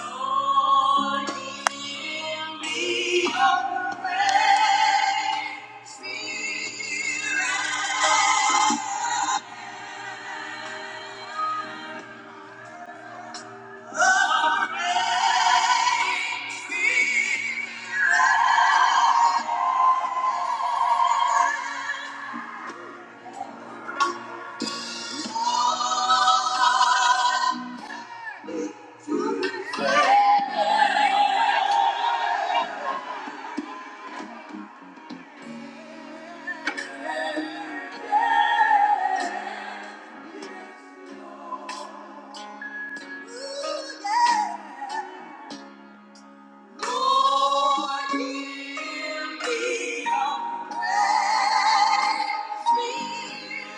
Yeah. Lord, give me a praise me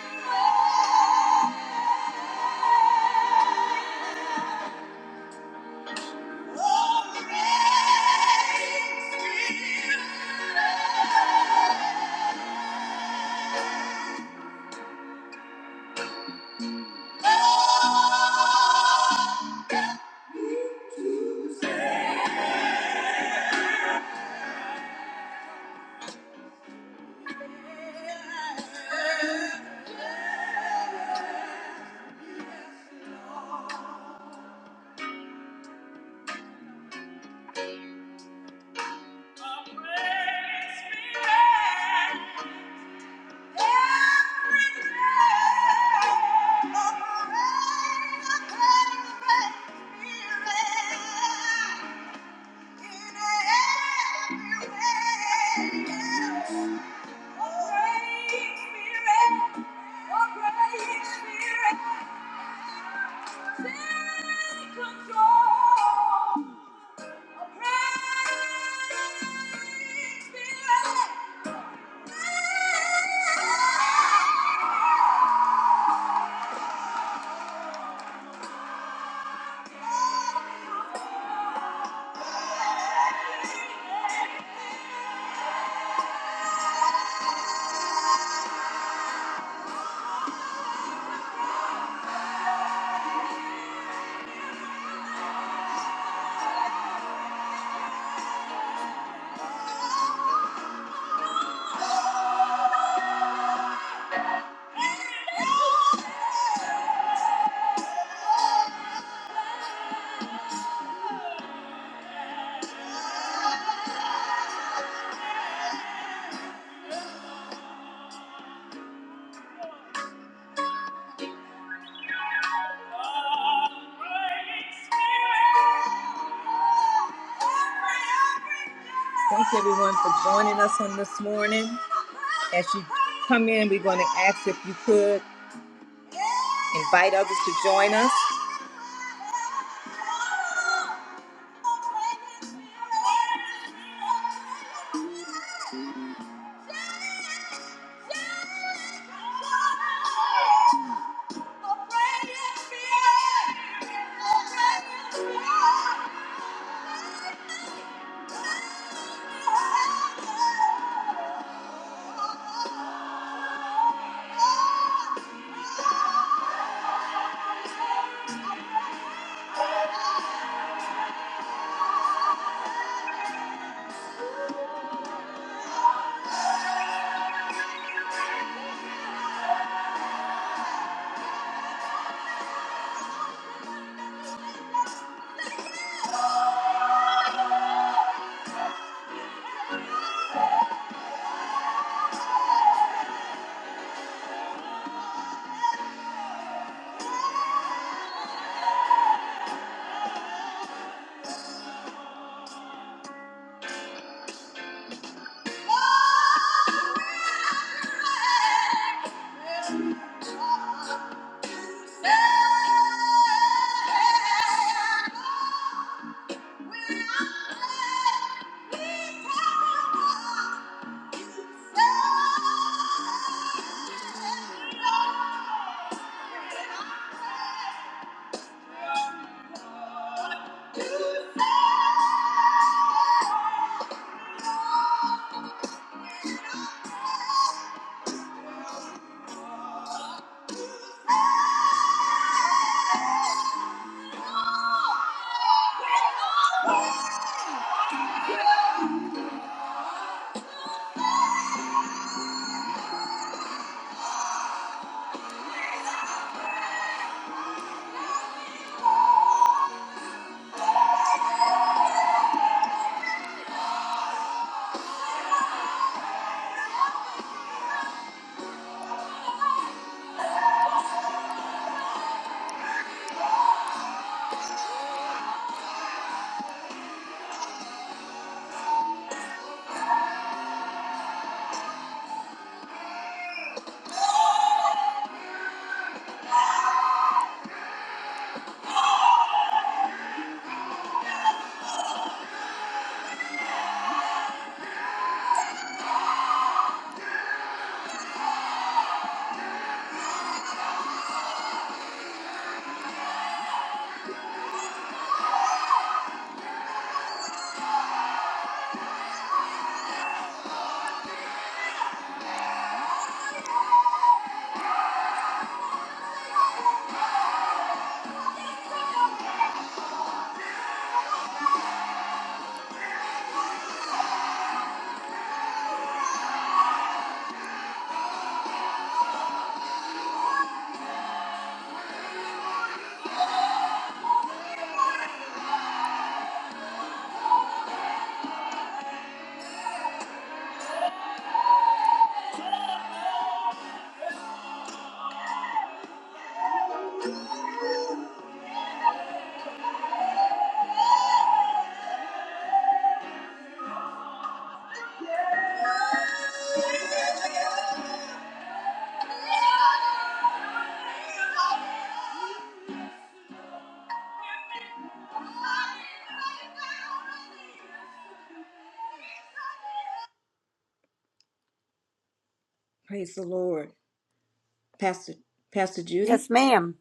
Oh, praise me Oh, Take control. Thanks everyone for joining us on this morning. As you come in, we're going to ask if you could Invite others to join us. Yeah. Praise the Lord. Pastor Pastor Judy. Yes, ma'am.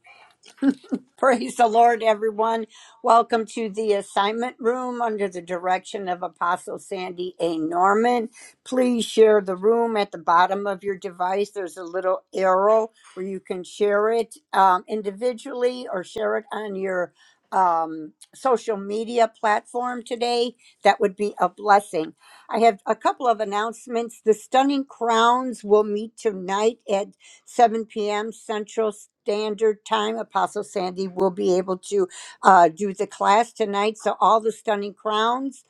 Praise the Lord, everyone. Welcome to the assignment room under the direction of Apostle Sandy A. Norman. Please share the room at the bottom of your device. There's a little arrow where you can share it um, individually or share it on your um, social media platform today. That would be a blessing. I have a couple of announcements. The Stunning Crowns will meet tonight at 7 p.m. Central Standard Time. Apostle Sandy will be able to uh, do the class tonight. So, all the stunning crowns.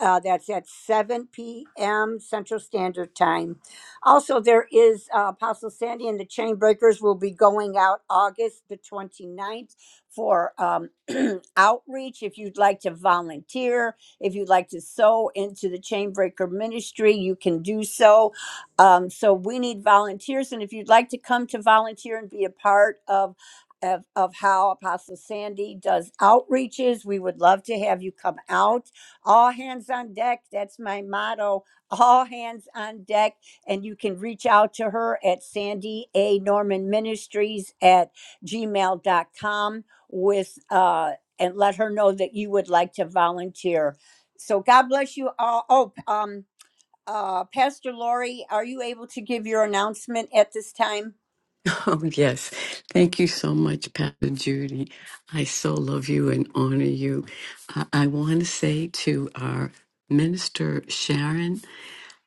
Uh, that's at 7 p.m. Central Standard Time. Also, there is uh, Apostle Sandy and the Chainbreakers will be going out August the 29th for um, outreach. If you'd like to volunteer, if you'd like to sow into the Chainbreaker ministry, you can do so. Um, so we need volunteers, and if you'd like to come to volunteer and be a part of of, of how Apostle Sandy does outreaches, we would love to have you come out. All hands on deck. That's my motto. All hands on deck, and you can reach out to her at Sandy A Norman Ministries at gmail dot com with uh, and let her know that you would like to volunteer. So God bless you all. Oh, um, uh, Pastor Lori, are you able to give your announcement at this time? Oh, yes. Thank you so much, Pastor Judy. I so love you and honor you. I, I want to say to our minister, Sharon,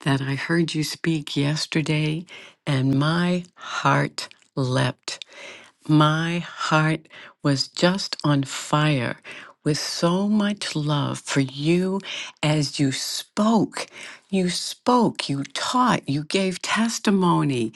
that I heard you speak yesterday and my heart leapt. My heart was just on fire with so much love for you as you spoke. You spoke, you taught, you gave testimony.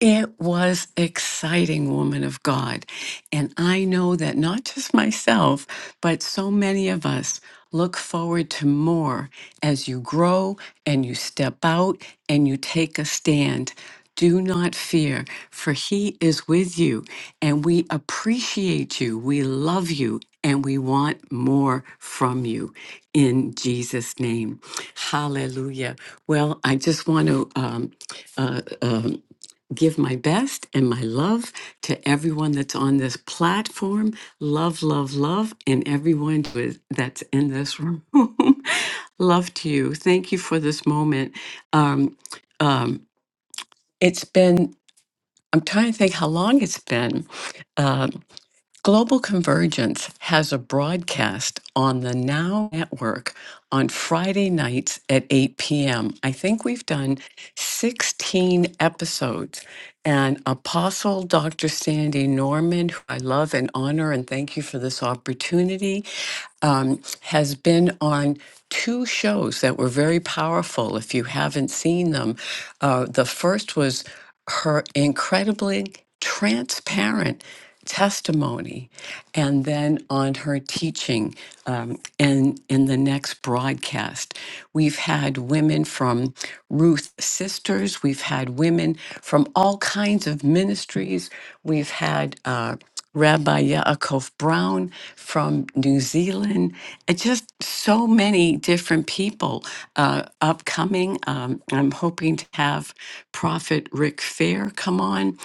It was exciting, woman of God. And I know that not just myself, but so many of us look forward to more as you grow and you step out and you take a stand. Do not fear, for He is with you, and we appreciate you, we love you, and we want more from you in Jesus' name. Hallelujah. Well, I just want to um, uh, um, give my best and my love to everyone that's on this platform. Love, love, love, and everyone who is- that's in this room. love to you. Thank you for this moment. Um, um, it's been, I'm trying to think how long it's been. uh, Global Convergence has a broadcast on the Now Network on Friday nights at 8 p.m. I think we've done 16 episodes. And Apostle Dr. Sandy Norman, who I love and honor, and thank you for this opportunity um, has been on two shows that were very powerful. If you haven't seen them, uh, the first was her incredibly transparent testimony, and then on her teaching um, in, in the next broadcast. We've had women from Ruth Sisters, we've had women from all kinds of ministries, we've had. Uh, Rabbi Yaakov Brown from New Zealand, and just so many different people uh, upcoming. Um, I'm hoping to have Prophet Rick Fair come on,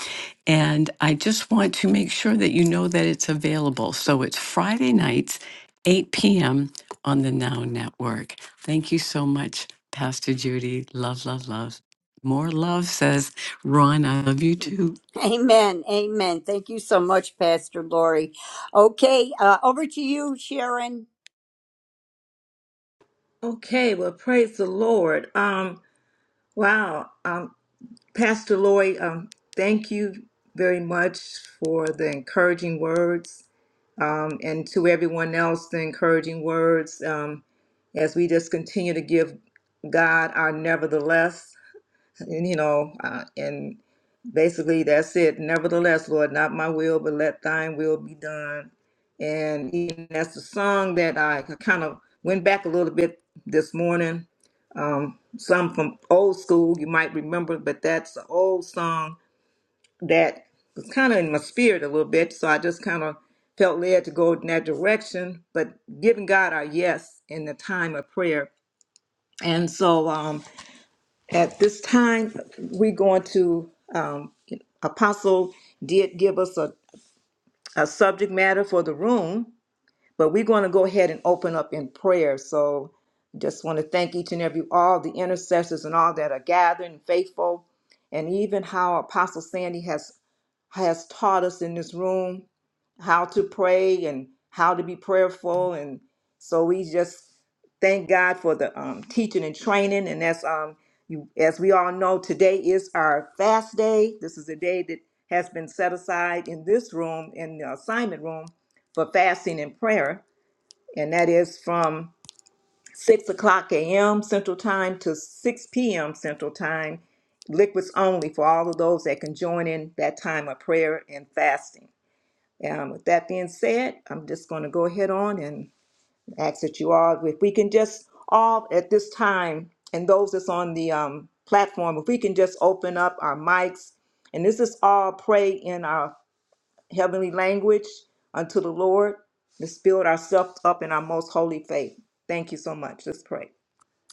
and I just want to make sure that you know that it's available. So it's Friday nights, 8 p.m. on the Now Network. Thank you so much, Pastor Judy. Love, love, love. More love, says Ron. I love you too. Amen. Amen. Thank you so much, Pastor Lori. Okay, uh, over to you, Sharon. Okay, well, praise the Lord. Um, wow, um, Pastor Lori, um, thank you very much for the encouraging words, um, and to everyone else, the encouraging words. Um, as we just continue to give God our nevertheless, and you know, uh, and basically that's it. Nevertheless, Lord, not my will, but let Thine will be done. And even that's the song that I kind of went back a little bit this morning. Um, some from old school you might remember, but that's an old song that was kind of in my spirit a little bit. So I just kind of felt led to go in that direction. But giving God our yes in the time of prayer, and so. Um, at this time, we're going to, um, Apostle did give us a, a subject matter for the room, but we're going to go ahead and open up in prayer. So just want to thank each and every, all the intercessors and all that are gathering, faithful, and even how Apostle Sandy has, has taught us in this room how to pray and how to be prayerful and so we just thank god for the um, teaching and training and that's um you as we all know today is our fast day this is a day that has been set aside in this room in the assignment room for fasting and prayer and that is from 6 o'clock a.m central time to 6 p.m central time liquids only for all of those that can join in that time of prayer and fasting um, with that being said, I'm just going to go ahead on and ask that you all, if we can just all at this time, and those that's on the um, platform, if we can just open up our mics, and this is all pray in our heavenly language unto the Lord. Let's build ourselves up in our most holy faith. Thank you so much. Let's pray.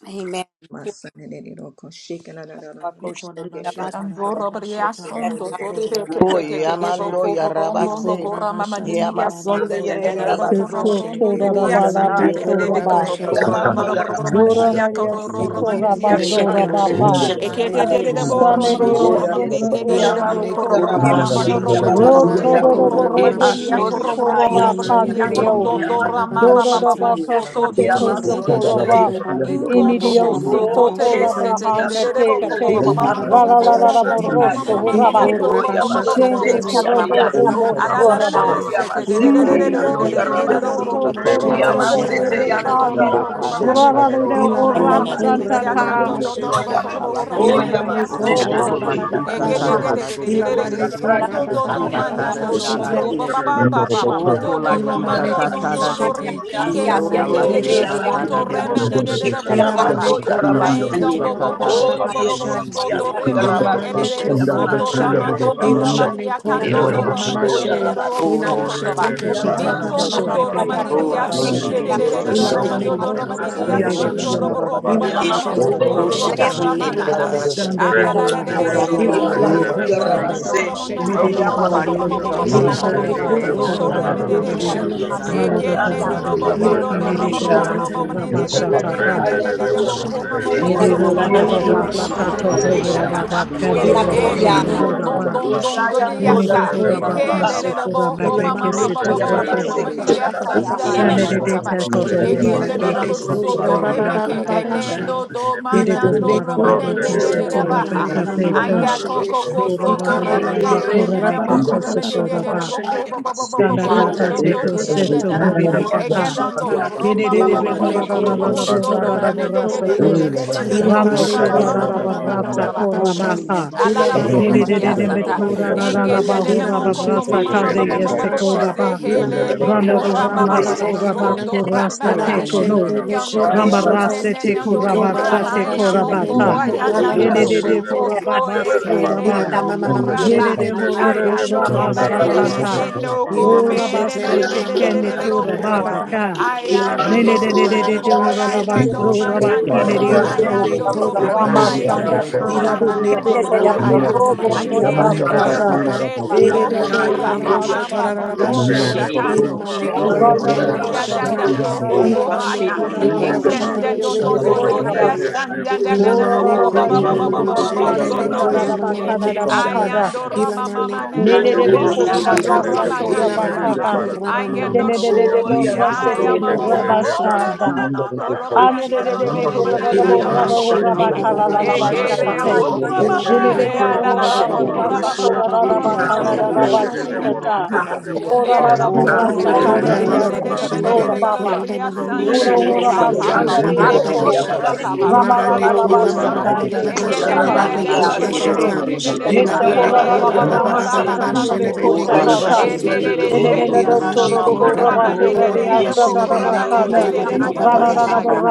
Amen. My son, and okay. it, no, no, no, no, no. Nicola Bashe no, Talababa Andorra Bashe Bria no, Thank Talaba no, Sondo, Toribe, Nicora no, Baba Oye, Baba Tedebo, Bashe amando y Romo, arrabase, Nicora Mogora, Mamma Basha y Nidia, Talaba amazón Santa, de Nicora Yeregi no, Banana Dadabocora, Seto abaso, Mashe Romo, no. tora o Didia, raba labe Santa, Ilamane shataya, ando kora y Cora ba. Tedebico, Basha arrequi Robro, Mamma, amando Talababa y Baba Dora Basha arrabasaya, Romandidia, naria Coro, un siko Ilabane raba Romandidia, dieciti Cora Santa. dora ando ba Basha de Shit, pa. Yeregi Talabane Ekete de de Cora abaso, bo Mama rom rom de rom o un Mashe rom ne sora ne de dieciti de ore de se bo Ilabane amando ko y rom kora rom Cora rom ma Mama no arrabasete y rom Masha rom rom Lo rom ria ababasoya, Talabane toro ro robo rom Cora y rom Mama rebe ni dia ando ko kishi Mashe rom rom kora rom shataya, ba ando rom y ni Ilamane yang don Cora do arrependi Baba do ra amando Baba y ma ma Dora ba Basha ba raba bo arrabase, ka so to sete y ni ko ni so ni Ikora amazón de de de kora Basha ba. Yeregi de Talabane abasoya, Ingon Cora to Inidio to Baba so Baba siko to un te re ora ba se Bashe te dieciti te re hande re ando re te de bo ka ko te. ba ba ba Ila Yeregi ba ba ba on ba La ba amando la don ba y la don ba la mo la go shata. mo ma ma rosso arrabasaya. ma ma ma raba. lo Iko ko Oh, ba raba ba ba ba shata ba ba Shende raba Yababasete, so ne to ko ra korobo ba raba o ba ba Yandiaso. ba ba ala moso ba la la la raba. Oh, le she. se te re re Ila re re ba Inde Yamaseke, ne re re Yando ko re Dios re re raba ma re re ma ro no ma ma Yarabasi. ro to ro ma ro ro toro she Satata da ro te ro ro de ma de bo ko de la re de Yamasete, da de raba be de de ba de de ba Yando ba kan. ro si ba ro ba ro ba ro satata ba na Yarabasi. she. Ura de ta de la de da de ro de de ro de Oh, Ila ro de ma ro si ora ne ro ma de ko soko de da santa Sayababasete, raba de ya ma de ma san de ta. to ma de to she to si do bo Yandiasoya. ko ro taraba. bo ro ro sakalate Oh, Ila ro ma ro ne ya ko san Yamasende, ta roba okokoko ba la ba Yere, ba si ba ba Yamaso. sha. satata da de de Ila de Oh, ba de Ekedededededededede, ne de de ko de Sakaya, sundo si raba Yando Oh, do ba do ba ba ba satata ba da ba manando de do la she la Yarabasi. te. de boko ba de ba si ba ba ba ba mando oko la do Ila Yamando si ma ya ne romando no kana satata ma rabase, no da she de do de te. riki si ke Ila ma se ne se te ko sakalate de raba ma tata ma da soto ma ma de ma de remene sha. si de de de Ila boko da ma yamaso ba. ne ya ko okokoko la rosho si to rabase, Aingon bo ba ba bo ba bo satata ba da bo ba de ba bo de ba bo de bo bo sha. de de soto reme ke Ilamane elele soto korabasha, ramando do rabadi ilamane akando Sarala do ramade Basaya. de de de de korabamamashe, ro soto ilamashe da ba. Ki Orebele kura bara na tekeshataka bo Mingon bo do re do saralaba be na ramadi to di ra saralaba bai kan asan de de de de bababababababababashe, de de saralaba de de de ki de ra ba. ilabane romando saralaba do ramadi di Le serelebo de de be asan do korabababashalaba, ora robo la da romo bo ba ba ra ba sa ma ma saralaba inamashe to ra koko bo ra ba saralaba soto kan. seke ramanana. tekorobashandarabane Stan de de ora korabababa, da resendele ko bo doro ho ra ba ilabane ma sekelele bara san si de. saralaba Le O korabababashete, de de saralaba ora kokola la da shi bo sa ra saralaba ta sa ta to da ra Ilabane de ba ka de rosekelele koro to ta bor ra ta baba ra da ba baba de ko de mama de saralaba de Oh de. de si sa yes, shelabane La saralaba ta la the da ta koro to da do baba. ra do da de ma saralaba si. ba Ila Alone ki Oh, na mama na ni mama de saralaba ko ra Ikala na shetete bo seke shi ra sa ba rabane ta sha ta koro ta de de baba ta. de baba si reselele baba so boro to de shene. de serele da Nene bara da hora na na da da na da Ilabane raba da saralaba de na de rata koro shi si di baba sa tato saralaba di na to baba ro kala ro hora ro te. ro saralaba baba shi. Ala shatana. O kande ko hora saralaba Eh, kokola Ilabane Eh, Hallelujah. ne, beko na shi na koro sekelele non, na hora baba na don, ba. bara na baba don, na shi. don, do, saralaba de, shatana Nene de bane yassa. roselele hora Oh, ra ba koro na na Ike, baba. le, kese le, bara Rabasa. le, hora bo, ba ho, na na na ma, na beke ma, ma, Oh, Ilabane se ro ma, te ro ma, yeah, ko shi bo, koro di Baba, ko, di baba ma, ro hora ma, ro di, baba ba. Seke, shi. baba yassa, Baba nda, baba Eh, da, Soya. baba na da, Shane bo, na de ro ko, de ra, ro shatana. ba. ro te shi di koto di Only a di di hora di di di Engen, ba de, city de, de, beke Ilabane bo, ro se unknown ko so, shi. koro to, baba hora re, delivery ba me, and ka I'm baba ke. Ah, te na Lord ke baba na and na ta. na I na. shene. Elendo, say. do, ma, Nene de na, no, hora Ilabane ro, ma, raba ba de, koro de, Oh, de, kese Oh, de, di di de, shetete hora ba, Baba di baba ba di ha. baba ka Seke. di di te mama di di ta. mama Aya, ro Oh, ro ko, shene. ko, yes, shi. ko, the Dora so, to, rara re, Eh, me, na bora na de, be Ikalabane na. de, de, koro kora ne, me ne, baba ka bo, to ko, Alone baba re, se me, baba de, de, hora de, baba de, ba. bo, shene. ko, Thank bo, bo, bo, bo, bo, Sana bo, Ah, da bo, na ka di so, ro te Ilamane to, ro ko di, se en, korra shi. de, ba to da, ba da. ba hori ba ni ba ba ka ba ta. Eke, don, do, ro, shata. ro, ma, ma, ma, Oh, ma, ra ma, na Ilamane ma, di ma, di ro ma, ro shi. Oh, ra na di ro ro shi. Oh, ra na di ro ro korro bo, shi. Ah, na so, shoto ra to, ba re, ne me, de, de, korra de, ba de, na de, ba. de, de, de, de, bo, ko, Ilamane ma, ma, ma, korra ma, Recorro ba ma, le ba ma, ba bo, ba ko, basara ba ra, la ba ba. ba basara she. la na Alada basara la na Ilamane bororo na korra na masana ba la ba bariasanta ba ba ro ba ro boquete ro sha. le ro. basara. engendene nemo Ilamashe kumbu te mama Oh, korra mama mama ba mama ba ba Reketele babababo she. se barose hele tele Ilamane mo basana kora korra la ba ba mama ba bara ba ba babo ba sana ba so la na. ba. do Sotoro ramaka. lo Ilamashe le be basana ne la Ingando bara korro no Rama no sana me la ne ba. shoto. raste ne ne teko no no Sere Korra la la ma ramasta la la la ba sana babababo sodorameka engando ndo ndo nde nde ndo ndo teko mahaya la she le mo be rabaka. ne poa sana la ya ba. korra la la Se Yene ba ndoro de tele de she. le bo se brugoso korababa tele e le so hele Ila rabah. basaya. mo mama mama kora mashele ma Yede de Se bene horaro tele le korosho ayando bo du tora roma sana baba la mama ba rabasatata. mashe. dendehe sana la no ba Ila sana Ora la kome mashe ba nde nde tera baste nde baba sana nde nde la mama nde ba tekende nde se mane tora you. tele kora le loboa. ba. baba. babaka Ila Ara Ayando ne bane ne sana ne ne la kora ne la Yes, bo robo ne la ro ne baba ho koi sere la la she le ba te bo ayando so la se ba te koshata. ki mayando para ne de o sana Ila la so ba. bane romayando robo kora baba Soro she behaya te. sere le woko Ila bara mama bane sana mama la mama kora bara baba behaya. sana baba la baba bara. shele Ro bane Anelele sere kora Ramba-sanda-kanda-de-de-be-ko-de-de-be-ku-de-de-ya-ba-sa-ga. esse bara baba. te so de Ila tele ba dobo bane sere kora ba. korosho tora babamba la baba montoso she. Rosere le Shitty E-de-de-do-la-la-la-la-ba-sa-na-da-da-ba-si. little Ila barra tatando bane sara Rondo-do-ho-la-la-la-bo-ra-da-da-da-ba-sa-na-da-da-ba-ki-ne-de-de-de-de-be-ho-la-ba. la kora roboroso barra mama sara mama la Sendera totia ba roshi, sheta. sara la dandando ba Oh, so Ila boko coro bane la bana. Rashidi, ba the kora fiti baba le baba Roshi. ba Esenden baba don the don don coro do de se O-ra-ra-ra-ba-si-ko-ra-ra-ba-sa-na-da-da-ba-ka-da-da-ba-ka-da. tere Roshi. le esandan coro dandana sara Ilamane Oh, la moko ba ba ba kura ba sara really, ba mama ba la ba really, ba barra mashe ba the sara lebene la soto Roshi. kura barra mama rebeke. sara mama ba se le mashe. ba Ayando roma mama Ilamane coro se And nene kura the tere mama le oho mama coro nana se do shata. le le roma coro se le Ilabane le Ne-ne-de-be-ku-ra-ba-ra-sa-to-ra-ba-ka-da. nana barra kura I sara mama get la no mama ba she. tia Oya robbery. I coro am a se Kura babaseki Roshi. tere bobo. mama le abaseya. No, dara shata. la De-ne-de-de-de-bo-ra-se-te-ku-ra-ba-sa-da. no, no, ba no, no, sara la ba Romanana, sara no, la Anededebe Ikigandole ba se le yerehi Romanana, le horadadabo Oh, no, barra Ilabane amandole. Rashami, saya kura radahoraba Robocorabara. the baba baba Aya. Roshi, baba the barra Ekele, sara shete. kalalalabashtakate. lo family, Oni oh, the coro yeti se le mama, le Ilabane Roshi. hey, Dinededebo kura barra la yamandole la baba sara la, la baba Missionary, the ba horadabara babaseya. baba se le she Roshi, Bocorababa, ba the mama, lebane family, satoradadaba Ishi mama, the Boroserele, yababaseya. kanadadabashikata. Yakara. boroserele, Roshi. Ela la boroserele, Oh, la Horamadabora Rabane la bororo la la boroserele, korra kaneri la la. manene la la. de de rabane de barasala manene sikatora baba. de shelebene la la korra baba. ba dobria ba ba ba ba sanya Onde Roro Boroserele, ho Missionary, the shelebene yesi ba horaba i korra ha ba ka ba ba ando ba Roshi, de boroseterele, the ba bo ba ba so family, sandadebeko. to the she. ram Roshi. boroserele, ba ba ba borosara ing na Ilabane la na dong na do Ramaradalaba korra na na ro na na na na ba ba na na na bra masala ba ba ba ba ba sandadebeko engen masikara de la de ba. de shakade shelebene de do ro korra ro ro sekete. Brasa shata. manene tara de la he Neste Ilabane hele barasala ho korra horadadaba ba saba ho ba rama ba ba la ba ba la sasa la ba lo la la lo na lo satanebeko shelebene na so korra boroserele, shakata. na shata. na boroserele Elelele ro ba. se na na na Ilabane mo korra Rabakura kora ba ba ba Boroseterele, mande ba de ba de ba de ba de barasala bo la kora shelebene basara mande la de korra de ba de ba de ba yerehi ba masala bo ba bo ba abase. she. masete. haya.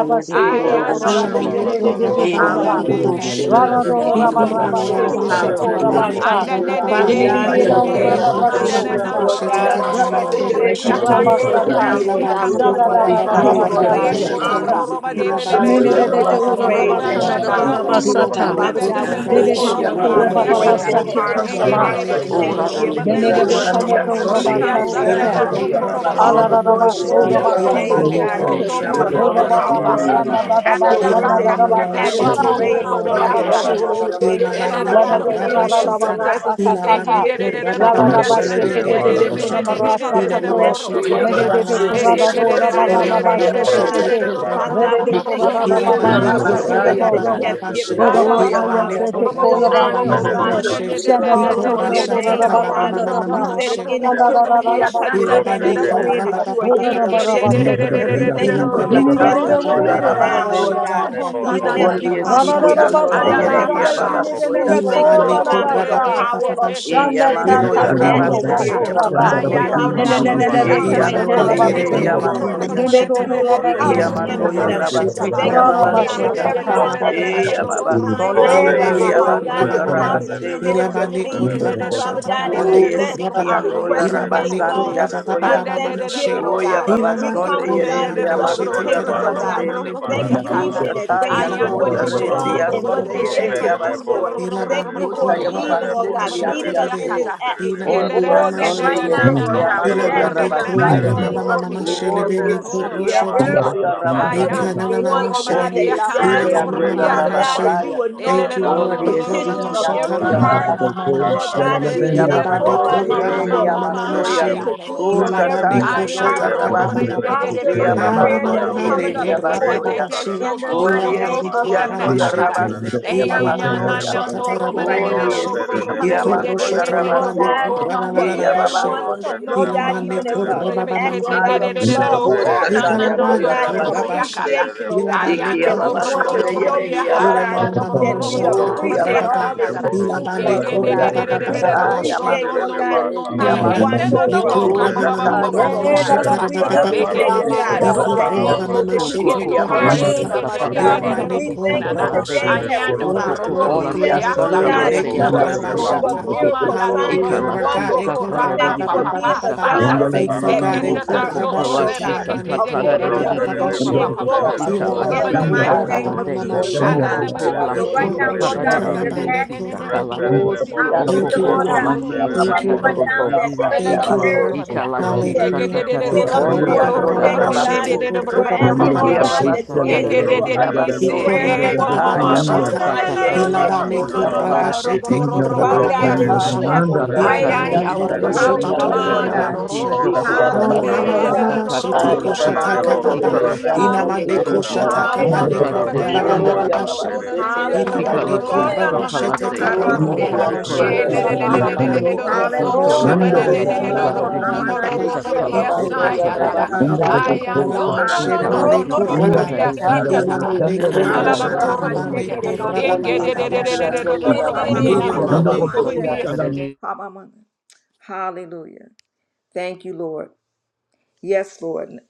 e ro ro Aya ro Hallelujah, no Boroserele, no shiri. Elamane no bala no bara korra Oh, ba la bo E ba ba na ba na kora ba na basara ba me ba la Hallelujah. ba shiri Oh, she. kelo boroserele. shiri I so no Hallelujah. korra shiri no la do la la ro ba shiri shiri ba she ba ba Boroserele, ba. Hallelujah. tarabane boko, shiri Anda korra ba de ba de boroserele, Father ba de Oh de God, boko. ra in Sunday, the shiri de ro Ilabane ro name ho of ro korra manda ba na shiri. Jesus, na do Lord ro bo God, ro ro Oh bo ro ra bo ro na na. bo ro as we dia come kando before ro bo you ro bo now, ro Lord dia God, we kando just ro want bo to ro ra. continue, Oh ra Lord shiri God, ro to Rengo honor, robro ro to ro da da da da da roba da da da de give you le le rasha le le glory, lo to robro give you robro robro praise, Heavenly branda da da Father. robro Sunday, robro branda Glory Father da to da God, da we God. Ra bo just ko come, robro oh shiri God, robro with ba ya ro Baba ro Hila ro katara. grateful ro Yerehi, Sate ro. hearts, with Amando, Enge le Kosaba, le hearts Ilabane le of le Oh robro ra na robro korosho, thanksgiving, branda dear da da da should Lord. be robro Benedebekana idamama robro We robro mamashe, ya come, oh san da God, rabakasate. da giving bo ilabane you ko robro koro mama Yarabasi. all the robro ko glory ko that's ko mamashe, Alarabasora due Dia so your baba to bakine to name, de oh ilabane sondi ko de God, so gere to because korosho dia ko you Shanda so mando alone ya to tolabane to are ma. kora rabaya. worthy. bababa, Da da Your da Tuta word da ilamama says da you da da inhabit mamashe the te bo ya koro bo praises bo baba of ya se. your Dia sa. baba lorobashe, people. sondi gere dia mando And ya Father ilabane God, we kora enter rabaya. into your bashata, presence Thank you. with ilabane thanksgiving and kora into Dia your bababa courts with sondi Procedere gere shelebene dia para praise. korosho sara mando la to, We ya. come to para ilamama bless, sara to la shete Dia para worship, baba kora to se honor, sara se to ya lalabashe, la dia glorify your soya ilamama dia name, para procede oh mamashe soya. te God. procede kora para Father God, we bababa, thank Dia you for this soro mando de ya para ilabane honor, this sara kora la rabaya. privilege bababa that you have procede de given babashe, unto para Oh ma us, ya soro baba ilabane Father. de sondi kora This gere honor, bababa dia oh procede mando de ya. God, to, para to sara la call para upon your Ikorasha Dia baba sara name, tata la oh sondi baba para God. mama gere mama soro dia You said if mando mashe. ya any two on rabaya. earth touches and Ilabane is Dia baba agreeing de korra that por Yes, you. baba you sondi baba are Ayando gere in sere baba the dia de midst. por shete. sere And we de por thank you for sara your Ilabane la Dendo para presence korra mando baba de even baba para baba now, Lord shete. God. de por Even as sere Onde we Ikorra come basha before yesiki your tata sara Yeah, la andonde baba throne, baba yerehi Heavenly ya procede bashe. de Father, por we babasoya. Thank, thank sere you, de Ilabane Lord por God, for korra the baba baba power of baba she. E agreement in Setere yamando this ya lebo Ilabane rosere atmosphere, korra rabasete ya Lord. lebo toto baba soro And mama babasoya. Father mama basada God, we la she. just bara E come soro right de ba now yandonde Ilabane coro yerehi de thanking kerebe ya you, ne bona Lord. ba. kona masoya. Thanking do mashata. you, Robo Lord, horaba for re Iki every kiss para in Ilababa la yamando ya mama bara mama intercessor. para hallelujah, shete. la rabasati Thank ya ba you, Lord para Kolabane hallelujah, la God, ba for para. korra babasoya. baba la the hallelujah. everyone baba ba that has sara baba E la. ya she. taken the time babasonde out Shela Rosele to, yerehi de ya le Lord Alabaneko mahaya, bando God, to ya crebo de Rabamana, come and to sele rabase. le sit ma at your Ilabaneko feet, rosele le boro Father Rabashata God, sala and ba. Onde to Rabaneko let yesiki our Rababa, ando Robo ya requests be sele made boro Ilabaneko rabasandi ya known sele with soya. boro Thank and Rababababamana sele le thanksgiving, She, you. oh O ya bara God. saya We ba. babasonde come, oh Ilabaneko God, yerehi with ya Ramamama mando Shete ya Rosele ba supplications, oh mahaya. God. rabase. Teramamama rosele Neko bara Thanking you sara O Rababa, even la in ba shata sara advance la for ba yando what ya Ilababama sara you've ba. rendi Shete done ya and sonde what you're yet yerehi to ya Korabashata, Roserele do, baso. Lord. Thanking boroserele you Ilabaneko for Utaya baba even, bokosele Lord Rabababa sete God, yandi Shete meeting boroserele us in yase. Rebe, this bokosele atmosphere. Ondi Oh, mama basaya. And yana yasonde na right Shete, now, yerehi Lord makasta God, bara we yamando Roserele ask bakusta in the bara Ilabaneko mighty yarabasaya. basi boroserele name bara of Ramamama bakusta Jesus, boroserele oh Shelebe Ondi God, yesi boroserele bara that Neko then haya. yamando basara every la Ay, yarabase. bacando ya, lo every Shete tondo one, oh bosikebe. God, Ikananamashe, that Only a romadia, shela is cando city gathered, Rebo and masasta know your romadia, bara. Father resele God, catara. that inamamamamamashe. you rabastaya. will barroso de la Thank know you, the bala Lord. Only a masa Eko la petitions city Elelelolololololo. No, no, no, of and know every ramashatara your bacansara baba la heart no, baba no, rabastaya. no, basikara Lord no, la mamamashe. no, ba. God, and we He thank elele. you, Ilabade Lord abandoned God, ko Oh, that mama, you yere Sorosele he mama, will mama, truly amasoya. boroserele ay, rabamamamamashe. ando intervene Who on robrobara. boroserele Ilabade every shataya ko and Ay, know heart ando your boroserele shataka baba robrobare, rabasi. boroserele de, de, baba. de, postured de, He de, de, bosele prayer that abandoned basaya. is yere de, de, Hanamamamane coming he up ko before de, de, de, de, de, de, de, you. Rebo de, de, abasoya. de, rabababashe. Sarala In so, the so, mighty Only so, a Masarala so, name Ilabade ko so, of city and know Masarala reme, Jesus, your oh Ikorabashatarababababamashe. Boko catara. God. rabasete Serebo And now, Lord, we just yababasoya. want Sereba to thank you right now. Only Soro a Ilabadekorabamamamashe. sea Serele Ilabanekoshatakababababa. Anamamamanekorabababashe. Ilabanekoramashete. Ilamamamamashatatarababamashe. We Boro want to yamando your thank you, Sereba Lord God, Sarala for He Makurele Ikoroshotonabanekorarararabashe. everyone, Boro abandoned yere Lord Serele he God, even as Masarele amando a your act, Basima oh God, of Ilabanekorabababamamasha. love, oh Who God, Oserele shataya and Boro and know Lord Nikalabane God, Serele and Boro korabasha. rabasi. appreciation, Serele oh Bo God, Ilabane Serele Iki that Bo we ababa korosho want to Serele sonde Bo totoba. show yere you, hi Lord Serele Ina God, Ba mama abaso. mama mama that we shata Ho Doro appreciate yababa korababa. all Serele that you sete Boro do yandia for Ilabane us, Serele oh Bo soya. God. korababa We Serele baba Bo baba Aya she. appreciate, Lord mandonde Serele God, Ba yere hi how you saraba. Ilaba, watch amaso. over us, Soro Ho how Likura, you Mama, serele shata Mama, keep us, bokuru oh Mama, yando God. Yela la Sheta, serele yere We Baba, de ndia bara Baba, de sonde appreciate, Bekete sarala Baba, Lord yere de de hi God, de boro bo the po diya Ikorua, abasoya. go sarala to angels Mama, that to o masele you ko give so Shete, in Iki to basore re kokola ababa charge shi Koroshata, La over us, sa basele bekete de ta oh ta de de masha God. de de basaba. de Ilaba, de de barabako ro We bu si sa Neko, thank kana you Ro na. kala te. barabahaya Rabashe, today, serele Heavenly boro O Ayano do glory, ko Father. robo serele glory, We kokola robo boro shi ondia thank you, glory, sa Lord sonde riasa serele ta glory, kala God, yere mashe boko hi nanina Neko, for do de serele de ba. de abasoya. robo for de barabako Rabashata. si. miracles, romanda do Boro signs, Hallelujah, and robo Ikala Lord serele do Aya shi God, wonders. boro sa ndonde roko Eko, ta We ta de Rabba, sarala thank rama you de Baba, rabasi. for de bara papa si Baba, being pa sa the Baba, sore God sata. kala Iki bara of te. faithful ababa E that sarala God, che bo sonde O te meets Eko, ko te yere our serele hi soto need, abasoya. kokola oh Rabasheta, shi rembe God, basetibe. sa che Laba, ta te te ta te Neko, da te according de Only Ro Rabba, de to a robo de your Baba, de serele robo riches pa Sunday si. Bashe, and boro Yeria glory. serele Mango soto Ilaba, boro In robo the Ikalashi di serele Neko, mighty Rabasaya. Rabba, riasa name bokuru ta. of Mama, sakalate. serele Mama, Jesus, Only oh She, a Alla blokuru God. nama city de Okoko serele and So lashi bakuto right boro only now, bakuti Lord serele God, Ikoroshata, we bara. riasa just Laba, ne satadadidididi Yeria ne ask, si ne Neko, ne de Re Rabba, Baba. bakuto sakalate. serele bigiti di Oshi boro di do Thank hallelujah, robo you, Okoko serele robo Lord shora Lord. robo God. alondile boro masha ya lashi robo We serele Thank you, robo ask mamando boro right Lord. ya now serele that satadadidididi Hey, rabasande ya si. every basele Thank you, mama, ba. mama, prayer baso. Lord. Ikalashi no, no, that we no, Hallelujah. Roserele boro send up no, Ondi satadadidididi serele no, before you si ando no, boro ya today, no, no, oh serele God, sakalate. rabase. boro we're serele asking, Okoko Iki oh ya baseba. Ikababababababashitikurabababababashe. God, lashi that the babasonde angels will yerehi ya usher satadadidididi Roserele these baso. boro prayers Ikola ba ba before serele ba the boro Aya throne in Utalashi sele the basonde bara mighty name yerehi sarala of ya Ilaba ne satatararirishi to Jesus, no, ya basala no, oh no, koraba God. no, ro- boseke. sakalate. babase. shete ro- ro- ro- koraba ro- Father ro- ba God, Usa mama if, yes, and ta Roserele da- even mashe. ya da. Bokokokolashi as boro we to ya Ay, pray, serele Ilaba rehi ay, ne ya boro ay, wo- sonde koro serele satatararirishi. ko- yerehi shoto ma- ya ma- to boro Hallelujah, baso Lord ma, mama ya. no, serele God. mama ro- boro Ikalashi mashe. ro- serele ro- ro- Iki ro- ya ro- ro- Hala ba Hallelujah, babaso basekaba. ba Lord de- sokokokolashi ya. God. de- mama lo- ro- shete ro- Soro ro- ko Aya ro- ro- ro- satararirishi. shata serele ro- no, babandonde ro- boro ro- Hallelujah, ro- kababa. Lord yerehi serele ya de- Ikalashi God. de- boro hale Inama sonde de. ne ko yerehi sarala ya In- shata bara no, bokokolashi maso. no, kabane Hallelujah, do- ro- sarala Lord ro- de- koraba God. na- ba satararirishi. ba na- basarala no, ba Oya ro- ro- ro- she. no, boserele ne- babasete ne- ne- ya yure ro- ro- Ilaba Hallelujah, ya bokaba. no, ne Lord so ya. no, Ikalashi God. no, la koraba Boro no, no, masha sete shete no, no, sakalate. de no, taba ro- ro- mama ro- boko Harase yes. mama Ondia serele sonde mashe. koromana Yes, boko Ikalashi yeredi seke. barabahaya serele Ilaba amando ne ya boro. koraba Hallelujah, rabashoto Lord shela dole utalashi ba God. yorobo ne le masha sataya. koraba ba na na ba na. ba ba satatararirishi Halana ba. Ikia barabako sakalate babando ya Ikoraba shaka ba ba ba ba ba totararirishi. rabasataya. Amanadeshekoromasererararabasha. barabahaya she ne ma ne Nkalashi Roko shake Ho la sataya Sataririsi, Halorokorosererererarara. ndo ya Ilamane rebe ya korasha Nkalashi barabako babaso. tarabane shaka Sataririsi, Ondia siki Sakalashi, Halananamashekererokorosererarara. ando korababababashete. ya rabasete barabahaya ya Kokokolashi babasoya. Amamamamamamasherera. Satarisi. Hamama. Hallelujah. Thank you, Lord. Yes, Lord.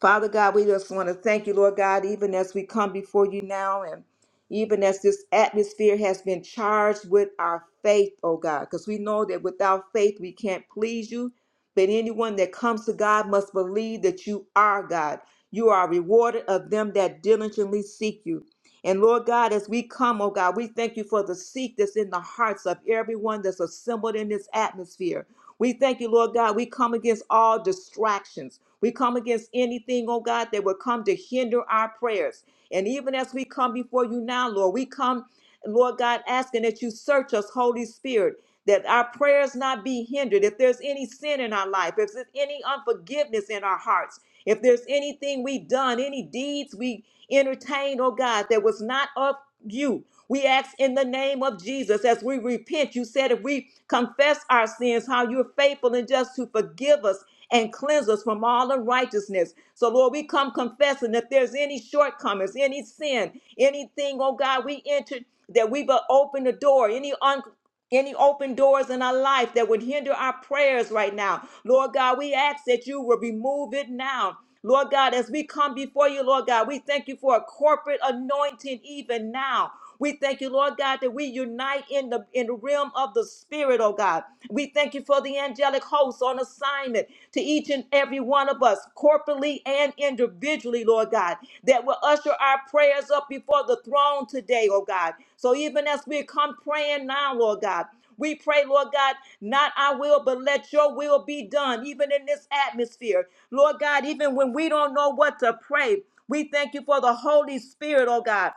Father God, we just want to thank you, Lord God, even as we come before you now and even as this atmosphere has been charged with our faith, oh God, because we know that without faith we can't please you. But anyone that comes to God must believe that you are God. You are rewarded of them that diligently seek you. And Lord God, as we come, oh God, we thank you for the seek that's in the hearts of everyone that's assembled in this atmosphere. We thank you, Lord God. We come against all distractions. We come against anything, oh God, that would come to hinder our prayers. And even as we come before you now, Lord, we come, Lord God, asking that you search us, Holy Spirit, that our prayers not be hindered. If there's any sin in our life, if there's any unforgiveness in our hearts, if there's anything we've done, any deeds we entertained, oh God, that was not of you. We ask in the name of Jesus as we repent. You said if we confess our sins, how you're faithful and just to forgive us and cleanse us from all unrighteousness. So, Lord, we come confessing if there's any shortcomings, any sin, anything, oh God, we entered that we've uh, opened the door, any un- any open doors in our life that would hinder our prayers right now. Lord God, we ask that you will remove it now. Lord God, as we come before you, Lord God, we thank you for a corporate anointing even now. We thank you, Lord God, that we unite in the in the realm of the spirit, oh God. We thank you for the angelic hosts on assignment to each and every one of us, corporately and individually, Lord God, that will usher our prayers up before the throne today, oh God. So even as we come praying now, Lord God, we pray, Lord God, not our will, but let your will be done, even in this atmosphere. Lord God, even when we don't know what to pray, we thank you for the Holy Spirit, oh God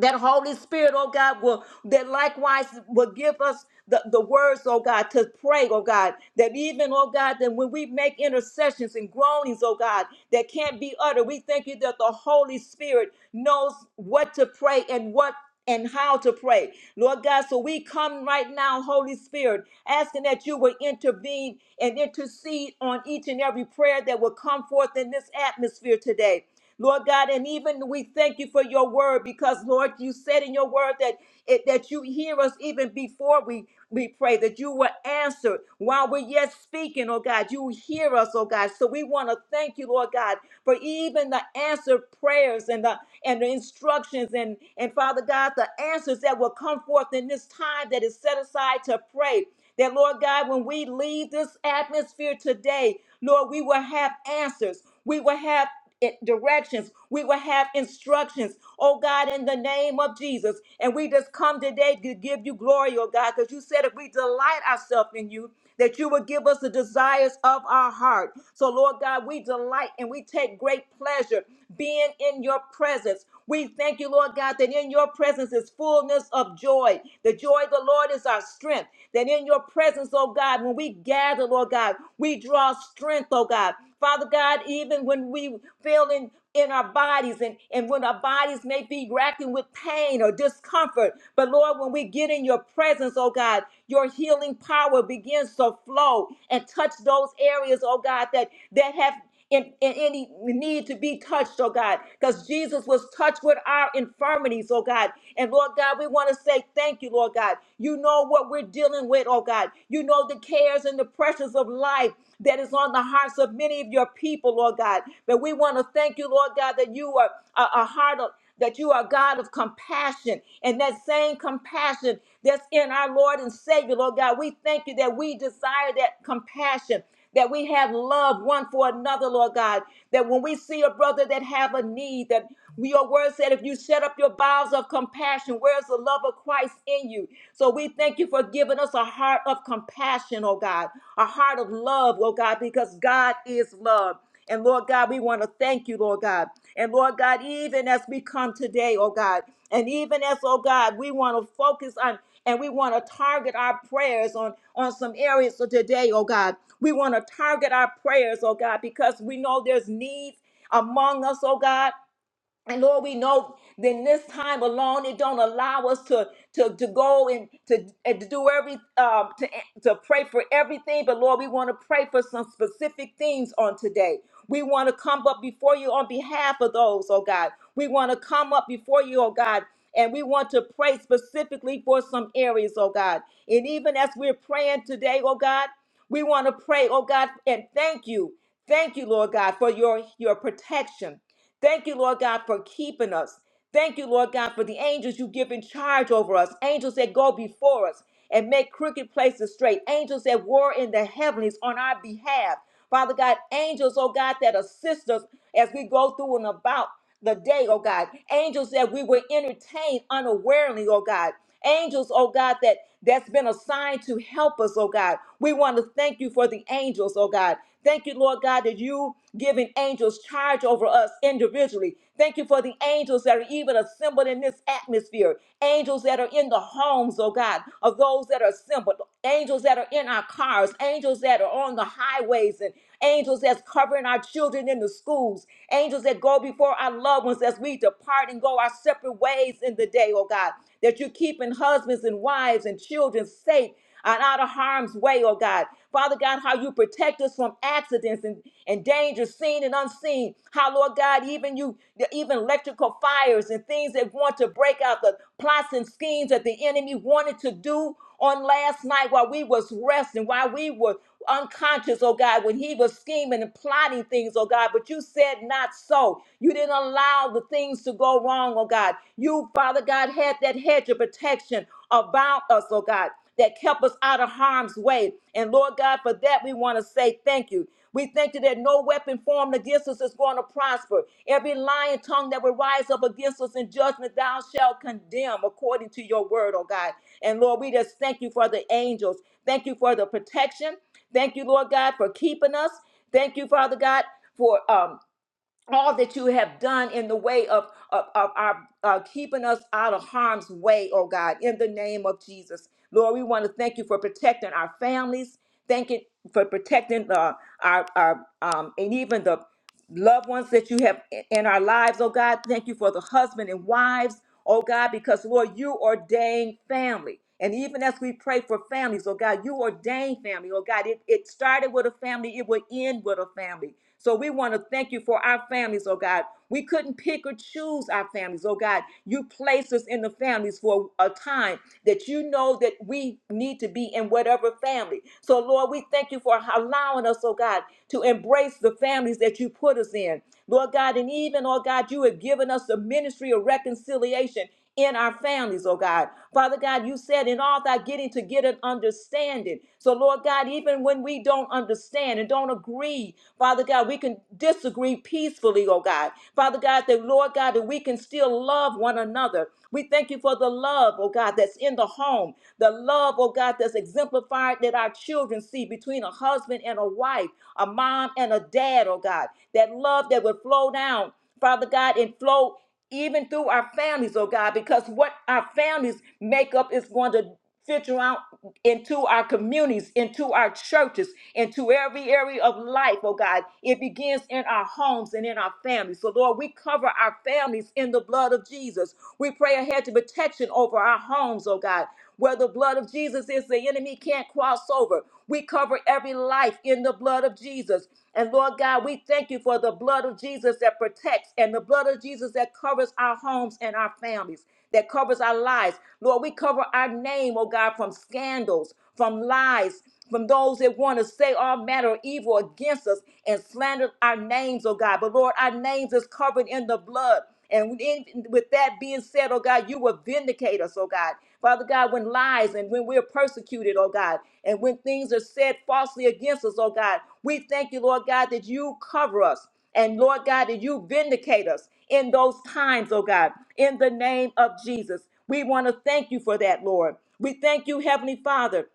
that Holy Spirit, oh God, will that likewise will give us the, the words, oh God, to pray, oh God, that even, oh God, that when we make intercessions and groanings, oh God, that can't be uttered, we thank you that the Holy Spirit knows what to pray and what and how to pray. Lord God, so we come right now, Holy Spirit, asking that you would intervene and intercede on each and every prayer that will come forth in this atmosphere today. Lord God, and even we thank you for your word because, Lord, you said in your word that it, that you hear us even before we we pray that you were answered while we're yet speaking, oh God. You hear us, oh God. So we want to thank you, Lord God, for even the answered prayers and the and the instructions and and Father God, the answers that will come forth in this time that is set aside to pray. That Lord God, when we leave this atmosphere today, Lord, we will have answers. We will have it- directions. We will have instructions, oh God, in the name of Jesus. And we just come today to give you glory, oh God, because you said if we delight ourselves in you, that you would give us the desires of our heart. So, Lord God, we delight and we take great pleasure being in your presence. We thank you, Lord God, that in your presence is fullness of joy. The joy of the Lord is our strength. That in your presence, oh God, when we gather, Lord God, we draw strength, oh God. Father God, even when we feel in, in our bodies and, and when our bodies may be racking with pain or discomfort, but Lord, when we get in your presence, oh God, your healing power begins to flow and touch those areas, oh God, that that have in, in any need to be touched, oh God, because Jesus was touched with our infirmities, oh God. And Lord God, we want to say thank you, Lord God. You know what we're dealing with, oh God. You know the cares and the pressures of life that is on the hearts of many of your people, Lord God. But we want to thank you, Lord God, that you are a, a heart of that you are a God of compassion. And that same compassion that's in our Lord and Savior, Lord God, we thank you that we desire that compassion. That we have love one for another, Lord God. That when we see a brother that have a need, that we- your word said, if you shut up your bowels of compassion, where's the love of Christ in you? So we thank you for giving us a heart of compassion, oh God, a heart of love, oh God, because God is love. And Lord God, we want to thank you, Lord God. And Lord God, even as we come today, oh God, and even as, oh God, we want to focus on and we want to target our prayers on, on some areas of today, oh God. We want to target our prayers, oh God, because we know there's needs among us, oh God. And Lord, we know then this time alone, it don't allow us to to to go and to and to do every um to to pray for everything. But Lord, we want to pray for some specific things on today. We want to come up before you on behalf of those, oh God. We want to come up before you, oh God. And we want to pray specifically for some areas, oh God. And even as we're praying today, oh God, we want to pray, oh God, and thank you. Thank you, Lord God, for your, your protection. Thank you, Lord God, for keeping us. Thank you, Lord God, for the angels you give in charge over us, angels that go before us and make crooked places straight, angels that war in the heavens on our behalf. Father God, angels, oh God, that assist us as we go through and about the day, oh God. Angels that we were entertained unawarely, oh God. Angels, oh God, that that's been assigned to help us, oh God. We want to thank you for the angels, oh God. Thank you, Lord God, that you giving angels charge over us individually. Thank you for the angels that are even assembled in this atmosphere. Angels that are in the homes, oh God, of those that are assembled. Angels that are in our cars. Angels that are on the highways and angels that's covering our children in the schools. Angels that go before our loved ones as we depart and go our separate ways in the day, oh God. That you're keeping husbands and wives and children safe and out of harm's way, oh God. Father God, how you protect us from accidents and, and dangers seen and unseen. How, Lord God, even you, even electrical fires and things that want to break out the plots and schemes that the enemy wanted to do on last night while we was resting, while we were unconscious, oh God, when he was scheming and plotting things, oh God, but you said not so. You didn't allow the things to go wrong, oh God. You, Father God, had that hedge of protection about us, oh God that kept us out of harm's way. And Lord God, for that we want to say thank you. We thank you that no weapon formed against us is going to prosper. Every lying tongue that will rise up against us in judgment, thou shalt condemn according to your word, oh God. And Lord, we just thank you for the angels. Thank you for the protection. Thank you, Lord God, for keeping us. Thank you, Father God, for um, all that you have done in the way of, of, of our uh, keeping us out of harm's way, oh God, in the name of Jesus. Lord, we want to thank you for protecting our families. Thank you for protecting uh, our, our um, and even the loved ones that you have i- in our lives, oh God. Thank you for the husband and wives, oh God, because Lord, you ordained family. And even as we pray for families, oh God, you ordained family, oh God. It, it started with a family, it will end with a family. So we want to thank you for for our families, oh God. We couldn't pick or choose our families, oh God. You placed us in the families for a time that you know that we need to be in whatever family. So, Lord, we thank you for allowing us, oh God, to embrace the families that you put us in. Lord God, and even, oh God, you have given us the ministry of reconciliation in our families, oh God. Father God, you said in all thy getting to get an understanding. So, Lord God, even when we don't understand and don't agree, Father God, we can disagree peacefully, oh God. Father God, that Lord God, that we can still love one another. We thank you for the love, oh God, that's in the home, the love, oh God, that's exemplified that our children see between a husband and a wife, a mom and a dad, oh God, that love that would flow down Father God, and flow even through our families, oh God, because what our families make up is going to filter out into our communities, into our churches, into every area of life, oh God. It begins in our homes and in our families. So, Lord, we cover our families in the blood of Jesus. We pray a hedge of protection over our homes, oh God. Where the blood of Jesus is, the enemy can't cross over. We cover every life in the blood of Jesus. And Lord God, we thank you for the blood of Jesus that protects and the blood of Jesus that covers our homes and our families, that covers our lives. Lord, we cover our name, oh God, from scandals, from lies, from those that want to say all manner of evil against us and slander our names, oh God. But Lord, our names is covered in the blood. And in, with that being said, oh God, you will vindicate us, oh God. Father God, when lies and when we're persecuted, oh God, and when things are said falsely against us, oh God, we thank you, Lord God, that you cover us. And Lord God, that you vindicate us in those times, oh God, in the name of Jesus. We want to thank you for that, Lord. We thank you, Heavenly Father,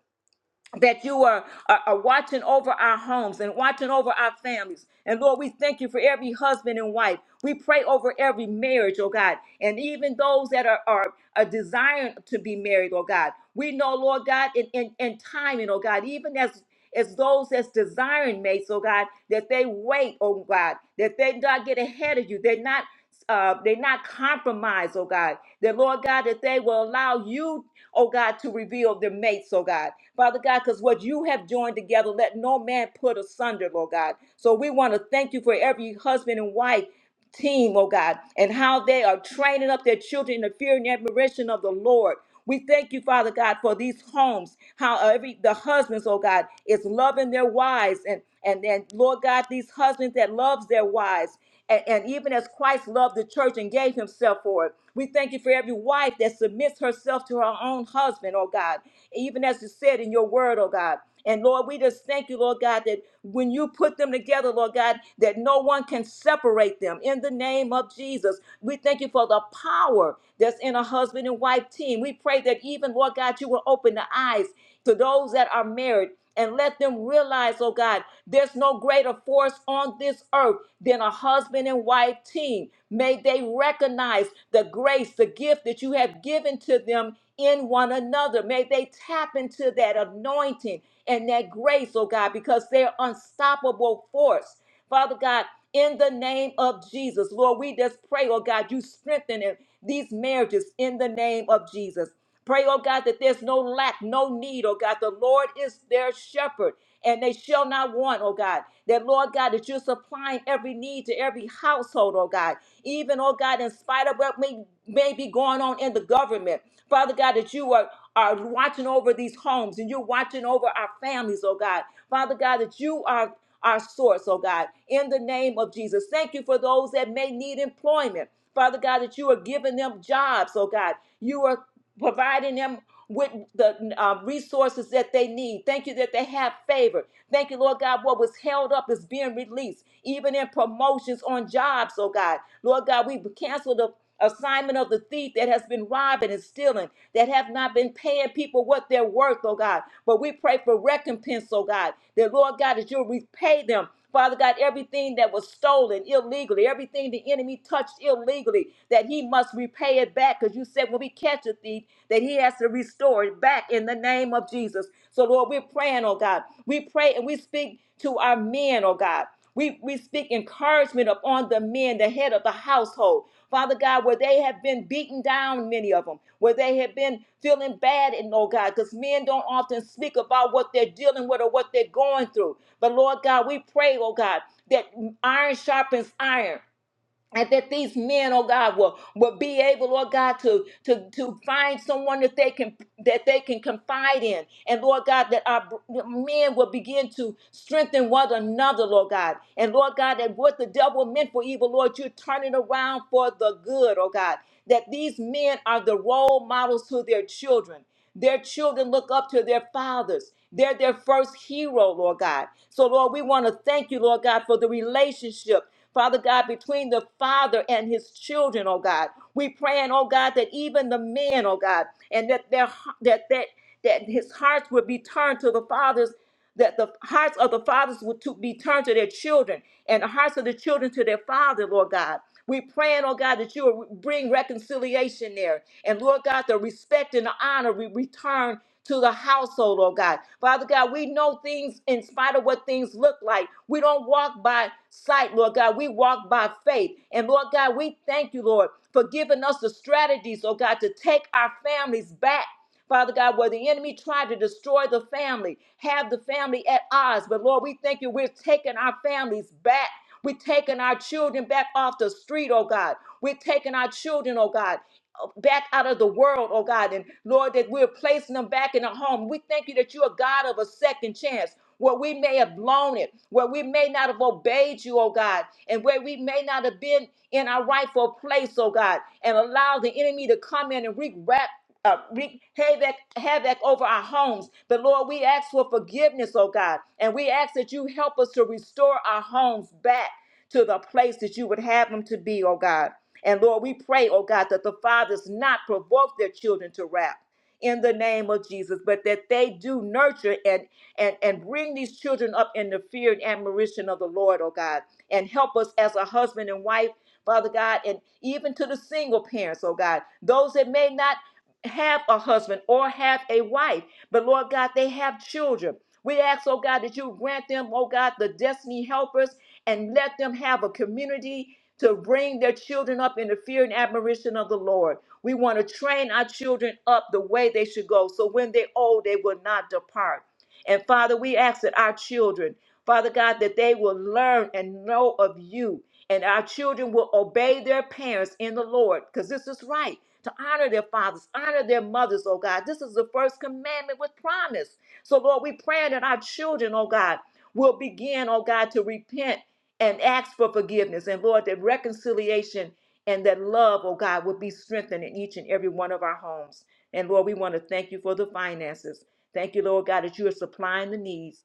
that you are, are, are watching over our homes and watching over our families. And Lord, we thank you for every husband and wife. We pray over every marriage, oh God, and even those that are, are, are desiring to be married, oh God. We know, Lord God, in, in, in timing, oh God, even as as those that's desiring mates, oh God, that they wait, oh God, that they not get ahead of you. They're not uh, they're not compromised, oh God. That Lord God, that they will allow you, oh God, to reveal their mates, oh God. Father God, because what you have joined together, let no man put asunder, Lord God. So we want to thank you for every husband and wife team, oh God, and how they are training up their children in the fear and admiration of the Lord. We thank you, Father God, for these homes, how every the husbands, oh God, is loving their wives and and then Lord God, these husbands that loves their wives. And, and even as Christ loved the church and gave himself for it, we thank you for every wife that submits herself to her own husband, oh God even as you said in your word, oh God. And Lord, we just thank you, Lord God, that when you put them together, Lord God, that no one can separate them in the name of Jesus. We thank you for the power that's in a husband and wife team. We pray that even, Lord God, you will open the eyes to those that are married and let them realize, oh God, there's no greater force on this earth than a husband and wife team. May they recognize the grace, the gift that you have given to them in one another. May they tap into that anointing and that grace, oh God, because they're unstoppable force. Father God, in the name of Jesus, Lord, we just pray, oh God, you strengthen them- these marriages in the name of Jesus. Pray, oh God, that there's no lack, no need, oh God. The Lord is their shepherd, and they shall not want, oh God. That, Lord God, that you're supplying every need to every household, oh God. Even, oh God, in spite of what may, may be going on in the government, Father God, that you are, are watching over these homes and you're watching over our families, oh God. Father God, that you are our source, oh God, in the name of Jesus. Thank you for those that may need employment. Father God, that you are giving them jobs, oh God. You are providing them with the uh, resources that they need. Thank you that they have favor. Thank you, Lord God, what was held up is being released, even in promotions on jobs, oh God. Lord God, we cancel the assignment of the thief that has been robbing and stealing, that have not been paying people what they're worth, oh God. But we pray for recompense, oh God, that Lord God, that you'll repay them. Father God, everything that was stolen illegally, everything the enemy touched illegally, that he must repay it back. Because you said when we catch a thief, that he has to restore it back in the name of Jesus. So, Lord, we're praying, oh God. We pray and we speak to our men, oh God. We, we speak encouragement upon the men, the head of the household. Father God, where they have been beaten down, many of them, where they have been feeling bad, and oh God, because men don't often speak about what they're dealing with or what they're going through. But Lord God, we pray, oh God, that iron sharpens iron and that these men, oh God, will, will be able, Lord God, to, to, to find someone that they can that they can confide in. And Lord God, that our br- men will begin to strengthen one another, Lord God. And Lord God, that what the devil meant for evil, Lord, you're turning around for the good, oh God. That these men are the role models to their children. Their children look up to their fathers. They're their first hero, Lord God. So, Lord, we want to thank you, Lord God, for the relationship Father God, between the father and his children, oh God. We praying, oh God, that even the men, oh God, and that their that that that his hearts would be turned to the fathers, that the hearts of the fathers would to be turned to their children, and the hearts of the children to their father, Lord God. We praying, oh God, that you will bring reconciliation there. And Lord God, the respect and the honor we return to the household, oh God. Father God, we know things in spite of what things look like. We don't walk by sight, Lord God. We walk by faith. And Lord God, we thank you, Lord, for giving us the strategies, oh God, to take our families back. Father God, where the enemy tried to destroy the family, have the family at odds. But Lord, we thank you, we're taking our families back. We're taking our children back off the street, oh God. We're taking our children, oh God, uh, back out of the world, oh God. And Lord, that we're placing them back in a home. We thank you that you're a God of a second chance. Where we may have blown it, where we may not have obeyed you, oh God, and where we may not have been in our rightful place, oh God, and allow the enemy to come in and wreak rap, uh, wreak havoc, havoc over our homes. But Lord, we ask for forgiveness, oh God, and we ask that you help us to restore our homes back to the place that you would have them to be, oh God. And Lord, we pray, oh God, that the fathers not provoke their children to wrath in the name of Jesus, but that they do nurture and and and bring these children up in the fear and admiration of the Lord, oh God, and help us as a husband and wife, Father God, and even to the single parents, oh God, those that may not have a husband or have a wife, but Lord God, they have children. We ask, oh God, that you grant them, oh God, the destiny helpers and let them have a community to bring their children up in the fear and admiration of the Lord. We want to train our children up the way they should go so when they're old, they will not depart. And Father, we ask that our children, Father God, that they will learn and know of you, and our children will obey their parents in the Lord, because this is right to honor their fathers, honor their mothers, oh God. This is the first commandment with promise. So, Lord, we pray that our children, oh God, will begin, oh God, to repent and ask for forgiveness. And Lord, that reconciliation and that love, oh God, would be strengthened in each and every one of our homes. And Lord, we want to thank you for the finances. Thank you, Lord God, that you are supplying the needs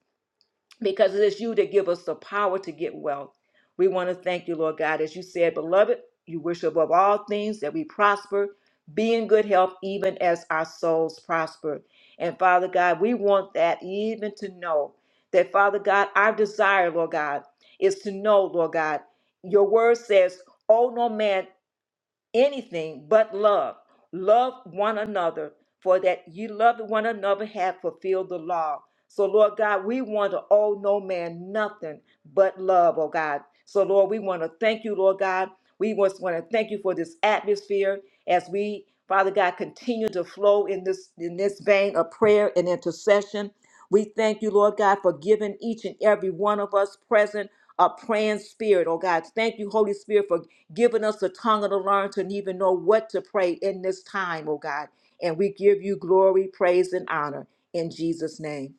because it is you that give us the power to get wealth. We want to thank you, Lord God. As you said, beloved, you wish above all things that we prosper, be in good health, even as our souls prosper. And Father God, we want that even to know that, Father God, our desire, Lord God, is to know, Lord God, your word says, Oh, no man anything but love. Love one another, for that you love one another have fulfilled the law. So, Lord God, we want to owe no man nothing but love, oh God. So, Lord, we want to thank you, Lord God. We just want to thank you for this atmosphere as we, Father God, continue to flow in this in this vein of prayer and intercession. We thank you, Lord God, for giving each and every one of us present a praying spirit, oh God. Thank you, Holy Spirit, for giving us the tongue of the learned to even know what to pray in this time, oh God. And we give you glory, praise, and honor in Jesus' name.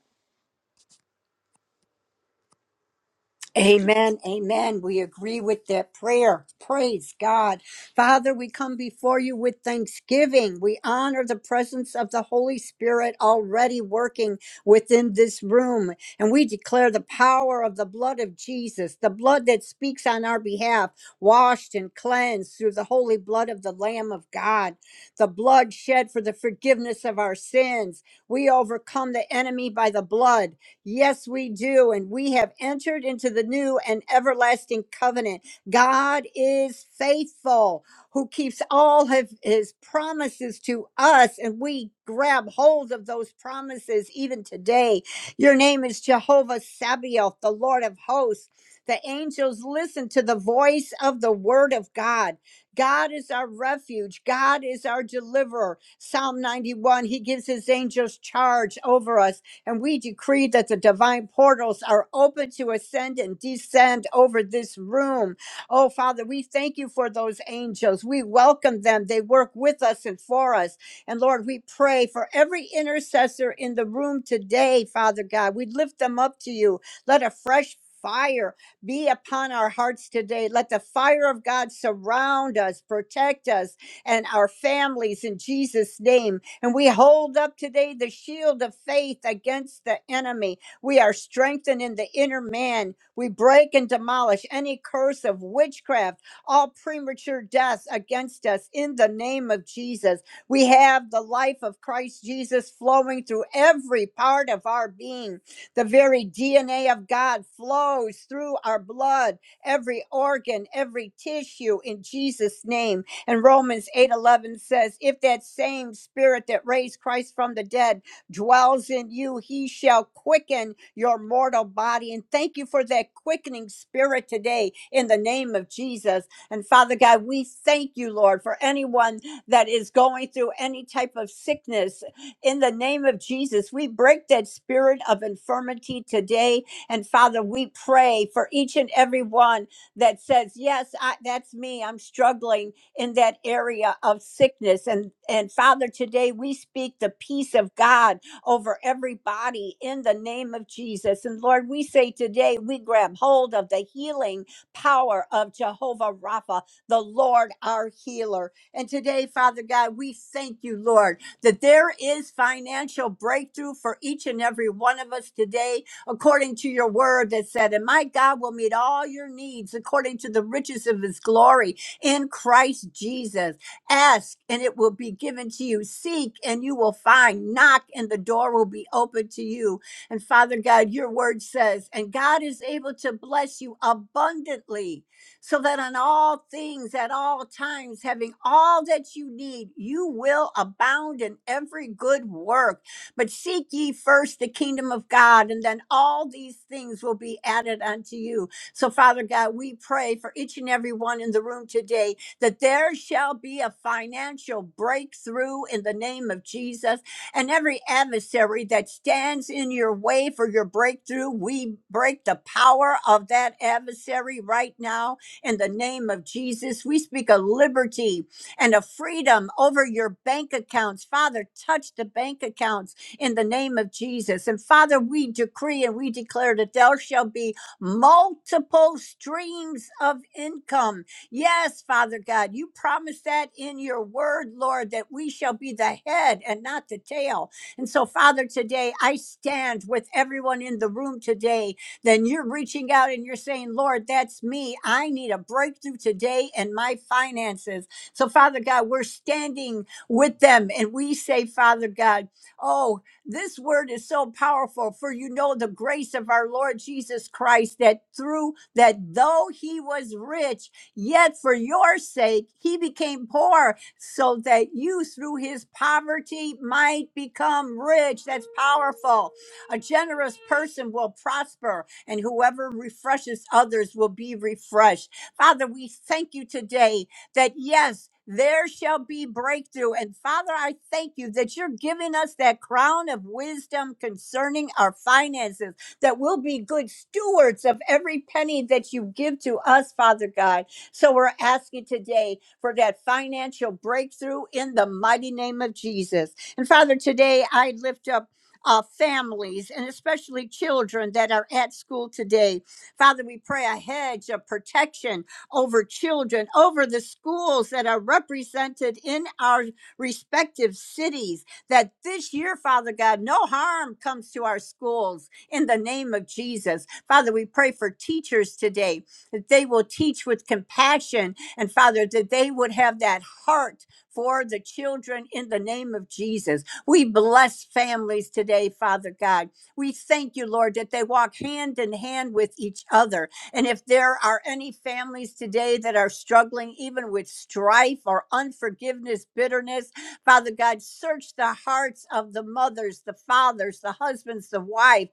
Amen. Amen. We agree with that prayer. Praise God. Father, we come before you with thanksgiving. We honor the presence of the Holy Spirit already working within this room. And we declare the power of the blood of Jesus, the blood that speaks on our behalf, washed and cleansed through the holy blood of the Lamb of God, the blood shed for the forgiveness of our sins. We overcome the enemy by the blood Yes, we do. And we have entered into the new and everlasting covenant. God is faithful, who keeps all of his promises to us. And we grab hold of those promises even today. Your name is Jehovah Sabaoth, the Lord of hosts. The angels listen to the voice of the word of God. God is our refuge. God is our deliverer. Psalm 91, he gives his angels charge over us and we decree that the divine portals are open to ascend and descend over this room. Oh, Father, we thank you for those angels. We welcome them. They work with us and for us. And Lord, we pray for every intercessor in the room today, Father God. We lift them up to you. Let a fresh Fire be upon our hearts today. Let the fire of God surround us, protect us, and our families in Jesus' name. And we hold up today the shield of faith against the enemy. We are strengthened in the inner man. We break and demolish any curse of witchcraft, all premature deaths against us in the name of Jesus. We have the life of Christ Jesus flowing through every part of our being. The very DNA of God flows through our blood, every organ, every tissue in Jesus' name. And Romans 8:11 says, "If that same spirit that raised Christ from the dead dwells in you, he shall quicken your mortal body." And thank you for that quickening spirit today in the name of Jesus. And Father God, we thank you, Lord, for anyone that is going through any type of sickness in the name of Jesus. We break that spirit of infirmity today. And Father, we pray for each and every one that says, Yes, I, that's me. I'm struggling in that area of sickness and and father today we speak the peace of god over everybody in the name of jesus and lord we say today we grab hold of the healing power of jehovah rapha the lord our healer and today father god we thank you lord that there is financial breakthrough for each and every one of us today according to your word that said and my god will meet all your needs according to the riches of his glory in Christ Jesus. Ask and it will be given to you. Seek and you will find. Knock and the door will be open to you. And Father God, your word says, and God is able to bless you abundantly so that on all things, at all times, having all that you need, you will abound in every good work. But seek ye first the kingdom of God, and then all these things will be added unto you. So, Father God, we pray for each and every one in the room today that there shall be a financial breakthrough in the name of Jesus. And every adversary that stands in your way for your breakthrough, we break the power of that adversary right now in the name of Jesus. We speak of liberty and of freedom over your bank accounts. Father, touch the bank accounts in the name of Jesus. And Father, we decree and we declare that there shall be multiple streams of income. Yes, Father God, you promised that in your word, Lord, that we shall be the head and not the tail. And so, Father, today I stand with everyone in the room today. Then you're reaching out and you're saying, Lord, that's me. I need a breakthrough today in my finances. So, Father God, we're standing with them and we say, Father God, oh. This word is so powerful, for you know the grace of our Lord Jesus Christ, that through that though he was rich, yet for your sake he became poor, so that you through his poverty might become rich. That's powerful. A generous person will prosper, and whoever refreshes others will be refreshed. Father, we thank you today that yes, there shall be breakthrough. And Father, I thank you that you're giving us that crown of wisdom concerning our finances, that we'll be good stewards of every penny that you give to us, Father God. So we're asking today for that financial breakthrough in the mighty name of Jesus. And Father, today I lift up. Uh, families and especially children that are at school today. Father, we pray a hedge of protection over children, over the schools that are represented in our respective cities. That this year, Father God, no harm comes to our schools in the name of Jesus. Father, we pray for teachers today that they will teach with compassion and, Father, that they would have that heart for the children in the name of Jesus. We bless families today, Father God. We thank you, Lord, that they walk hand in hand with each other and if there are any families today that are struggling even with strife or unforgiveness, bitterness, Father God, search the hearts of the mothers, the fathers, the husbands, the wife.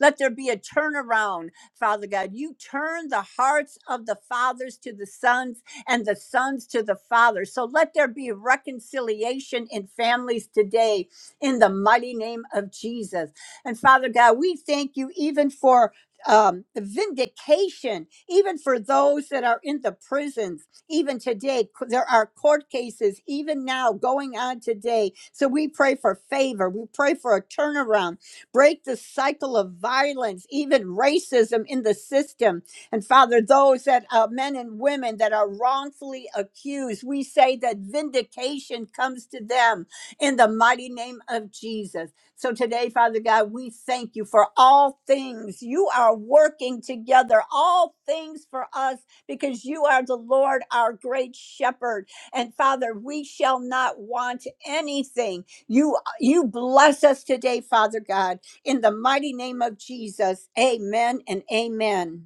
Let there be a turnaround, Father God. You turn the hearts of the fathers to the sons and the sons to the fathers. So let there be reconciliation in families today in the mighty name of Jesus. And Father God, we thank you even for um, vindication, even for those that are in the prisons, even today. c- There are court cases, even now, going on today. So we pray for favor. We pray for a turnaround, break the cycle of violence, even racism in the system. And Father, those that uh, men and women that are wrongfully accused, we say that vindication comes to them in the mighty name of Jesus. So today, Father God, we thank you for all things. You are working together, all things for us, because you are the Lord, our great shepherd. And Father, we shall not want anything. You, you bless us today, Father God, in the mighty name of Jesus. Amen and amen.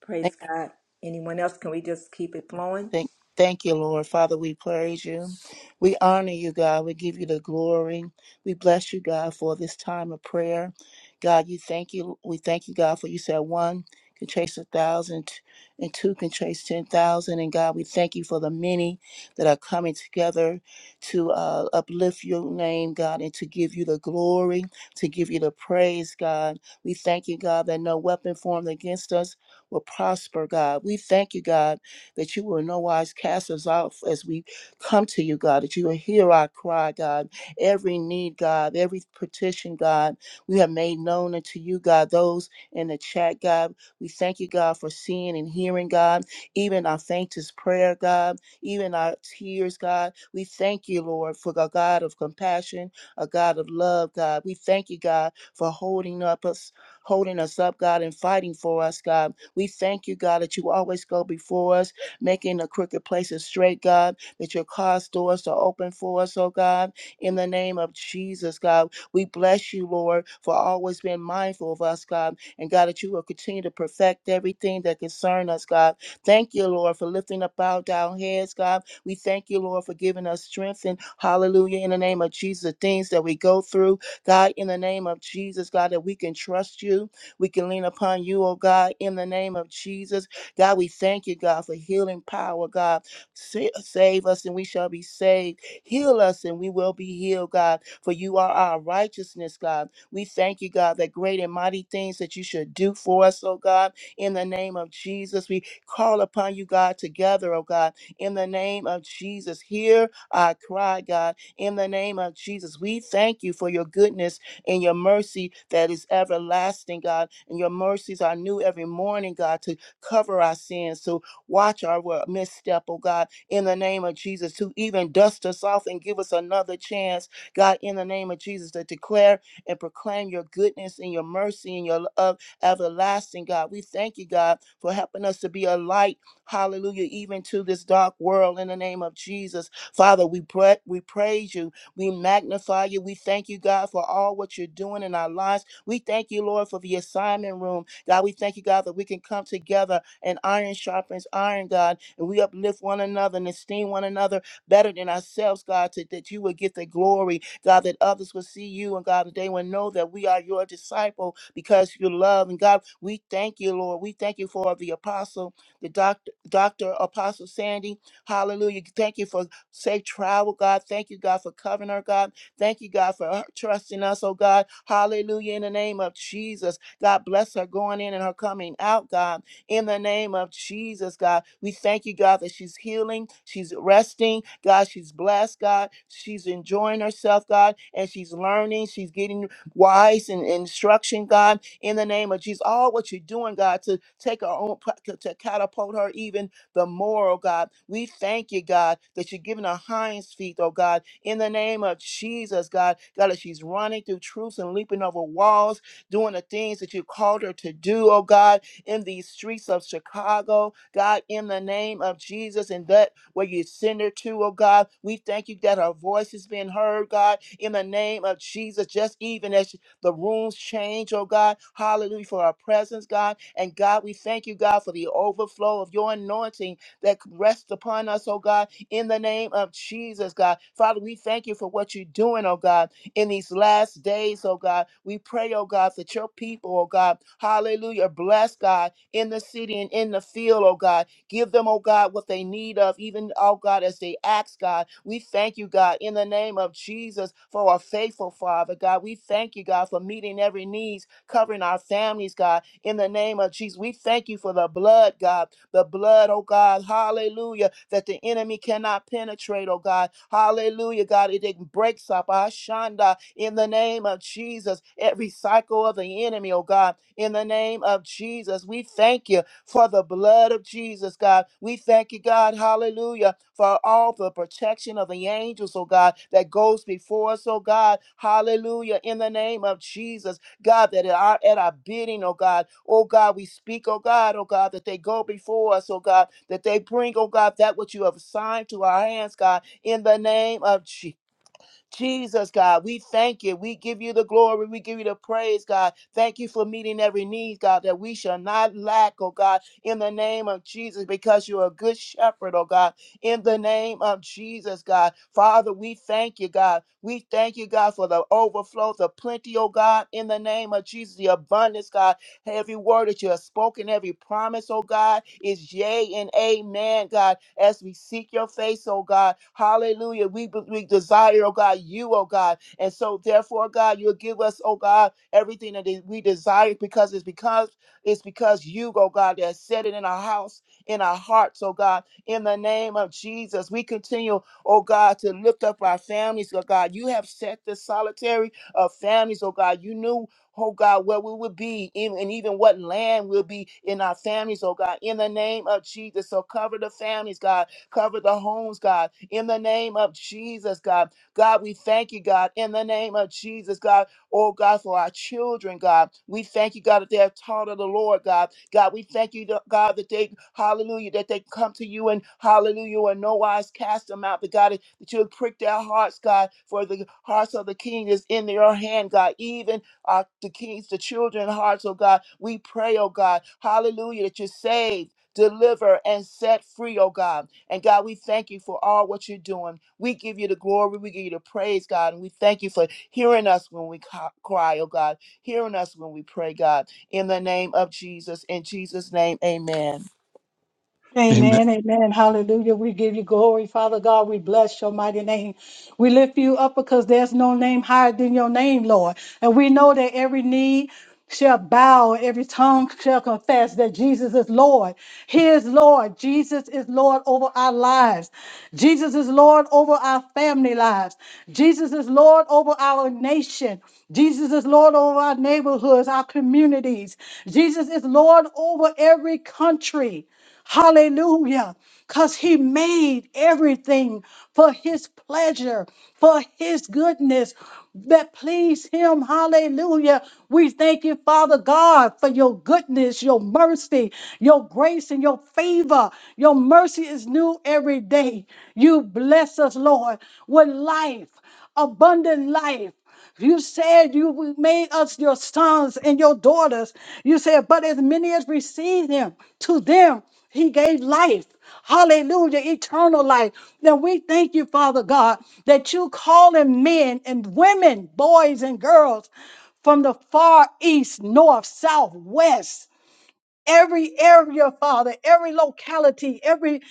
Praise God. Anyone else? Can we just keep it flowing? thank, thank you, Lord. Father, we praise you. We honor you, God. We give you the glory. We bless you, God, for this time of prayer. God, you thank you. We thank you, God, for you said one can chase a thousand, and two can chase ten thousand, many that are coming together to uh, uplift your name, God, and to give you the glory, to give you the praise, God. We thank you, God, that no weapon formed against us will prosper, God. We thank you, God, that you will in no wise cast us off as we come to you, God, that you will hear our cry, God, every need, God, every petition, God. We have made known unto you, God, those in the chat, God. We thank you, God, for seeing and hearing, God, even our faintest prayer, God even our tears, God. We thank you, Lord, for a God of compassion, a God of love, God. We thank you, God, for holding up us, holding us up, God, and fighting for us, God. We thank you, God, that you always go before us, making the crooked places straight, God, that your cause doors are open for us, oh God. In the name of Jesus, God, we bless you, Lord, for always being mindful of us, God, and God, that you will continue to perfect everything that concerns us, God. Thank you, Lord, for lifting up our down heads, God. We thank you, Lord, for giving us strength and hallelujah in the name of Jesus. The things that we go through, God, in the name of Jesus, God, that we can trust you. We can lean upon you, oh God, in the name of Jesus. God, we thank you, God, for healing power, God. Sa- Save us and we shall be saved. Heal us and we will be healed, God, for you are our righteousness, God. We thank you, God, that great and mighty things that you should do for us, oh God in the name of Jesus. We call upon you, God, together, oh God, in the name of Jesus. Hear our cry, God, in the name of Jesus. We thank you for your goodness and your mercy that is everlasting, God, and your mercies are new every morning, God, to cover our sins, to watch our wo- misstep, oh God, in the name of Jesus, to even dust us off and give us another chance, God, in the name of Jesus, to declare and proclaim your goodness and your mercy and your love everlasting God. We thank you, God, for helping us to be a light, hallelujah, even to this dark world in the name of Jesus. Father, we, pra- we praise you. We magnify you. We thank you, God, for all what you're doing in our lives. We thank you, Lord, for the assignment room. God, we thank you, God, that we can come together and iron sharpens iron, God, and we uplift one another and esteem one another better than ourselves, God, to, that you would get the glory God, that others will see you, and God, that they will know that we are your disciple because of your love. And God, we thank you, Lord. We thank you for the apostle, the doctor, Dr. Apostle Sandy. Hallelujah. Thank you for safe travel, God. Thank you, God, for covering her, God. Thank you, God, for her trusting us, oh God. Hallelujah. In the name of Jesus, God, bless her going in and her coming out, God in the name of Jesus, God. We thank you, God, that she's healing, she's resting, God, she's blessed, God, she's enjoying herself, God, and she's learning, she's getting wise and instruction, God, in the name of Jesus. All what you're doing, God, to take her own, to to catapult her even the moral, God. We thank you, God, that you're giving her hinds feet, oh God, in the name of Jesus, God. God, that she's running through truths and leaping over walls, doing the things that you called her to do, oh God in these streets of Chicago, God, in the name of Jesus, and that where you send her to, oh God. We thank you that her voice is being heard, God, in the name of Jesus, just even as the rooms change, oh God. Hallelujah for our presence, God. And God, we thank you, God, for the overflow of your anointing that rests upon us, oh God, in the name of Jesus, God. Father, we thank you for what you're doing, oh God in these last days, oh God. We pray, oh God, that your people, oh God, hallelujah, bless God in the city and in the field, oh God. Give them, oh God, what they need of, even, oh God, as they ask, God. We thank you, God, in the name of Jesus for our faithful Father, God. We thank you, God, for meeting every needs, covering our families, God in the name of Jesus. We thank you for the blood, God. The blood, oh God, hallelujah, that the enemy cannot penetrate, oh God. Hallelujah, God. It it breaks up Ashanda in the name of Jesus. Every cycle of the enemy, oh God, in the name of Jesus. We thank you for the blood of Jesus, God. We thank you, God, hallelujah, for all the protection of the angels, oh God, that goes before us, oh God, hallelujah, in the name of Jesus. God, that at our, at our bidding, oh God, oh God, we speak, oh God, oh God, that they go before us, oh God, that they bring, oh God, that which you have assigned to our hands, God, in the name of Jesus. Jesus, God, we thank you. We give you the glory. We give you the praise, God. Thank you for meeting every need, God, that we shall not lack, oh God, in the name of Jesus, because you're a good shepherd, oh God, in the name of Jesus, God. Father, we thank you, God. We thank you, God, for the overflow, the plenty, oh God, in the name of Jesus, the abundance, God. Every word that you have spoken, every promise, oh God, is yea and amen, God. As we seek your face, oh God, hallelujah. We, we desire, oh God, you, oh God. And so, therefore, God, you'll give us, oh God, everything that we desire because it's because it's because you, oh God, that set it in our house, in our hearts, oh God. In the name of Jesus, we continue, oh God, to lift up our families, oh God. You have set the solitary of families, oh God. You knew oh God, where we will be, in, and even what land will be in our families, oh God, in the name of Jesus. So cover the families, God, cover the homes, God, in the name of Jesus, God. God, we thank you, God, in the name of Jesus, God, oh God, for our children, God. We thank you, God, that they are taught of the Lord, God. God, we thank you, God, that they, hallelujah, that they come to you and hallelujah, and no wise cast them out, but God, that you would prick their hearts, God, for the hearts of the king is in your hand, God, even uh, the kings, the children hearts, oh God. We pray, oh God, hallelujah, that you save, deliver, and set free, oh God. And God, we thank you for all what you're doing. We give you the glory, we give you the praise, God, and we thank you for hearing us when we ca- cry, oh God, hearing us when we pray, God. In the name of Jesus, in Jesus' name, amen. Amen, amen. Hallelujah. We give you glory, Father God. We bless your mighty name. We lift you up because there's no name higher than your name, Lord. And we know that every knee shall bow, every tongue shall confess that Jesus is Lord. He is Lord. Jesus is Lord over our lives. Jesus is Lord over our family lives. Jesus is Lord over our nation. Jesus is Lord over our neighborhoods, our communities. Jesus is Lord over every country. Hallelujah. Because he made everything for his pleasure, for his goodness that pleased him. Hallelujah. We thank you, Father God, for your goodness, your mercy, your grace, and your favor. Your mercy is new every day. You bless us, Lord, with life, abundant life. You said you made us your sons and your daughters. You said, but as many as received him, to them he gave life. Hallelujah, eternal life. Now we thank you, Father God, that you calling men and women, boys and girls from the far east, north, south, west every area, Father, every locality, every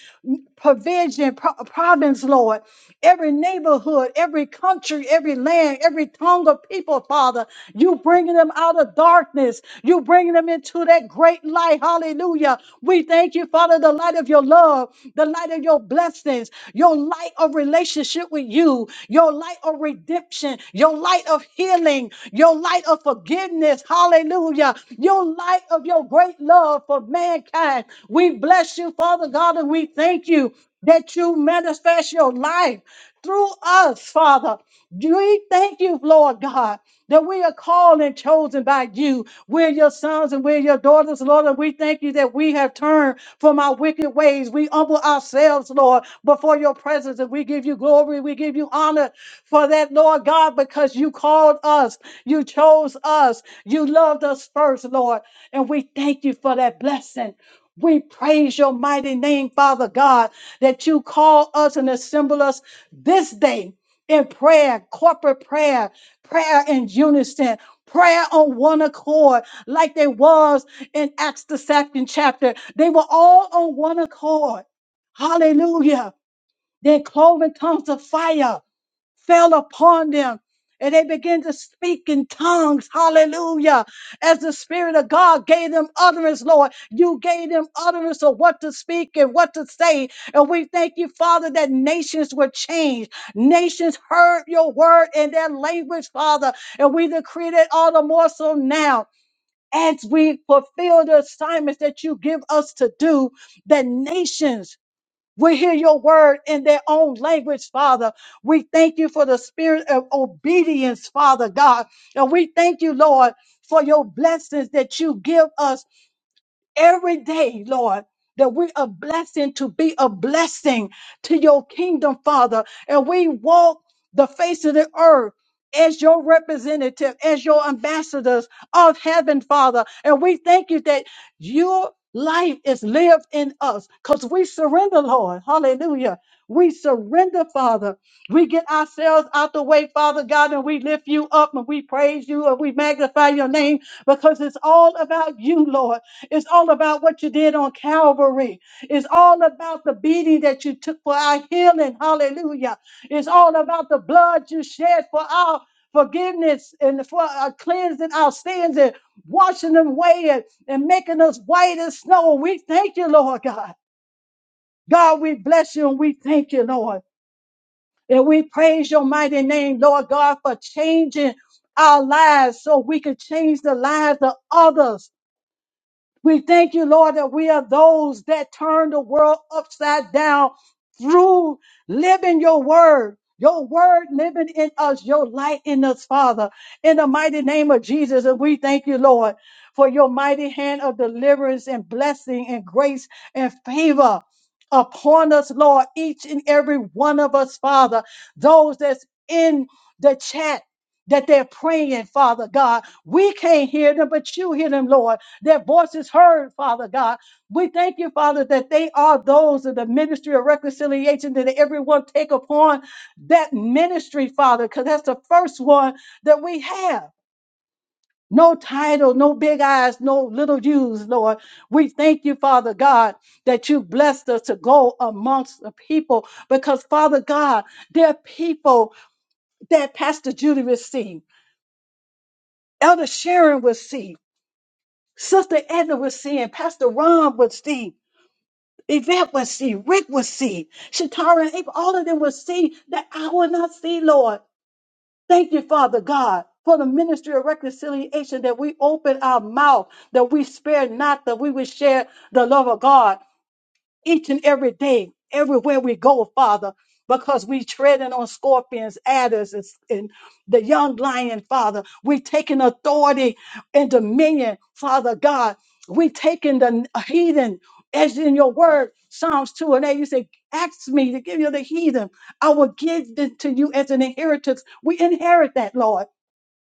provision, pro- province, Lord, every neighborhood, every country, every land, every tongue of people, Father. You bringing them out of darkness. You bringing them into that great light. Hallelujah. We thank you, Father, the light of your love, the light light of your blessings, your light of relationship with you, your light of redemption, your light of healing, your light of forgiveness. Hallelujah. Your light of your great love for mankind. We bless you, Father God, and we thank you that you manifest your life through us, Father. We thank you, Lord God that we are called and chosen by you. We're your sons and we're your daughters, Lord, and we thank you that we have turned from our wicked ways. We humble ourselves, Lord, before your presence, and we give you glory, we give you honor for that, Lord God, because you called us, you chose us, you loved us first, Lord, and we thank you for that blessing. We praise your mighty name, Father God, that you call us and assemble us this day in prayer, corporate prayer, prayer in unison, prayer on one accord, like they was in Acts the second chapter. They were all on one accord. Hallelujah. They clove in tongues of fire fell upon them. And they began to speak in tongues. Hallelujah. As the Spirit of God gave them utterance, Lord, you gave them utterance of what to speak and what to say. And we thank you, Father, that nations were changed. Nations heard your word in their language, Father. And we decree that all the more so now. As we fulfill the assignments that you give us to do, That nations we hear your word in their own language, Father. We thank you for the spirit of obedience, Father God. And we thank you, Lord, for your blessings that you give us every day, Lord. That we are blessing to be a blessing to your kingdom, Father. And we walk the face of the earth as your representative, as your ambassadors of heaven, Father. And we thank you that your life is lived in us because we surrender, Lord. Hallelujah. We surrender, Father. We get ourselves out the way, Father God, and we lift you up and we praise you and we magnify your name because it's all about you, Lord. It's all about what you did on Calvary. It's all about the beating that you took for our healing. Hallelujah. It's all about the blood you shed for our forgiveness and for uh, cleansing our sins and washing them away and, and making us white as snow. We thank you, Lord God. God, we bless you and we thank you, Lord. And we praise your mighty name, Lord God, for changing our lives so we can change the lives of others. We thank you, Lord, that we are those that turn the world upside down through living your word. Your word living in us, your light in us, Father, in the mighty name of Jesus. And we thank you, Lord, for your mighty hand of deliverance and blessing and grace and favor upon us, Lord, each and every one of us, Father, those that's in the chat that they're praying, Father God. We can't hear them, but you hear them, Lord. Their voices heard, Father God. We thank you, Father, that they are those of the ministry of reconciliation that everyone take upon that ministry, Father, because that's the first one that we have. No title, no big eyes, no little U's, Lord. We thank you, Father God, that you blessed us to go amongst the people because, Father God, there are people that Pastor Judy received, Elder Sharon will see, Sister Edna will see, and Pastor Ron will see. Yvette will see, Rick will see, Shatara and April, all of them will see that I will not see, Lord. Thank you, Father God, for the ministry of reconciliation that we open our mouth, that we spare not, that we will share the love of God each and every day, everywhere we go, Father, because we treading on scorpions, adders, and, and the young lion, Father. We taking authority and dominion, Father God. We taking the heathen, as in your word, Psalms 2 and 8, you say, ask me to give you the heathen. I will give it to you as an inheritance. We inherit that, Lord.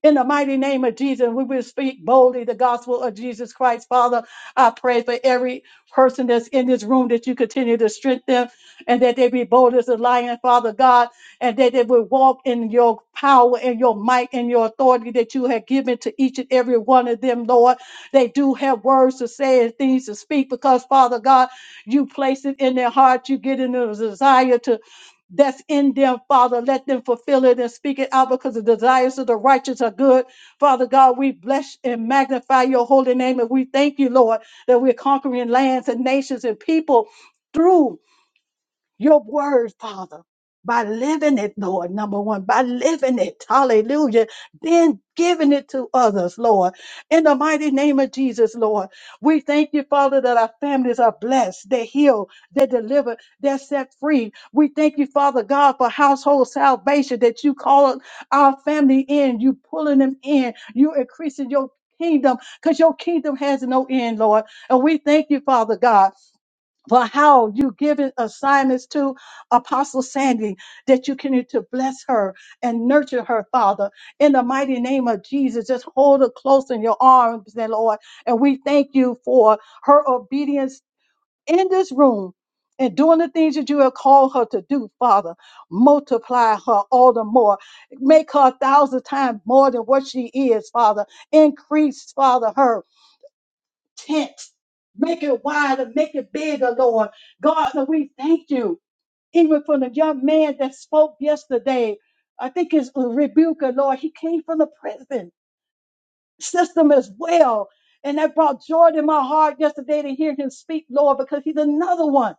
In the mighty name of Jesus, we will speak boldly the gospel of Jesus Christ. Father, I pray for every person that's in this room that you continue to strengthen them and that they be bold as a lion, Father God, and that they will walk in your power and your might and your authority that you have given to each and every one of them, Lord. They do have words to say and things to speak because, Father God, you place it in their heart. You get in the desire to that's in them, Father. Let them fulfill it and speak it out because the desires of the righteous are good. Father God, we bless and magnify your holy name. And we thank you, Lord, that we're conquering lands and nations and people through your word, Father, by living it, Lord, number one, by living it, hallelujah, then giving it to others, Lord. In the mighty name of Jesus, Lord, we thank you, Father, that our families are blessed, they're healed, they're delivered, they're set free. We thank you, Father God, for household salvation that you call our family in, you pulling them in, you increasing your kingdom because your kingdom has no end, Lord. And we thank you, Father God for how you given assignments to Apostle Sandy that you can to bless her and nurture her, Father, in the mighty name of Jesus. Just hold her close in your arms, then Lord, and we thank you for her obedience in this room. And doing the things that you have called her to do, Father, multiply her all the more. Make her a thousand times more than what she is, Father. Increase, Father, her tent. Make it wider, make it bigger, Lord. God, so we thank you. Even for the young man that spoke yesterday, I think his rebuker, Lord, he came from the prison system as well. And that brought joy to my heart yesterday to hear him speak, Lord, because he's another one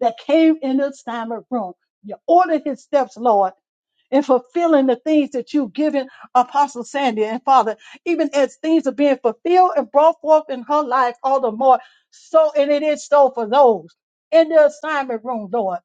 that came in the assignment room. You ordered his steps, Lord and fulfilling the things that you've given Apostle Sandy. And Father, even as things are being fulfilled and brought forth in her life all the more, so, and it is so for those in the assignment room, Lord.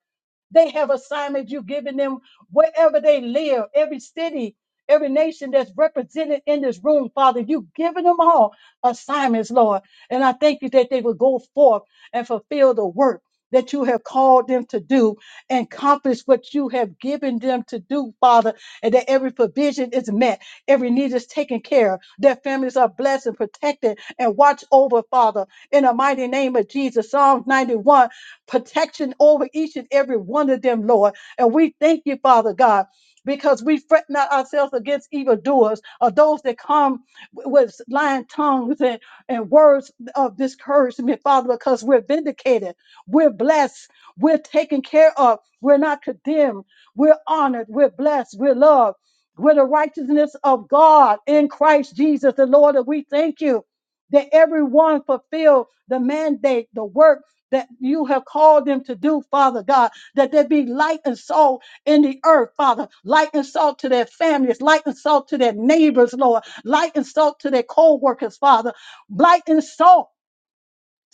They have assignments you've given them wherever they live, every city, every nation that's represented in this room, Father. You've given them all assignments, Lord. And I thank you that they will go forth and fulfill the work that you have called them to do and accomplish what you have given them to do, Father, and that every provision is met, every need is taken care of, their families are blessed and protected and watched over, Father, in the mighty name of Jesus. Psalms 91 protection over each and every one of them, Lord. And we thank you, Father God, because we fret not ourselves against evildoers or those that come with lying tongues and, and words of discouragement, Father, because we're vindicated, we're blessed, we're taken care of, we're not condemned, we're honored, we're blessed, we're loved. We're the righteousness of God in Christ Jesus, the Lord. And we thank you that everyone fulfill the mandate, the work that you have called them to do, Father God, that there be light and salt in the earth, Father, light and salt to their families, light and salt to their neighbors, Lord, light and salt to their co workers, Father, light and salt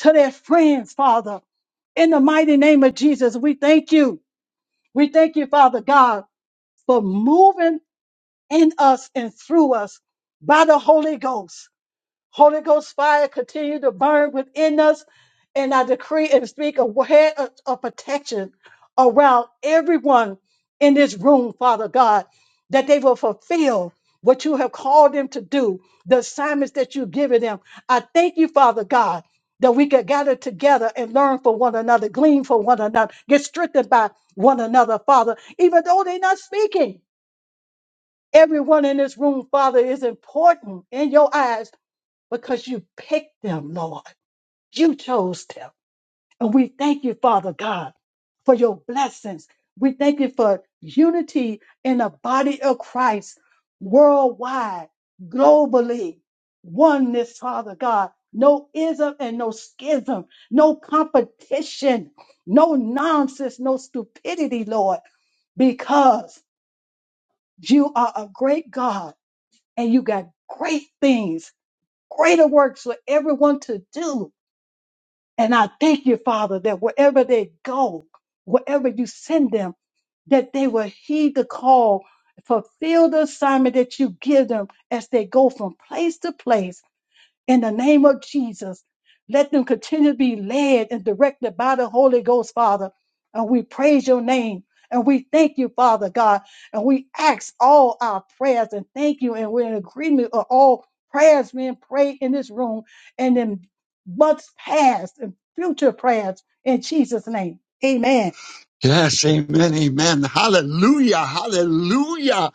to their friends, Father. In the mighty name of Jesus, we thank you. We thank you, Father God, for moving in us and through us by the Holy Ghost. Holy Ghost fire continue to burn within us. And I decree and speak a head of, of protection around everyone in this room, Father God, that they will fulfill what you have called them to do, the assignments that you've given them. I thank you, Father God, that we can gather together and learn from one another, glean from one another, get strengthened by one another, Father, even though they're not speaking. Everyone in this room, Father, is important in your eyes because you picked them, Lord. You chose them. And we thank you, Father God, for your blessings. We thank you for unity in the body of Christ worldwide, globally. Oneness, Father God. No ism and no schism, no competition, no nonsense, no stupidity, Lord, because you are a great God and you got great things, greater works for everyone to do. And I thank you, Father, that wherever they go, wherever you send them, that they will heed the call, fulfill the assignment that you give them as they go from place to place in the name of Jesus, let them continue to be led and directed by the Holy Ghost, Father. And we praise your name. And we thank you, Father God. And we ask all our prayers and thank you. And we're in agreement of all prayers being prayed in this room and in months past and future prayers in Jesus' name. Amen. Hallelujah.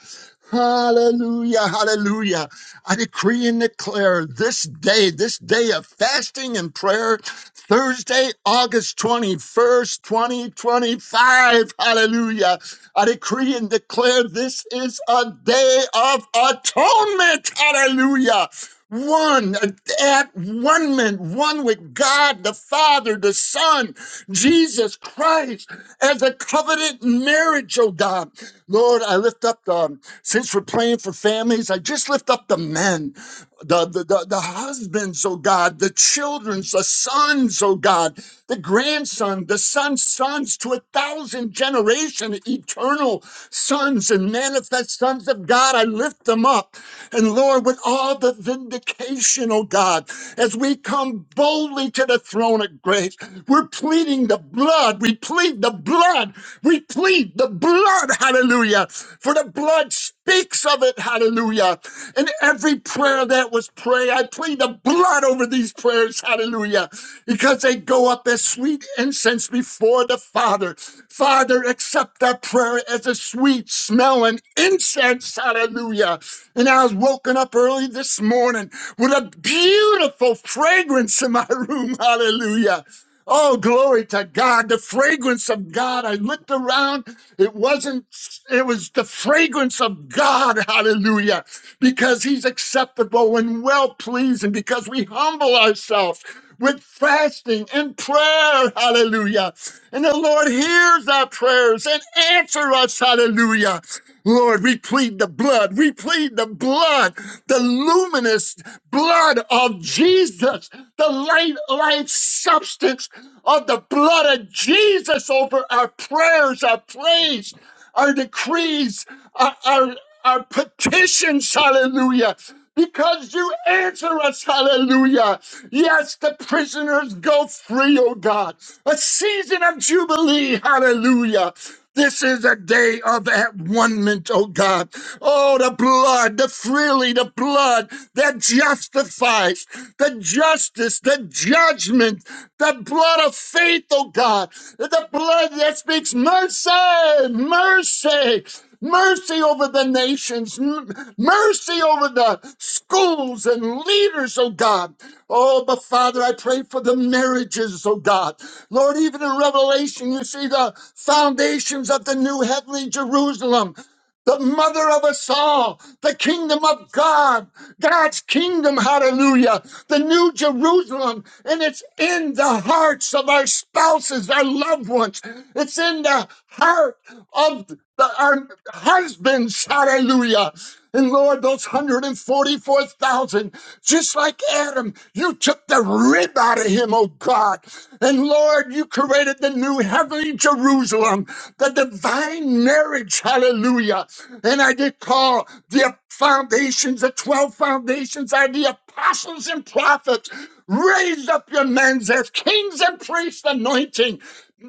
Hallelujah. Hallelujah. I decree and declare this day, this day of fasting and prayer, Thursday, August 21st, 2025. Hallelujah. I decree and declare this is a day of atonement. Hallelujah. One at one man, one with God the Father, the Son, Jesus Christ, as a covenant marriage, oh God. Lord, I lift up the, since we're praying for families, I just lift up the men, the, the, the, the husbands, oh God, the children's, the sons, oh God, the grandson, the son's sons to a thousand generation, eternal sons and manifest sons of God. I lift them up. And Lord, with all the vindication, oh God, as we come boldly to the throne of grace, we're pleading the blood. We plead the blood. We plead the blood. Hallelujah. For the blood speaks of it. Hallelujah. And every prayer that was prayed, I plead the blood over these prayers. Hallelujah. Because they go up as sweet incense before the Father. Father, accept that prayer as a sweet smelling incense. Hallelujah. And I was woken up early this morning with a beautiful fragrance in my room. Hallelujah. Oh, glory to God. The fragrance of God. I looked around. It wasn't, it was the fragrance of God. Hallelujah. Because he's acceptable and well pleasing because we humble ourselves with fasting and prayer. Hallelujah. And the Lord hears our prayers and answers us. Hallelujah. Lord, we plead the blood. We plead the blood, the luminous blood of Jesus, the light, life substance of the blood of Jesus over our prayers, our praise, our decrees, our, our, our petitions. Hallelujah. Because you answer us, hallelujah. Yes, the prisoners go free, oh God. A season of jubilee, hallelujah. This is a day of at one oh God. Oh, the blood, the freely, the blood that justifies, the justice, the judgment, the blood of faith, oh God, the blood that speaks mercy, mercy mercy over the nations, M- mercy over the schools and leaders, oh God. Oh, but Father, I pray for the marriages, oh God. Lord, even in Revelation, you see the foundations of the new heavenly Jerusalem the mother of us all, the kingdom of God, God's kingdom, hallelujah, the new Jerusalem, and it's in the hearts of our spouses, our loved ones, it's in the heart of the, our husbands, hallelujah. And Lord, those 144,000, just like Adam, you took the rib out of him, oh God. And Lord, you created the new heavenly Jerusalem, the divine marriage, hallelujah. And I did call the foundations, the 12 foundations are the apostles and prophets. Raise up your men as kings and priests anointing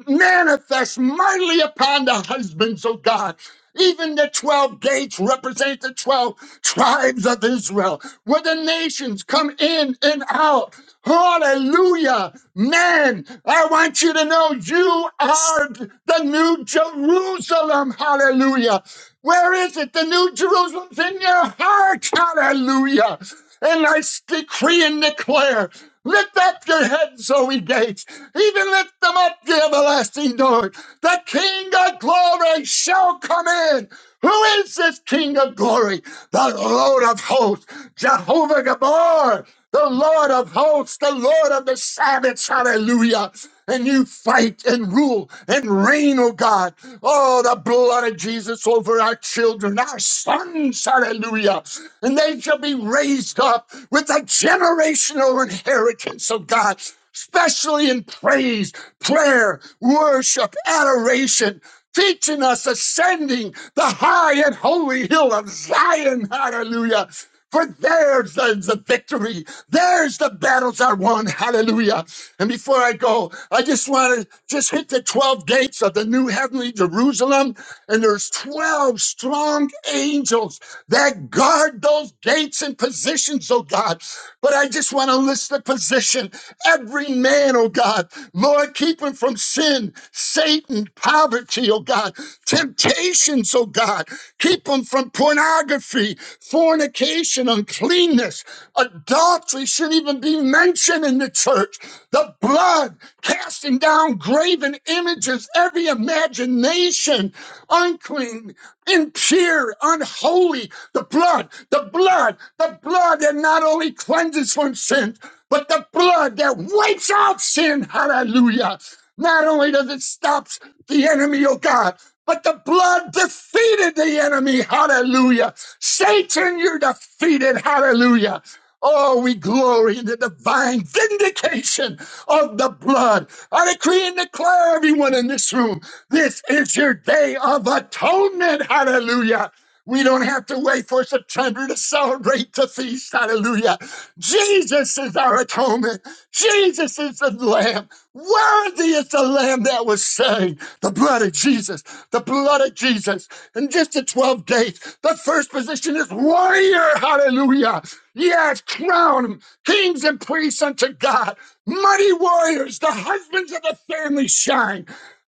manifest mightily upon the husbands, oh God. Even the 12 gates represent the 12 tribes of Israel, where the nations come in and out. Hallelujah. Man, I want you to know you are the new Jerusalem. Hallelujah. Where is it? The new Jerusalem's in your heart. Hallelujah. And I s- decree and declare lift up your heads, Zoe Gates. Even lift them up, the everlasting door. The King of glory shall come in. Who is this King of glory? The Lord of hosts, Jehovah Gabor the Lord of hosts, the Lord of the Sabbaths. Hallelujah. And you fight and rule and reign, oh God. Oh, the blood of Jesus over our children, our sons. Hallelujah. And they shall be raised up with a generational inheritance, oh God. Especially in praise, prayer, worship, adoration teaching us ascending the high and holy hill of Zion. Hallelujah. For there's the, the victory. There's the battles are won. Hallelujah. And before I go, I just want to just hit the 12 gates of the new heavenly Jerusalem. And there's 12 strong angels that guard those gates and positions, oh God. But I just want to list the position. Every man, oh God, Lord, keep him from sin, Satan, poverty, oh God, temptations, oh God, keep him from pornography, fornication, uncleanness, adultery shouldn't even be mentioned in the church. The blood, casting down graven images, every imagination imagination, unclean, impure, unholy. The blood, the blood, the blood that not only cleanses from sin, but the blood that wipes out sin. Hallelujah. Not only does it stop the enemy, oh God, but the blood defeated the enemy. Hallelujah. Satan, you're defeated. Hallelujah. Oh, we glory in the divine vindication of the blood. I decree and declare everyone in this room, this is your day of atonement. Hallelujah. We don't have to wait for September to celebrate the feast. Hallelujah. Jesus is our atonement. Jesus is the Lamb. Worthy is the Lamb that was slain. The blood of Jesus. The blood of Jesus. In just the 12 days, the first position is warrior. Hallelujah. Yes, crown 'em kings and priests unto God, mighty warriors, the husbands of the family shine.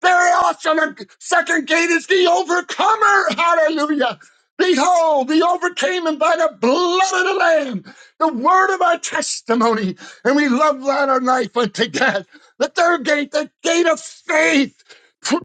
Very awesome. And second gate is the overcomer. Hallelujah. Behold, we overcame him by the blood of the Lamb, the word of our testimony, and we love not our life unto death. The third gate, the gate of faith, pr-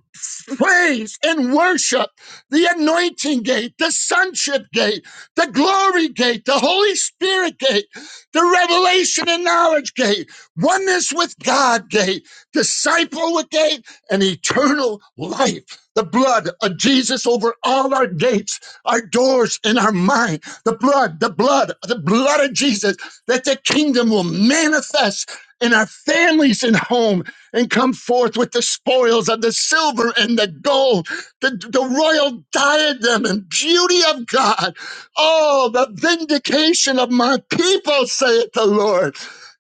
praise and worship, the anointing gate, the sonship gate the glory gate, the Holy Spirit gate, the revelation and knowledge gate, oneness with God gate, disciple with gate, and eternal life. The blood of Jesus over all our gates, our doors, and our mind. The blood, the blood, the blood of Jesus, that the kingdom will manifest in our families and home and come forth with the spoils of the silver and the gold, the, the royal diadem and beauty of God Oh, the vindication of my people, saith the Lord.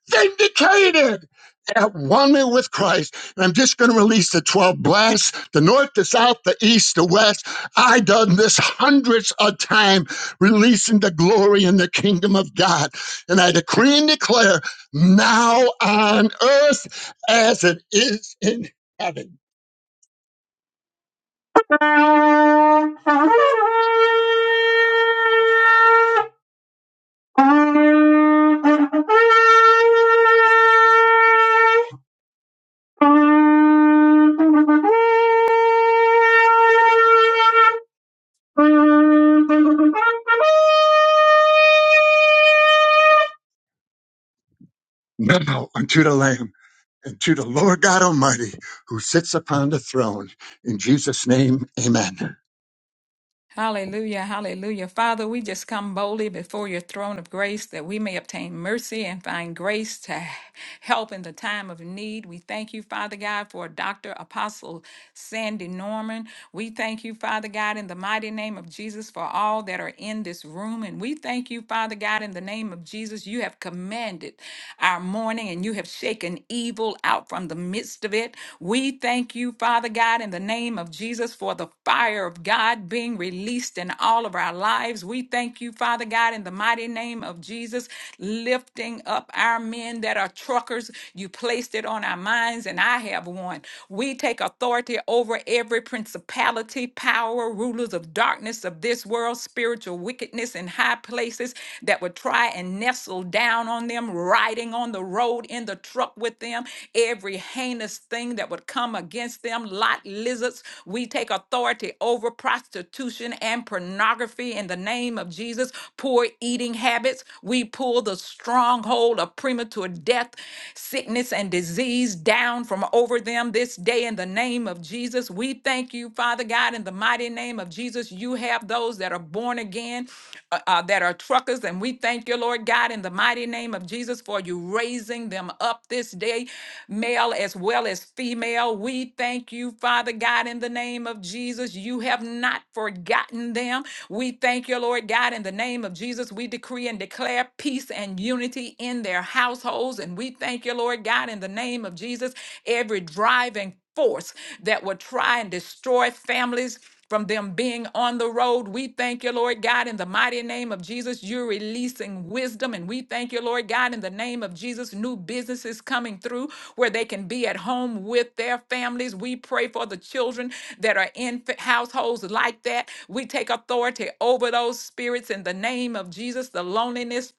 Vindicated at one with Christ. And I'm just going to release the 12 blasts, the north, the south, the east, the west. I done this hundreds of times, releasing the glory and the kingdom of God. And I decree and declare now on earth as it is in heaven. Now unto the Lamb. and to the Lord God Almighty who sits upon the throne. In Jesus' name, amen. Hallelujah, hallelujah. Father, we just come boldly before your throne of grace that we may obtain mercy and find grace to help in the time of need. We thank you, Father God, for Dr. Apostle Sandy Norman. We thank you, Father God, in the mighty name of Jesus, for all that are in this room. And we thank you, Father God, in the name of Jesus, you have commanded our morning and you have shaken evil out from the midst of it. We thank you, Father God, in the name of Jesus, for the fire of God being released in all of our lives. We thank you, Father God, in the mighty name of Jesus, lifting lifting up our men that are truckers. You placed it on our minds, and I have one. We take authority over every principality, power, rulers of darkness of this world, spiritual wickedness in high places that would try and nestle down on them, riding on the road in the truck with them, every heinous thing that would come against them, lot lizards. We take authority over prostitution and pornography in the name of Jesus, poor eating eating habits. We pull the stronghold of premature death, sickness, and disease down from over them this day in the name of Jesus. We thank you, Father God, in the mighty name of Jesus. You have those that are born again, uh, uh, that are truckers, and we thank you, Lord God, in the mighty name of Jesus, for you raising them up this day, male as well as female. We thank you, Father God, in the name of Jesus. You have not forgotten them. We thank you, Lord God, in the name of Jesus, we decree and declare peace and unity in their households. And we thank you, Lord God, in the name of Jesus, every driving force that will try and destroy families from them being on the road. We thank you, Lord God, in the mighty name of Jesus. You're releasing wisdom. And we thank you, Lord God, in the name of Jesus. New businesses coming through where they can be at home with their families. We pray for the children that are in fa- households like that. We take authority over those spirits in the name of Jesus, the loneliness,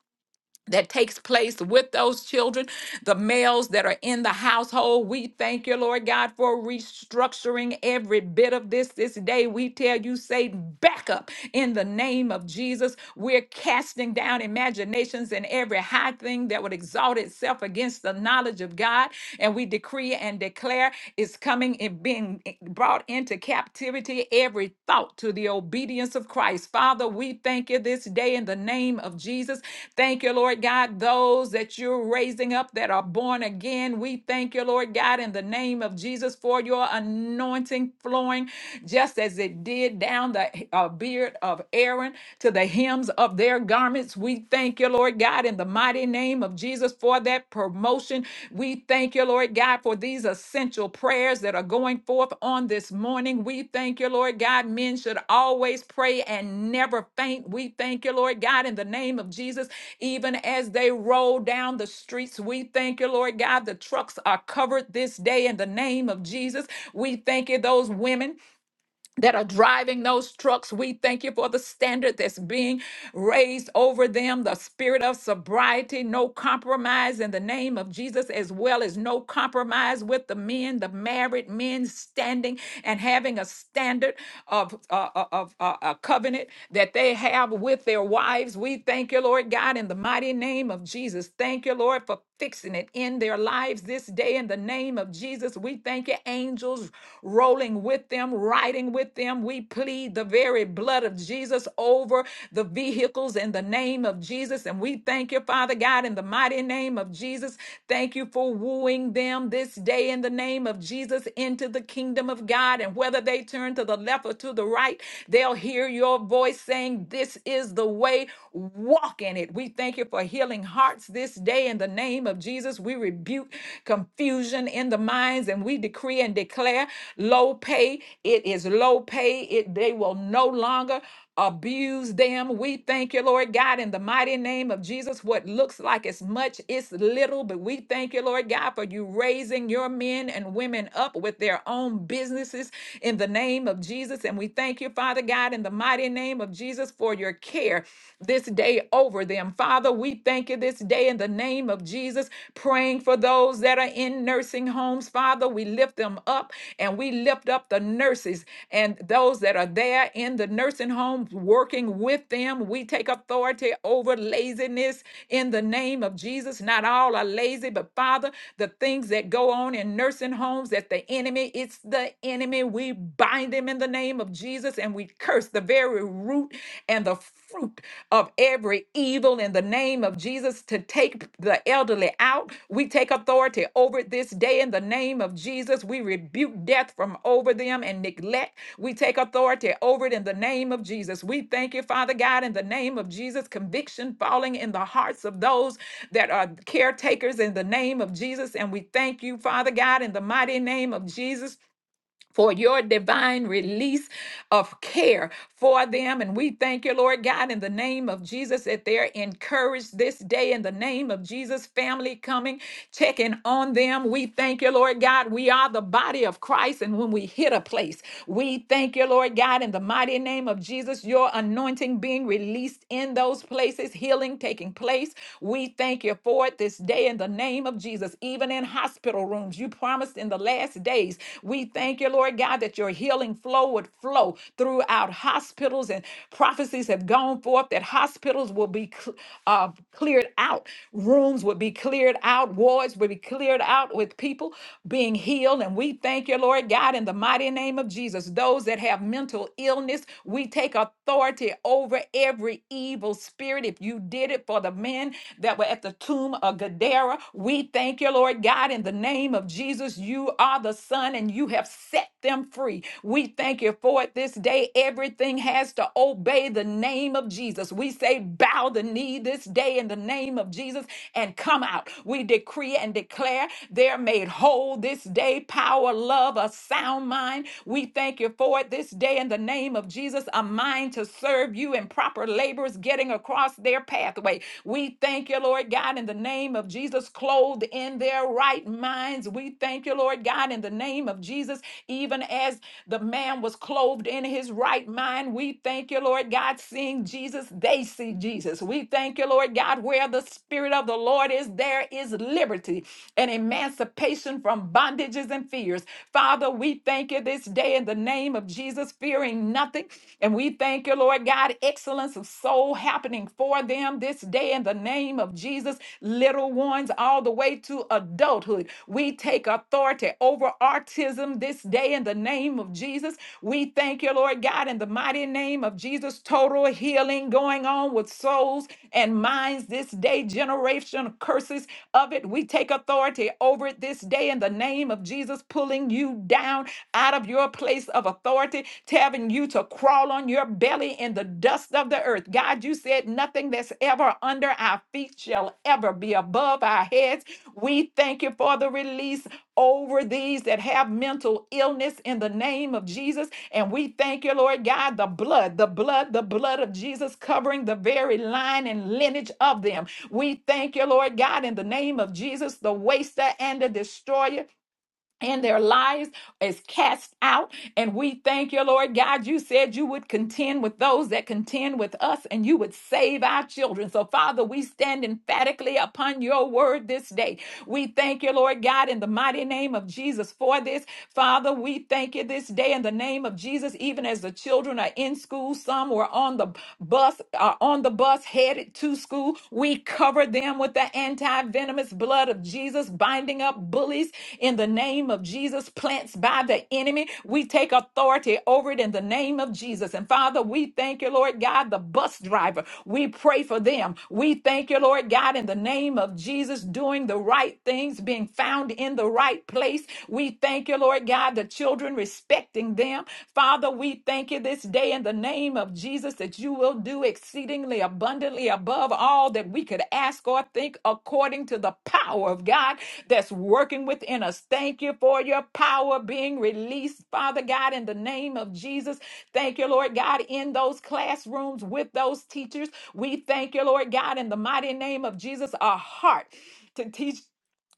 that takes place with those children, the males that are in the household. We thank you, Lord God, for restructuring every bit of this this day. We tell you, Satan, back up in the name of Jesus. We're casting down imaginations and every high thing that would exalt itself against the knowledge of God. And we decree and declare it's coming and being brought into captivity every thought to the obedience of Christ. Father, we thank you this day in the name of Jesus Thank you, Lord God, those that you're raising up that are born again. We thank you, Lord God, in the name of Jesus for your anointing flowing just as it did down the uh, beard of Aaron to the hems of their garments. We thank you, Lord God, in the mighty name of Jesus for that promotion. We thank you, Lord God, for these essential prayers that are going forth on this morning. We thank you, Lord God. Men should always pray and never faint. We thank you, Lord God, in the name of Jesus even as they roll down the streets, we thank you, Lord God. The trucks are covered this day in the name of Jesus. We thank you, those women that are driving those trucks. We thank you for the standard that's being raised over them, the spirit of sobriety, no compromise in the name of Jesus, as well as no compromise with the men, the married men standing and having a standard of, uh, uh, of uh, a covenant that they have with their wives. We thank you, Lord God, in the mighty name of Jesus. Thank you, Lord, for fixing it in their lives this day in the name of Jesus. We thank you, angels rolling with them, riding fighting with them. We plead the very blood of Jesus over the vehicles in the name of Jesus. And we thank you, Father God, in the mighty name of Jesus. Thank you for wooing them this day in the name of Jesus into the kingdom of God. And whether they turn to the left or to the right, they'll hear your voice saying, This is the way, walk in it. We thank you for healing hearts this day in the name of Jesus. We rebuke confusion confusion in the minds, and we decree and declare low pay. It is low pay. It they will no longer abuse them. We thank you, Lord God, in the mighty name of Jesus. What looks like it's much, it's little, but we thank you, Lord God, for you raising your men and women up with their own businesses in the name of Jesus. And we thank you, Father God, in the mighty name of Jesus for your care this day over them. Father, we we thank you this day in the name of Jesus, praying for those that are in nursing homes. Father, we lift them up and we lift up the nurses and those that are there in the nursing homes working with them. We take authority over laziness in the name of Jesus. Not all are lazy, but Father, the things that go on in nursing homes that the enemy, it's the enemy. We bind him in the name of Jesus and we curse the very very root and the fruit of every evil in the name of Jesus to take the elderly out. We take authority over it this day in the name of Jesus. We rebuke death from over them and neglect. We take authority over it in the name of Jesus. We thank you, Father God, in the name of Jesus. Conviction falling in the hearts of those that are caretakers in the name of Jesus. And we thank you, Father God, in the mighty name of Jesus for your divine release of care for them. And we thank you, Lord God, in the name of Jesus, that they're encouraged this day in the name of Jesus, family coming, checking on them. We thank you, Lord God. We are the body of Christ. And when we hit a place, we thank you, Lord God, in the mighty name of Jesus, your anointing anointing being released in those places, healing taking place. We thank you for it this day in the name of Jesus, even in hospital rooms. You promised in the last days. We thank you, Lord God, that your healing flow would flow throughout hospitals, and prophecies have gone forth that hospitals will be cl- uh, cleared out, rooms would be cleared out, wards would be cleared out with people being healed. And we thank you, Lord God, in the mighty name of Jesus. Those that have mental illness, we take authority over every evil spirit. If you did it for the men that were at the tomb of Gadara, we thank you, Lord God, in the name of Jesus. You are the Son, and you have set them free. We thank you for it this day. Everything has to obey the name of Jesus. We say, bow the knee this day in the name of Jesus and come out. We decree and declare they're made whole this day. Power, love, a sound mind. We thank you for it this day in the name of Jesus. A mind to serve you in proper labor laborers getting across their pathway. We thank you, Lord God, in the name of Jesus, clothed in their right minds. We thank you, Lord God, in the name of Jesus, even as the man was clothed in his right mind. We thank you, Lord God, seeing Jesus, they see Jesus. We thank you, Lord God, where the Spirit of the Lord is, there is liberty liberty and emancipation from bondages and fears. Father, we thank you this day in the name of Jesus, fearing nothing. And we thank you, Lord God, excellence of soul happening for them this day in the name of Jesus, little ones all the way to adulthood. We take authority over autism this day in the name of Jesus. We thank you, Lord God, in the mighty name of Jesus, total healing going on with souls and minds this day, generational curses of it. We take authority over it this day in the name of Jesus, pulling you down out of your place of authority, telling you to crawl on your belly in the dust of the earth. God, you said nothing that's ever under our feet shall ever be above our heads we thank you for the release over these that have mental illness in the name of Jesus. And we thank you, Lord God, the blood, the blood, the blood of Jesus covering the very line and lineage of them. We thank you, Lord God, in the name of Jesus, the waster and the destroyer and their lives is cast out. And we thank you, Lord God. You said you would contend with those that contend with us and you would save our children. So, Father, we stand emphatically upon your word this day. We thank you, Lord God, in the mighty name of Jesus for this. Father, we thank you this day in the name of Jesus, even as the children are in school, some were on the bus, are on the bus headed to to school. We cover them with the anti venomous blood of Jesus, binding up bullies in the name of Jesus, plants by the enemy. We take authority over it in the name of Jesus. And Father, we thank you, Lord God, the bus driver. We pray for them. We thank you, Lord God, in the name of Jesus, doing the right things, being found in the right place. We thank you, Lord God, the children respecting upon them. Father, we thank you this day in the name of Jesus that you will do exceedingly abundantly above all that we could ask or think according to the power of God that's working within us. Thank you for your power being released, Father God, in the name of Jesus. Thank you, Lord God, in those classrooms with those teachers. We thank you, Lord God, in the mighty name of Jesus, our heart to teach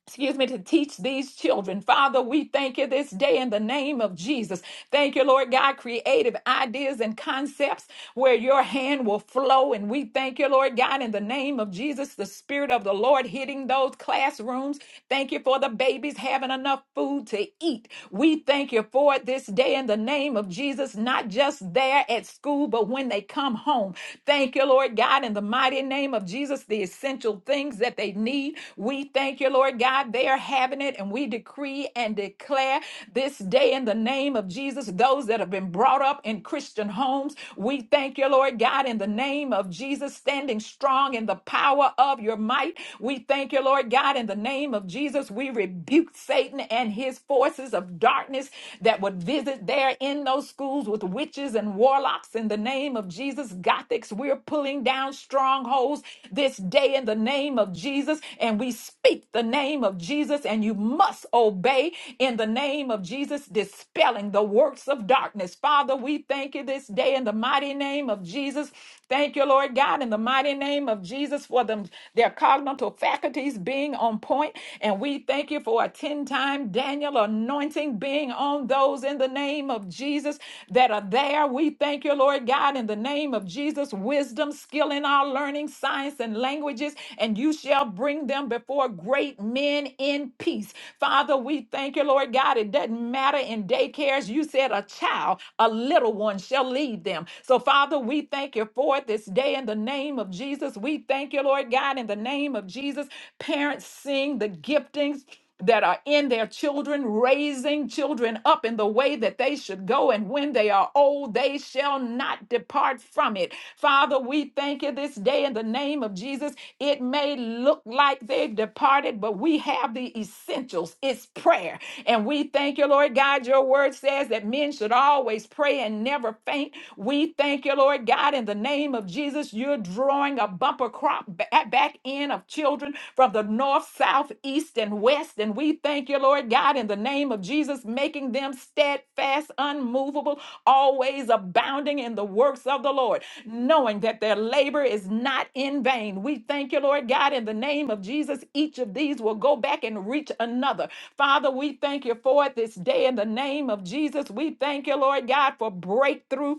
excuse me, to teach these children. Father, we thank you this day in the name of Jesus. Thank you, Lord God, creative ideas and concepts where your hand will flow. And we thank you, Lord God, in the name of Jesus, the Spirit of the Lord hitting those classrooms. Thank you for the babies having enough food to eat. We thank you for it this day in the name of Jesus, not just there at school, but when they come home. Thank you, Lord God, in the mighty name of of Jesus the essential things that they need. We thank you, Lord God. They are having it, and we decree and declare this day in the name of Jesus, those that have been brought up in Christian homes. We thank you, Lord God, in the name of Jesus, standing strong in the power of your might. We thank you, Lord God, in the name of Jesus. We rebuke Satan and his forces of darkness that would visit there in those schools with witches and warlocks blocks in the name of Jesus. Gothics, we're pulling down strongholds this day in the name of Jesus. And we speak the name of Jesus, and you must obey in the name of Jesus, dispelling the works of darkness. Father, we thank you this day in the mighty name of Jesus. Thank you, Lord God, in the mighty name of Jesus for them, their cognitive faculties being on point. And we thank you for a 10 time Daniel anointing being on those in the name of Jesus that are there. We thank you, Lord God, in the name of Jesus, wisdom, skill in our learning, science, and languages, and you shall bring them before great men in peace. Father, we thank you, Lord God. It doesn't matter in daycares. You said a child, a little one shall lead them. So, Father, we thank you for it this day in the name of Jesus. We thank you, Lord God, in the name of Jesus. Parents sing the giftings that are in their children, raising children up in the way that they should go. And when they are old, they shall not depart from it. Father, we thank you this day in the name of Jesus. It may look like they've departed, but we have the essentials. It's prayer. And we thank you, Lord God. Your word says that men should always pray and never faint. We thank you, Lord God, in the name of Jesus. You're drawing a bumper crop crop ba- back in of children from the north, south, east, and west. And we thank you, Lord God, in the name of Jesus, making them steadfast, unmovable, always abounding in the works of the Lord, knowing that their labor is not in vain. We thank you, Lord God, in the name of Jesus. Each of these will go back and reach another. Father, we thank you for it this day in the name of Jesus. We thank you, Lord God, for breakthrough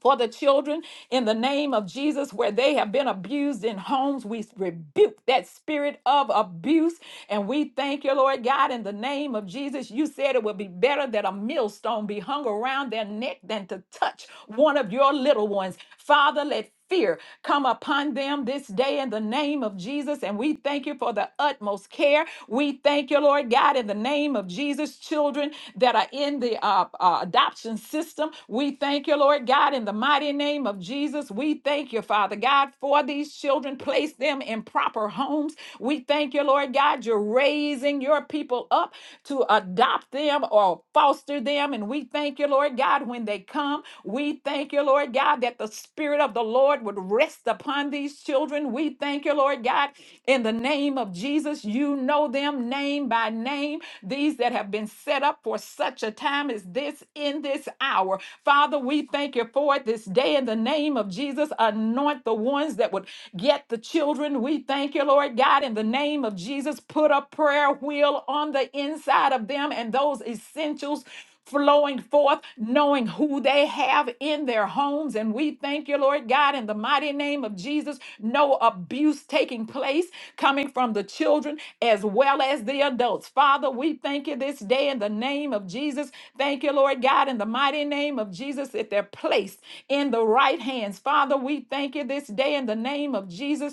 for the children in the name of Jesus where they have been abused in homes. We rebuke that spirit of abuse and we thank you, Lord God, in the name of Jesus. You said it would be better that a millstone be hung around their neck than to touch one of your little ones. Father, let fear come upon them this day in the name of Jesus. And we thank you for the utmost care. We thank you, Lord God, in the name of Jesus, children that are in the uh, uh, adoption system. We thank you, Lord God, in the mighty name of Jesus. We thank you, Father God, for these children children, place them in proper homes. We thank you, Lord God, you're raising your people up to adopt them or foster them. And we thank you, Lord God, when they come. We thank you, Lord God, that the Spirit of the Lord would rest upon these children. We thank you, Lord God, in the name of Jesus, you know them name by name, these that have been set up for such a time as this in this hour. Father, we thank you for it this day in the name of Jesus. Anoint the ones that would get the children. We thank you, Lord God, in the name of Jesus. Put a prayer wheel on the inside of them and those essentials flowing forth, knowing who they have in their homes. And we thank you, Lord God, in the mighty name of Jesus, no abuse taking place coming from the children as well as the adults. Father, we thank you this day in the name of Jesus. Thank you, Lord God, in the mighty name of Jesus, that they're placed in the right hands. Father, we thank you this day in the name of Jesus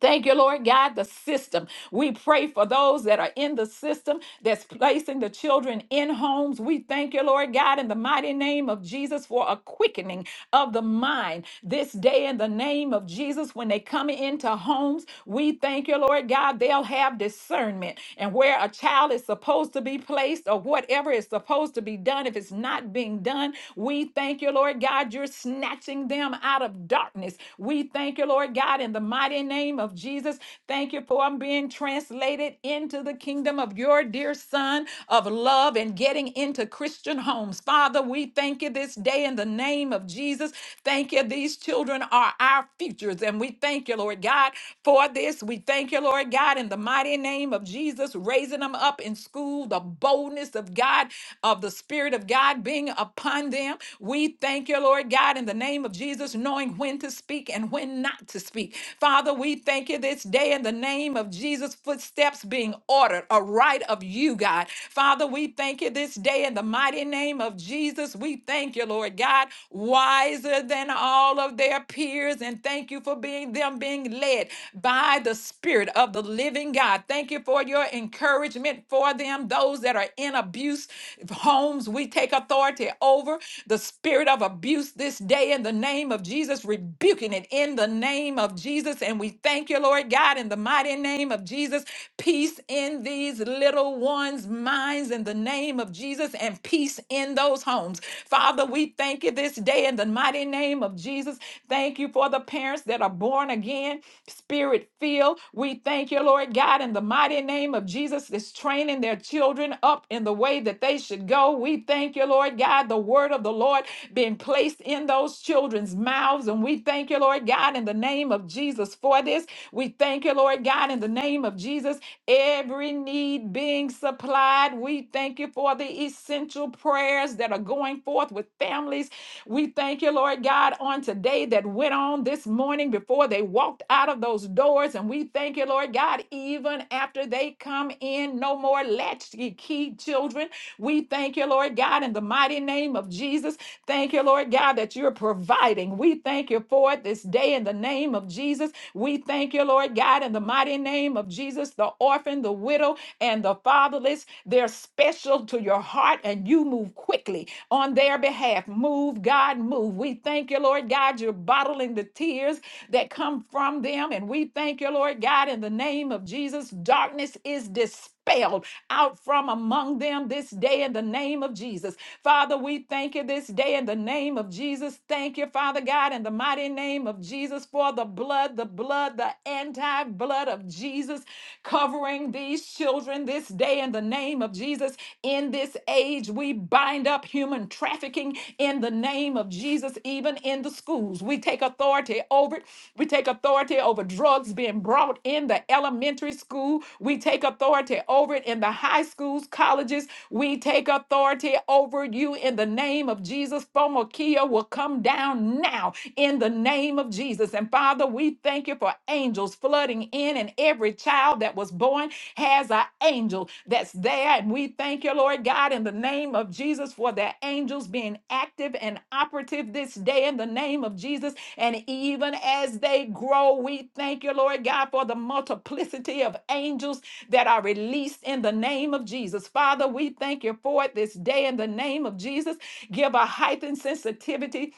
Thank you, Lord God, the system. We pray for those that are in the system that's placing the children in homes. We thank you, Lord God, in the mighty name of Jesus for a quickening of the mind this day in the name of Jesus. When they come into homes, we thank you, Lord God, they'll have discernment and where a child is supposed to be placed or whatever is supposed to be done, if it's not being done, we thank you thank you, Lord God, you're snatching them out of darkness. We thank you, Lord God, in the mighty name of Jesus. Thank you for them being translated into the kingdom of your dear Son of love and getting into Christian homes. Father, we thank you this day in the name of Jesus. Thank you. These children are our futures. And we thank you, Lord God, for this. We thank you, Lord God, in the mighty name of Jesus, raising them up them up in school, the boldness of God, of the Spirit of God being upon them. We thank you, Lord God, in the name of Jesus, knowing when to speak and when not to speak. Father, we thank you this day in the name of Jesus, footsteps being ordered, a right of you, God. Father, we thank you this day in the mighty name of Jesus. We thank you, Lord God, wiser than all of their peers. And thank you for for being them being led by the Spirit of the living God. Thank you for your encouragement for them. Those that are in abuse homes, we take authority over the spirit of abuse this day in the name of Jesus, rebuking it in the name of Jesus. And we thank you, Lord God, in the mighty name of Jesus. Peace in these little ones' minds in the name of Jesus, and peace in those those homes. Father, we thank you this day in the mighty name of Jesus. Thank you for the parents that are born again, spirit filled. We thank you, Lord God, in the mighty name of Jesus, is training their children up in the way that they should go. We thank you, Lord God, the word of the Lord being placed in those children's mouths. And we thank you, Lord God, in the name of Jesus for this. We thank you, Lord God, in the name of Jesus every need being supplied. We thank you for the essential prayers that are going forth with families. We thank you, Lord God, on today that went on this morning before they walked out of those doors. And we thank you, Lord God, even after they come in, no more latchkey key children. We thank you, Lord God, in the mighty name of Jesus. Thank you, Lord God, that you're providing. We thank you for it this day in the name of Jesus. We thank you, Lord God, in the mighty name of Jesus. The orphan, the widow, and the fatherless, they're special to your heart, and you move quickly on their behalf. Move, God, move. We thank you, Lord God, you're bottling the tears that come from them. And we thank you, Lord God, in the name of Jesus. Darkness is dispelled expelled out from among them this day in the name of Jesus. Father, we thank you this day in the name of Jesus. Thank you, Father God, in the mighty name of Jesus for the blood, the blood, the anti blood of Jesus covering these children this day in the name of Jesus. In this age, we bind up human trafficking in the name of Jesus, even even in the schools. We take authority over it. We take authority over drugs being brought in the elementary school. We take authority over it in the high schools, colleges. We take authority over you in the name of Jesus. Fomokia will come down now in the name of Jesus. And Father, we thank you for angels flooding in and every child that was born has an angel that's there. And we thank you, Lord God, in the name of Jesus for the angels being active and operative this day in the name of Jesus. And even as they grow, we thank you, Lord God, for the multiplicity of angels that are released in the name of Jesus. Father, we thank you for it this day in the name of Jesus. Give a heightened sensitivity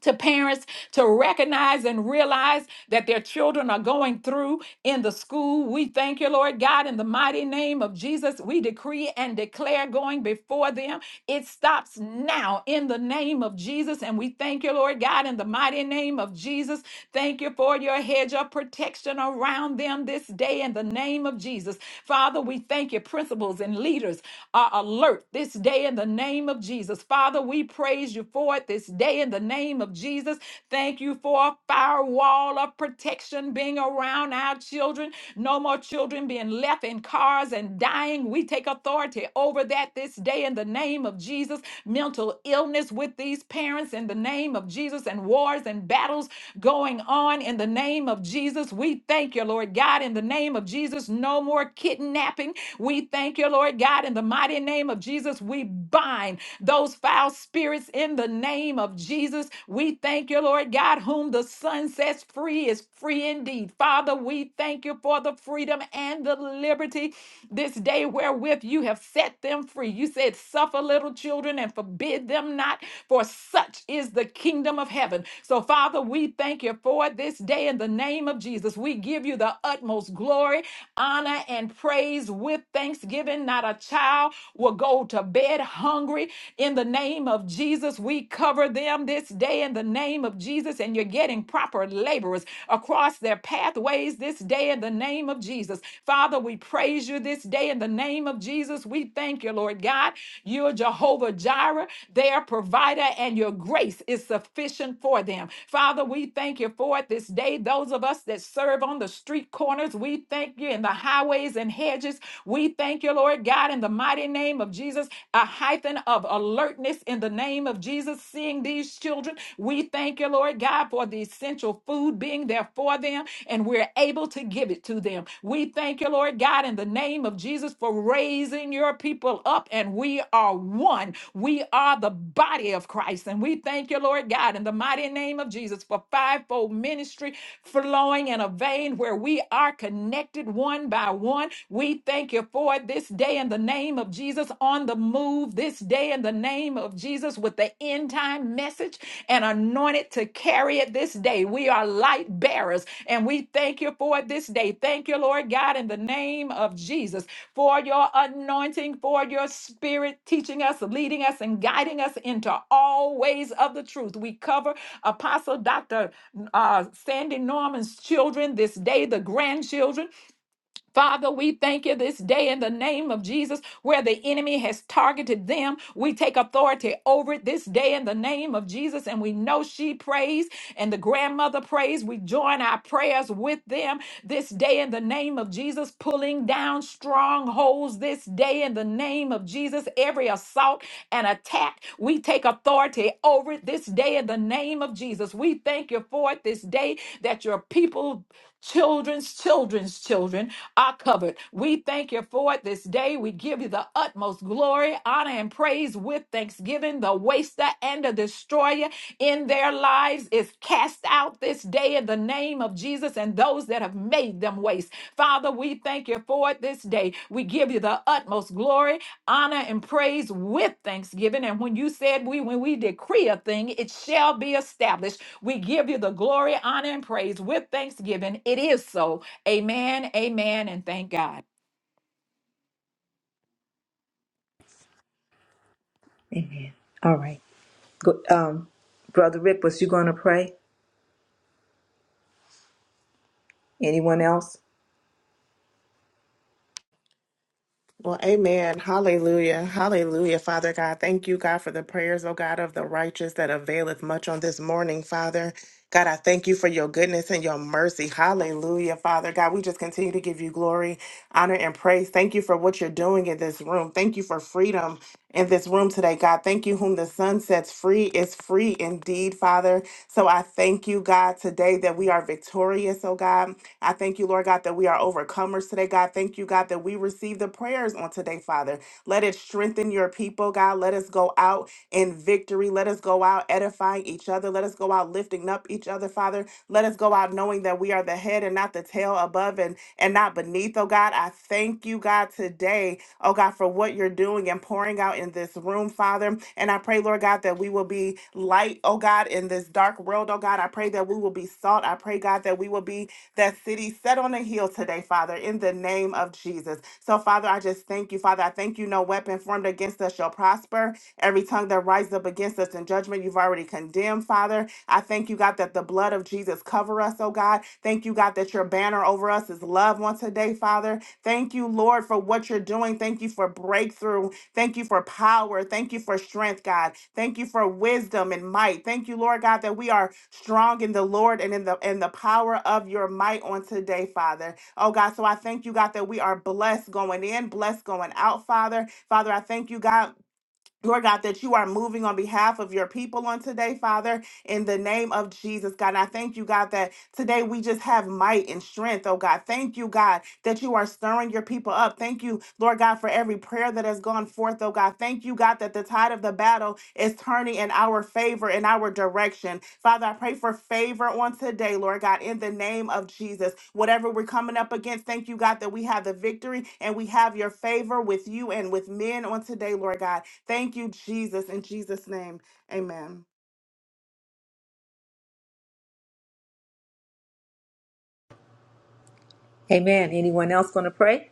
to parents to recognize and realize that their children are going through in the school. We thank you, Lord God, in the mighty name of Jesus. We decree and declare going before them. It stops now in the name of Jesus. And we thank you, Lord God, in the mighty name of Jesus. Thank you for your hedge of protection around them this day in the name of Jesus. Father, we thank you. Principals and leaders are alert this day in the name of Jesus. Father, Father, we praise you for it this day in the name of Jesus. Thank you for a firewall of protection being around our children. No more children being left in cars and dying. We take authority over that this day in the name of Jesus. Mental illness with these parents in the name of Jesus and wars and battles going on in the name of Jesus. We thank you, Lord God, in the name of Jesus. No more kidnapping. We thank you, Lord God, in the mighty name of name of Jesus, we bind those foul spirits in the name of Jesus. We thank you, Lord God, whom the Son sets free is free indeed. Father, we thank you for the freedom and the liberty this day wherewith you have set them free. You said, Suffer little children and forbid them not, for such is the kingdom of heaven. So, Father, we thank you for this day in the name of Jesus. We give you the utmost glory, honor, and praise with thanksgiving. Not a child will go to bed hungry. In the name of Jesus, we cover them this day in the name of Jesus, and you're getting proper laborers across their pathways this day in the name of Jesus. Father, we praise you this day in the name of Jesus. We thank you, Lord God. You're Jehovah Jireh, their provider, and your grace is sufficient for them. Father, we thank you for it this day. Those of us that serve on the street corners, corners. We thank you in the highways and hedges. We thank you, Lord God, in the mighty name of Jesus, a hyphen of alertness in the name of Jesus, seeing these children. We thank you, Lord God, for the essential food being there for them, and we're able to give it to them. We thank you, Lord God, in the name of Jesus, for raising your people up, and we are one. We are the body of Christ, and we thank you, Lord God, in the mighty name of Jesus, for fivefold ministry ministry flowing in a vein where we are connected one by one. We thank you for it this day in the name of Jesus on the move this day in the name of Jesus with the end time message and anointed to carry it this day. We are light bearers and we thank you for it this day. Thank you, Lord God, in the name of Jesus for your anointing, for your spirit teaching us, leading us, and guiding us into all ways of the truth. We cover Apostle Dr uh, Sandy Norman's children this day, the grandchildren. Father, we thank you this day in the name of Jesus where the enemy has targeted them. We take authority over it this day in the name of Jesus. And we know she prays and the grandmother prays. We join our prayers with them this day in the name of Jesus, pulling down strongholds this day in the name of Jesus. Every assault and attack, we take authority over it this day in the name of Jesus. We thank you for it this day that your people children's children's children are covered. We thank you for it this day. We give you the utmost glory, honor, and praise with thanksgiving. The waster and the destroyer in their lives is cast out this day in the name of Jesus and those that have made them waste. Father, we thank you for it this day. We give you the utmost glory, honor, and praise with thanksgiving. And when you said we, when we decree a thing, it shall be established. We give you the glory, honor, and praise with thanksgiving. It is so. Amen, amen, and thank God. Amen. All right. Go, um, Brother Rick, was you going to pray? Anyone else? Well, amen. Hallelujah. Hallelujah, Father God. Thank you, God, for the prayers, oh God, of the righteous that availeth much on this morning, Father. God, I thank you for your goodness and your mercy. Hallelujah, Father God. We just continue to give you glory, honor, and praise. Thank you for what you're doing in this room. Thank you for freedom in this room today, God. Thank you, whom the Son sets free is free indeed, Father. So I thank you, God, today that we are victorious, oh God. I thank you, Lord God, that we are overcomers today, God. Thank you, God, that we receive the prayers on today, Father. Let it strengthen your people, God. Let us go out in victory. Let us go out edifying each other. Let us go out lifting up each other, Father. Let us go out knowing that we are the head and not the tail, above and, and not beneath, oh God. I thank you, God, today, oh God, for what you're doing and pouring out in this room, Father. And I pray, Lord God, that we will be light, oh God, in this dark world, oh God. I pray that we will be salt. I pray, God, that we will be that city set on a hill today, Father, in the name of Jesus. So, Father, I just thank you, Father. I thank you, no weapon formed against us shall prosper. Every tongue that rises up against us in judgment, you've already condemned, Father. I thank you, God, that the blood of Jesus cover us, oh God. Thank you, God, that your banner over us is love on today, Father. Thank you, Lord, for what you're doing. Thank you for breakthrough. Thank you for power. Thank you for strength, God. Thank you for wisdom and might. Thank you, Lord God, that we are strong in the Lord and in the in the power of your might on today, Father. Oh God, so I thank you, God, that we are blessed going in, blessed going out, Father. Father, I thank you, God. Lord God, that you are moving on behalf of your people on today, Father, in the name of Jesus, God. And I thank you, God, that today we just have might and strength, oh God. Thank you, God, that you are stirring your people up. Thank you, Lord God, for every prayer that has gone forth, oh God. Thank you, God, that the tide of the battle is turning in our favor, in our direction. Father, I pray for favor on today, Lord God, in the name of Jesus. Whatever we're coming up against, thank you, God, that we have the victory and we have your favor with you and with men on today, Lord God. Thank you, Jesus. In Jesus' name, amen. Amen. Anyone else going to pray?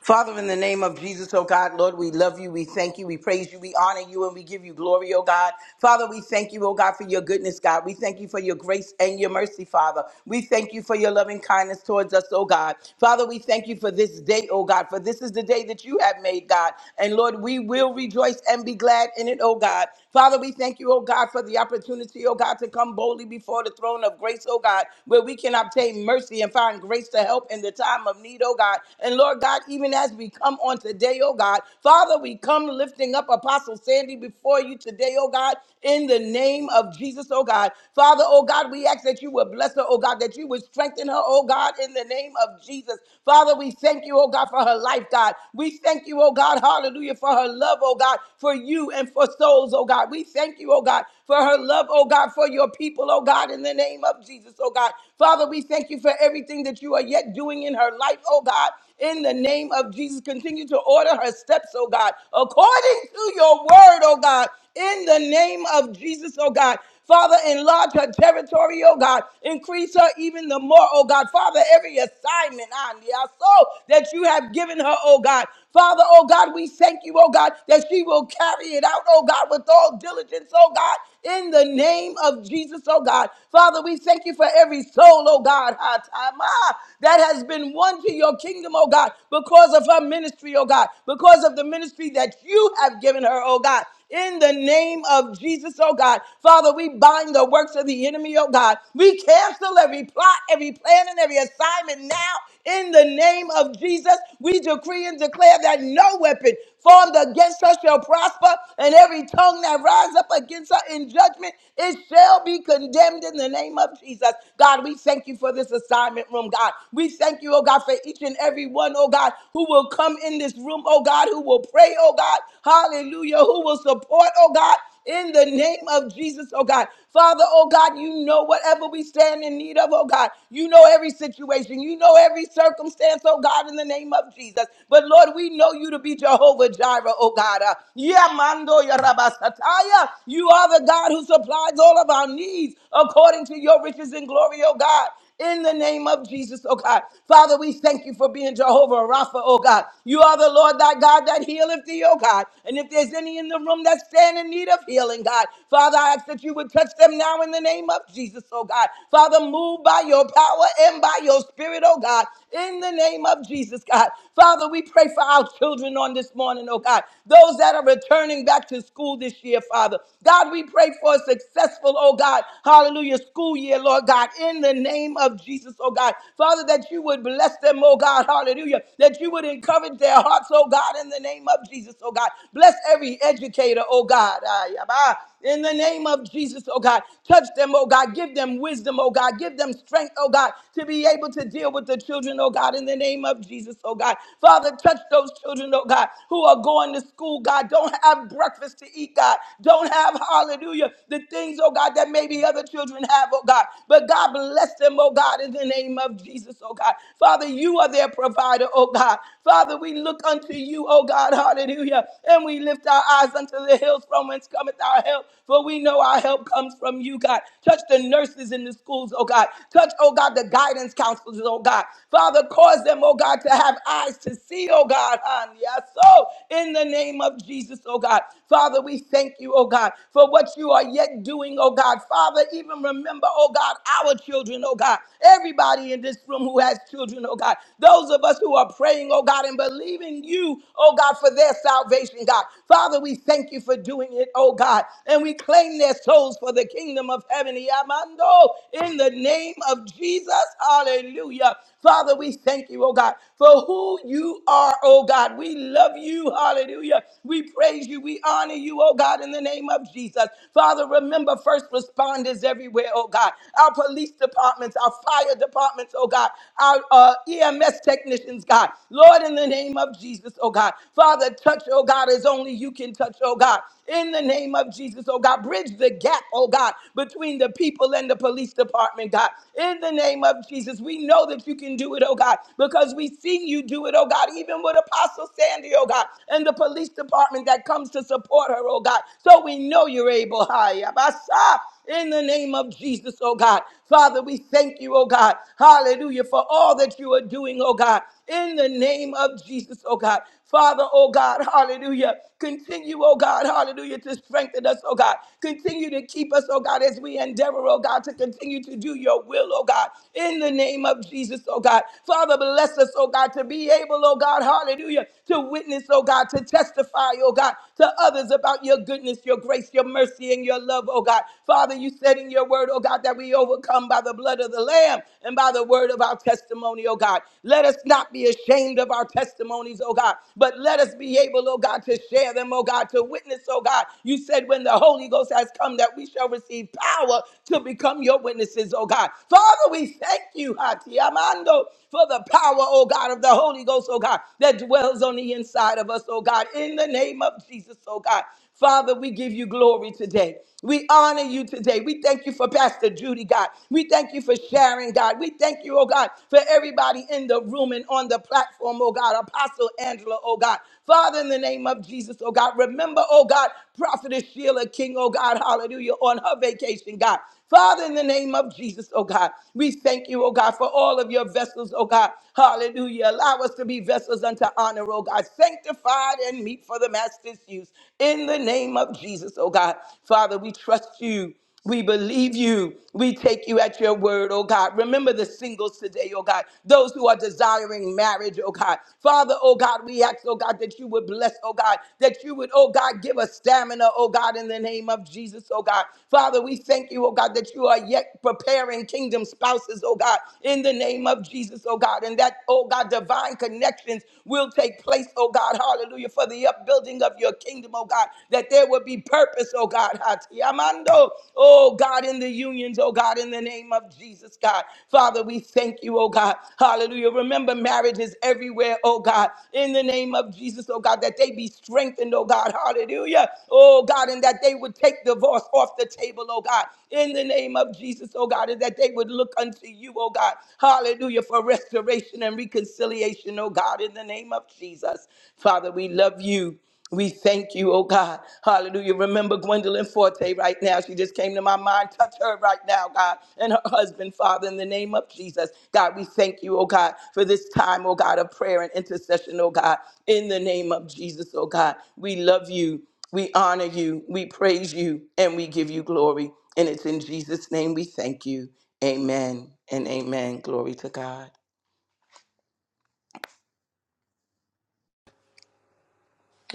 Father, in the name of Jesus, oh God, Lord, we love you, we thank you, we praise you, we honor you, and we give you glory, oh God. Father, we thank you, oh God, for your goodness, God. We thank you for your grace and your mercy, Father. We thank you for your loving kindness towards us, oh God. Father, we thank you for this day, oh God, for this is the day that you have made, God. And Lord, we will rejoice and be glad in it, oh God. Father, we thank you, oh God, for the opportunity, oh God, to come boldly before the throne of grace, oh God, where we can obtain mercy and find grace to help in the time of need, oh God. God. And Lord God, even as we come on today, oh God, Father, we come lifting up Apostle Sandy before you today, oh God, in the name of Jesus, oh God. Father, oh God, we ask that you would bless her, oh God, that you would strengthen her, oh God, in the name of Jesus. Father, we thank you, oh God, for her life, God. We thank you, oh God, hallelujah, for her love, oh God, for you and for souls, oh God. We thank you, oh God, for her love, oh God, for your people, oh God, in the name of Jesus, oh God. Father, we thank you for everything that you are yet doing in her life, oh God. In the name of Jesus, continue to order her steps, oh God, according to your word, oh God. In the name of Jesus, oh God. Father, enlarge her territory, oh God. Increase her even the more, oh God. Father, every assignment, on the soul that you have given her, oh God. Father, oh God, we thank you, oh God, that she will carry it out, oh God, with all diligence, oh God, in the name of Jesus, oh God. Father, we thank you for every soul, oh God ah, that has been won to your kingdom, oh God, because of her ministry, oh God, because of the ministry that you have given her, oh God. In the name of Jesus, oh God. Father, we bind the works of the enemy, oh God. We cancel every plot, every plan, and every assignment now in the name of Jesus, we decree and declare that no weapon formed against us shall prosper, and every tongue that rise up against us in judgment, it shall be condemned in the name of Jesus. God, we thank you for this assignment room, God. We thank you, oh God, for each and every one, oh God, who will come in this room, oh God, who will pray, oh God, hallelujah, who will support, oh God in the name of Jesus, oh God. Father, oh God, you know whatever we stand in need of, oh God. You know every situation. You know every circumstance, oh God, in the name of Jesus. But Lord, we know you to be Jehovah Jireh, oh God. Uh, Yamando Yarabasataya. You are the God who supplies all of our needs according to your riches and glory, oh God in the name of Jesus, oh God. Father, we thank you for being Jehovah Rapha, oh God. You are the Lord thy God that healeth thee, oh God. And if there's any in the room that stand in need of healing, God, Father, I ask that you would touch them now in the name of Jesus, oh God. Father, move by your power and by your spirit, oh God, in the name of Jesus, God. Father, we pray for our children on this morning, oh God. Those that are returning back to school this year, Father. God, we pray for a successful, oh God, hallelujah, school year, Lord God, in the name of Jesus, oh God. Father, that you would bless them, oh God, hallelujah, that you would encourage their hearts, oh God, in the name of Jesus, oh God. Bless every educator, oh God. Ah, yeah, bye. In the name of Jesus, oh God, touch them, oh God. Give them wisdom, oh God. Give them strength, oh God, to be able to deal with the children, oh God, in the name of Jesus, oh God. Father, touch those children, oh God, who are going to school, God, don't have breakfast to eat, God. Don't have, hallelujah, the things, oh God, that maybe other children have, oh God. But God bless them, oh God, in the name of Jesus, oh God. Father, you are their provider, oh God. Father, we look unto you, oh God, hallelujah. And we lift our eyes unto the hills from whence cometh our help. For we know our help comes from you, God. Touch the nurses in the schools, oh God. Touch, oh God, the guidance counselors, oh God. Father, cause them, oh God, to have eyes to see, oh God. hon. Yes, so in the name of Jesus, oh God. Father, we thank you, oh God, for what you are yet doing, oh God. Father, even remember, oh God, our children, oh God. Everybody in this room who has children, oh God. Those of us who are praying, oh God, and believing you you, oh God, for their salvation, God. Father, we thank you for doing it, oh God. And we claim their souls for the kingdom of heaven. Yamando, in the name of Jesus. Hallelujah. Father, we thank you, oh God, for who you are, oh God. We love you. Hallelujah. We praise you. We honor you, oh God, in the name of Jesus. Father, remember first responders everywhere, oh God. Our police departments, our fire departments, oh God. Our uh, EMS technicians conditions, God. Lord, in the name of Jesus, oh God. Father, touch, oh God, as only you can touch, oh God. In the name of Jesus, oh God. Bridge the gap, oh God, between the people and the police department, God. In the name of Jesus, we know that you can do it, oh God, because we see you do it, oh God, even with Apostle Sandy, oh God, and the police department that comes to support her, oh God. So we know you're able. Hi, Abasa in the name of Jesus, oh God. Father, we thank you, oh God. Hallelujah, for all that you are doing, oh God, in the name of Jesus, oh God. Father, oh God, hallelujah. Continue, oh God, hallelujah, to strengthen us, oh God. Continue to keep us, oh God, as we endeavor, oh God, to continue to do your will, oh God, in the name of Jesus, oh God. Father, bless us, oh God, to be able, oh God, hallelujah, to witness, oh God, to testify, oh God, to others about your goodness, your grace, your mercy mercy and your love, oh God. Father, you said in your word, oh God, that we overcome by the blood of the Lamb and by the word of our testimony, oh God. Let us not be ashamed of our testimonies, oh God, but let us be able, oh God, to share them, oh God, to witness, oh God. You said when the Holy Ghost has come that we shall receive power to become your witnesses, oh God. Father, we thank you, Hati Amando, for the power, oh God, of the Holy Ghost, oh God, that dwells on the inside of us, oh God, in the name of Jesus, oh God. Father, we give you glory today. We honor you today. We thank you for Pastor Judy, God. We thank you for sharing, God. We thank you, oh God, for everybody in the room and on the platform, oh God. Apostle Angela, oh God. Father, in the name of Jesus, oh God, remember, oh God, Prophetess Sheila King, oh God, hallelujah, on her vacation, God. Father, in the name of Jesus, oh God, we thank you, oh God, for all of your vessels, oh God. Hallelujah. Allow us to be vessels unto honor, oh God. Sanctified and meet for the master's use. In the name of Jesus, oh God. Father, we trust you. We believe you. We take you at your word, oh God. Remember the singles today, oh God. Those who are desiring marriage, oh God. Father, oh God, we ask, oh God, that you would bless, oh God, that you would, oh God, give us stamina, oh God, in the name of Jesus, oh God. Father, we thank you, oh God, that you are yet preparing kingdom spouses, oh God, in the name of Jesus, oh God, and that, oh God, divine connections will take place place, oh God, hallelujah, for the upbuilding of your kingdom, oh God, that there would be purpose, oh God, Hatiyamando, oh God, in the unions, oh God, in the name of Jesus, God. Father, we thank you, oh God, hallelujah. Remember, marriage is everywhere, oh God, in the name of Jesus, oh God, that they be strengthened, oh God, hallelujah, oh God, and that they would take divorce off the table, oh God, in the name of Jesus, oh God, and that they would look unto you, oh God, hallelujah, for restoration and reconciliation creation, oh God, in the name of Jesus. Father, we love you. We thank you, oh God. Hallelujah. Remember Gwendolyn Forte right now. She just came to my mind. Touch her right now, God, and her husband, Father, in the name of Jesus. God, we thank you, oh God, for this time, oh God, of prayer and intercession, oh God, in the name of Jesus, oh God. We love you. We honor you. We praise you. And we give you glory. And it's in Jesus' name we thank you. Amen and amen. Glory to God.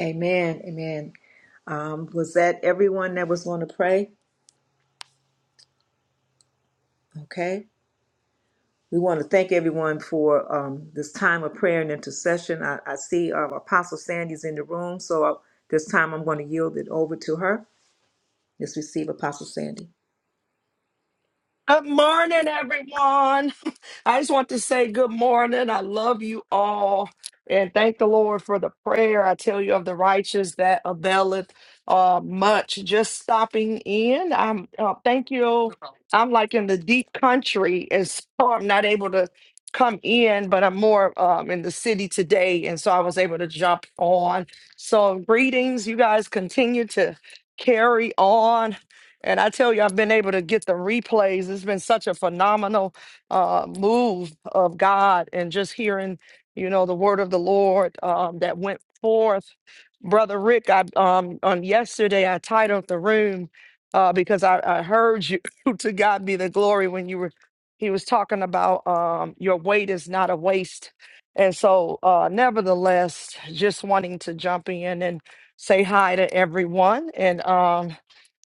Amen. Amen. Um, was that everyone that was going to pray? Okay. We want to thank everyone for um, this time of prayer and intercession. I, I see uh, Apostle Sandy's in the room, so I, this time I'm going to yield it over to her. Let's receive Apostle Sandy. Good morning, everyone. I just want to say good morning. I love you all and thank the Lord for the prayer. I tell you of the righteous that availeth uh, much. Just stopping in. I'm uh, thank you. I'm like in the deep country, and so I'm not able to come in, but I'm more um, in the city today, and so I was able to jump on. So greetings, you guys. Continue to carry on and I tell you, I've been able to get the replays. It's been such a phenomenal uh, move of God and just hearing, you know, the word of the Lord um, that went forth. Brother Rick, I um, on yesterday I titled the room uh, because I, I heard you to God be the glory when you were he was talking about um, your weight is not a waste. And so uh, nevertheless, just wanting to jump in and say hi to everyone. And um,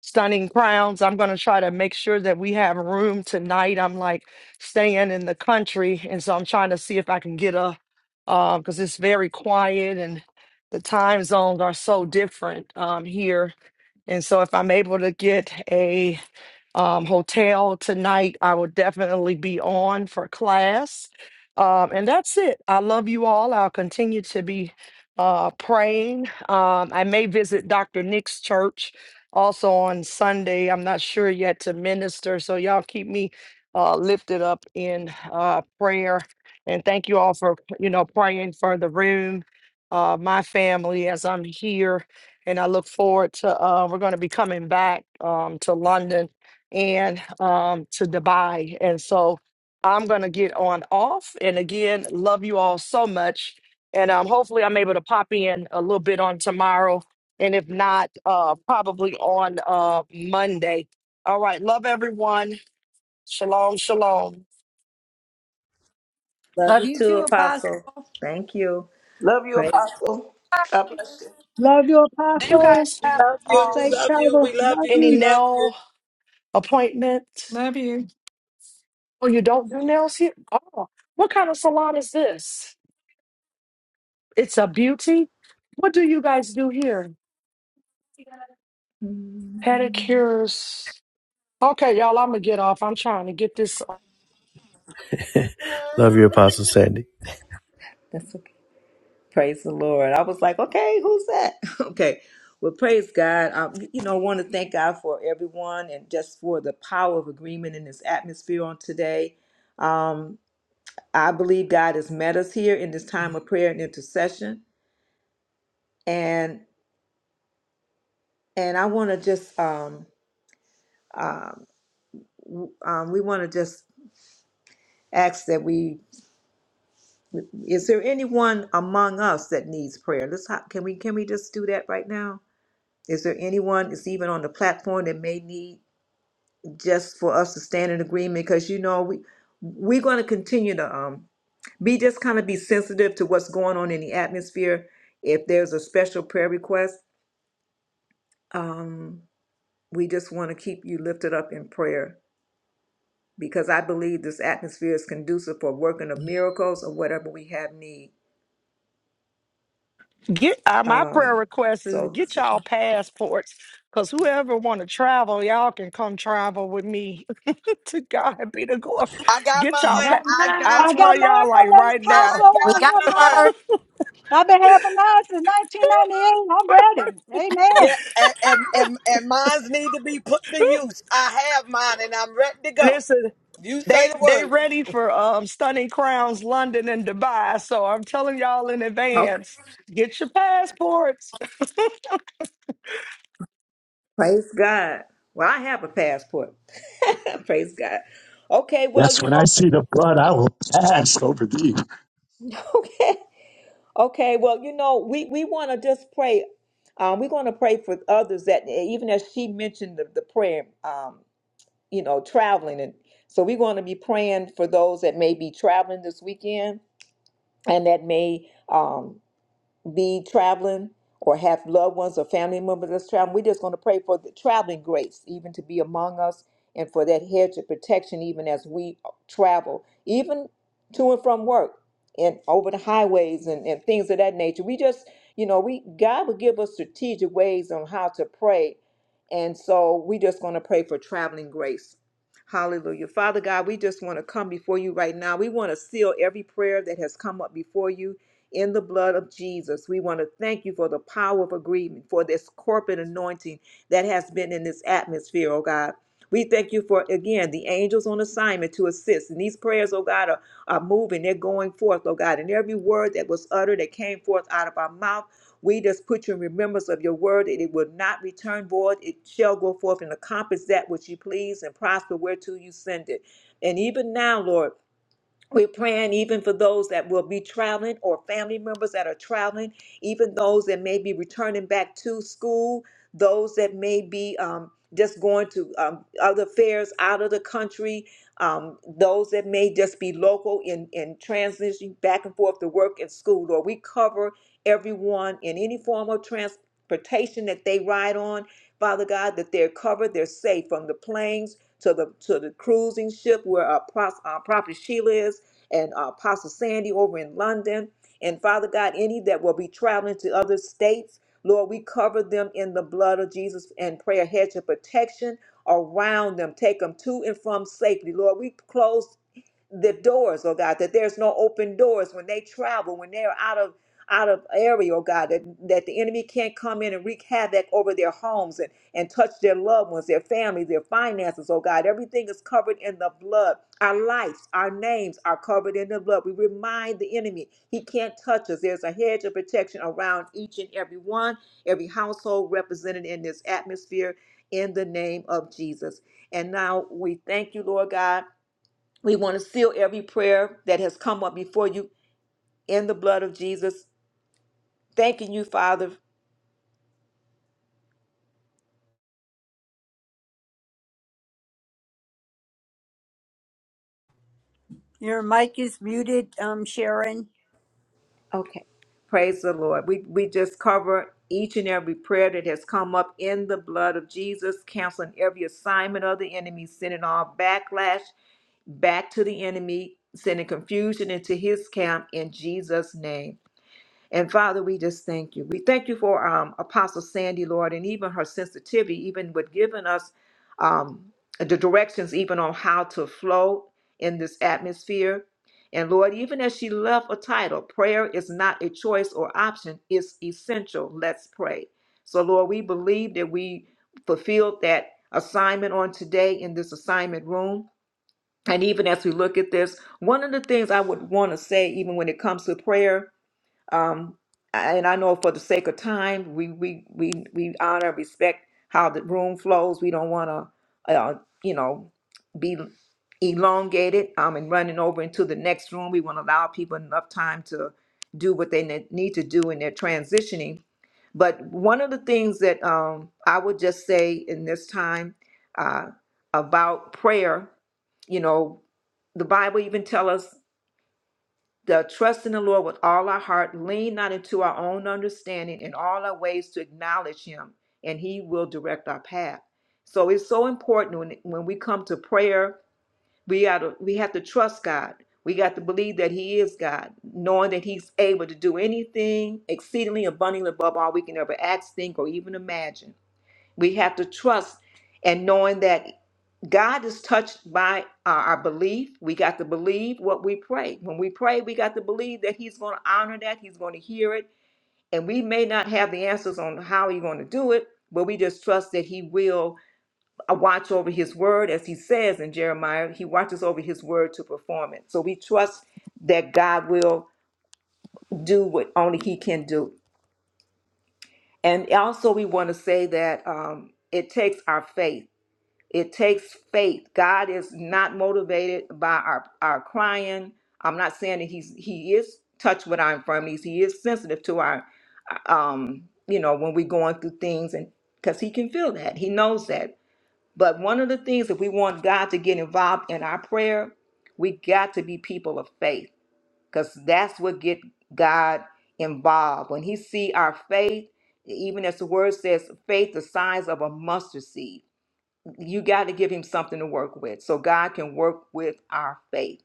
stunning crowns. I'm going to try to make sure that we have room tonight. I'm like staying in the country, and so I'm trying to see if I can get a uh because it's very quiet and the time zones are so different um, here. And so if I'm able to get um, hotel tonight. I will definitely be on for class. Um, and that's it. I love you all. I'll continue to be uh, praying. Um, I may visit Dr. Nick's church also on Sunday. I'm not sure yet to minister. So y'all keep me uh, lifted up in uh, prayer. And thank you all for, you know, praying for the room, uh, my family as I'm here. And I look forward to, uh, we're going to be coming back um, to London and um, to Dubai. And so I'm going to get on off. And again, love you all so much. And um, hopefully, I'm able to pop in a little bit on tomorrow. And if not, uh, probably on uh, Monday. All right. Love everyone. Shalom, shalom. Love Love you you too, too, Apostle. Apostle. Thank you. Love you, Praise. Apostle. Hi. God bless you. Love you, Do you Apostle. guys have love you. um, Safe We love you. travel. We love Love you. any We you. love you. nail appointments? Love you. Oh, you don't do nails here? Oh, what kind of salon is this? It's a beauty. What do you guys do here? Pedicures. Okay, y'all, I'm gonna get off. I'm trying to get this. Love you, Apostle Sandy. That's okay. Praise the Lord. I was like, okay, who's that? okay. Well, praise God. Um, you know, I want to thank God for everyone and just for the power of agreement in this atmosphere on today. Um, I believe God has met us here in this time of prayer and intercession. and and I want to just um, um, um, we want to just ask that we is there anyone among us that needs prayer? Let's ho- can we can we just do that right now? Is there anyone that's even on the platform that may need just for us to stand in agreement? Because you know we we're going to continue to um, be just kind of be sensitive to what's going on in the atmosphere. If there's a special prayer request, um, we just want to keep you lifted up in prayer because I believe this atmosphere is conducive for working of miracles or whatever we have need. Get uh, my prayer Um, request is so, get so y'all passports, cause whoever want to travel, y'all can come travel with me. to God be the glory. I got Get y'all mine. pa- I I'm got I bye. got telling y'all mine. mine like already, right I Apostle. now. We I got got have mine. mine. our, I've been having mine since 1998. I'm ready. Amen. Yeah, and and and, and mines need to be put to use. I have mine, and I'm ready to go. Listen, You say they the they word. ready for um stunning crowns, London and Dubai. So I'm telling y'all in okay. advance, get your passports. praise God. Well, I have a passport. praise God. Okay, well, Yes, you when I know, see the blood, I will pass over thee. okay, okay, well, you know, we we want to just pray. Um, we're going to pray for others that eh, even as she mentioned the, the prayer, um, you know, traveling, and so we're going to be praying for those that may be traveling this weekend and that may. um, be traveling or have loved ones or family members that's traveling, we're just going to pray for the traveling grace, even to be among us, and for that hedge of protection, even as we travel, even to and from work and over the highways and, and things of that nature. We just, you know, we God will give us strategic ways on how to pray. And so we just going to pray for traveling grace. Hallelujah. Father God, we just want to come before you right now. We want to seal every prayer that has come up before you in the blood of Jesus. We want to thank you for the power of agreement, for this corporate anointing that has been in this atmosphere, oh God. We thank you for, again, the angels on assignment to assist. And these prayers, oh God, are, are moving. They're going forth, oh God. And every word that was uttered that came forth out of our mouth, we just put you in remembrance of your word that it will not return void. It shall go forth and accomplish that which you please and prosper whereto you send it. And even now, Lord, we're praying even for those that will be traveling or family members that are traveling, even those that may be returning back to school, those that may be um, just going to um, other fairs out of the country, um, those that may just be local in, in transitioning back and forth to work and school. Or we cover everyone in any form of transportation that they ride on, Father God, that they're covered, they're safe from the planes to the to the cruising ship where our, pros- our prophet Sheila is and uh, Apostle Sandy over in London. And Father God, any that will be traveling to other states, Lord, we cover them in the blood of Jesus and pray a hedge of protection around them. Take them to and from safely. Lord, we close the doors, oh God, that there's no open doors when they travel, when they're out of out of area, oh God, that, that the enemy can't come in and wreak havoc over their homes and, and touch their loved ones, their families, their finances, oh God. Everything is covered in the blood. Our lives, our names are covered in the blood. We remind the enemy he can't touch us. There's a hedge of protection around each and every one, every household represented in this atmosphere in the name of Jesus. And now we thank you, Lord God we want to seal every prayer that has come up before you in the blood of Jesus. Thanking you, Father. your mic is muted, um, Sharon. Praise the Lord. We, we just cover each and every prayer that has come up in the blood of Jesus, canceling every assignment of the enemy, sending all backlash back to the enemy, sending confusion into his camp in Jesus' name. And Father, we just thank you. We thank you for um, Apostle Sandy, Lord, and even her sensitivity, even with giving us um, the directions, even on how to flow in this atmosphere. And Lord, even as she left a title, prayer is not a choice or option, it's essential. Let's pray. So, Lord, we believe that we fulfilled that assignment on today in this assignment room. And even as we look at this, one of the things I would want to say, even when it comes to prayer, um, and I know for the sake of time, we we we we honor, respect how the room flows. We don't want to, uh, you know, be elongated um, and running over into the next room. We want to allow people enough time to do what they ne- need to do in their transitioning. But one of the things that um, I would just say in this time uh, about prayer, you know, the Bible even tell us. The trust in the Lord with all our heart, lean not into our own understanding, in all our ways to acknowledge Him, and He will direct our path. So it's so important when, when we come to prayer, we gotta we have to trust God. We got to believe that He is God, knowing that He's able to do anything exceedingly abundantly above all we can ever ask, think, or even imagine. We have to trust and knowing that. God is touched by our, our belief. We got to believe what we pray. When we pray, we got to believe that He's going to honor that, He's going to hear it. And we may not have the answers on how He's going to do it, but we just trust that He will uh, watch over His word. As He says in Jeremiah, He watches over His word to perform it. So we trust that God will do what only He can do. And also, we want to say that um, it takes our faith. It takes faith. God is not motivated by our, our crying. I'm not saying that he's he is touched with our infirmities. He is sensitive to our um, you know, when we're going through things and because he can feel that. He knows that. But one of the things if we want God to get involved in our prayer, we got to be people of faith. Because that's what get God involved. When he see our faith, even as the word says, faith the size of a mustard seed you got to give him something to work with so God can work with our faith.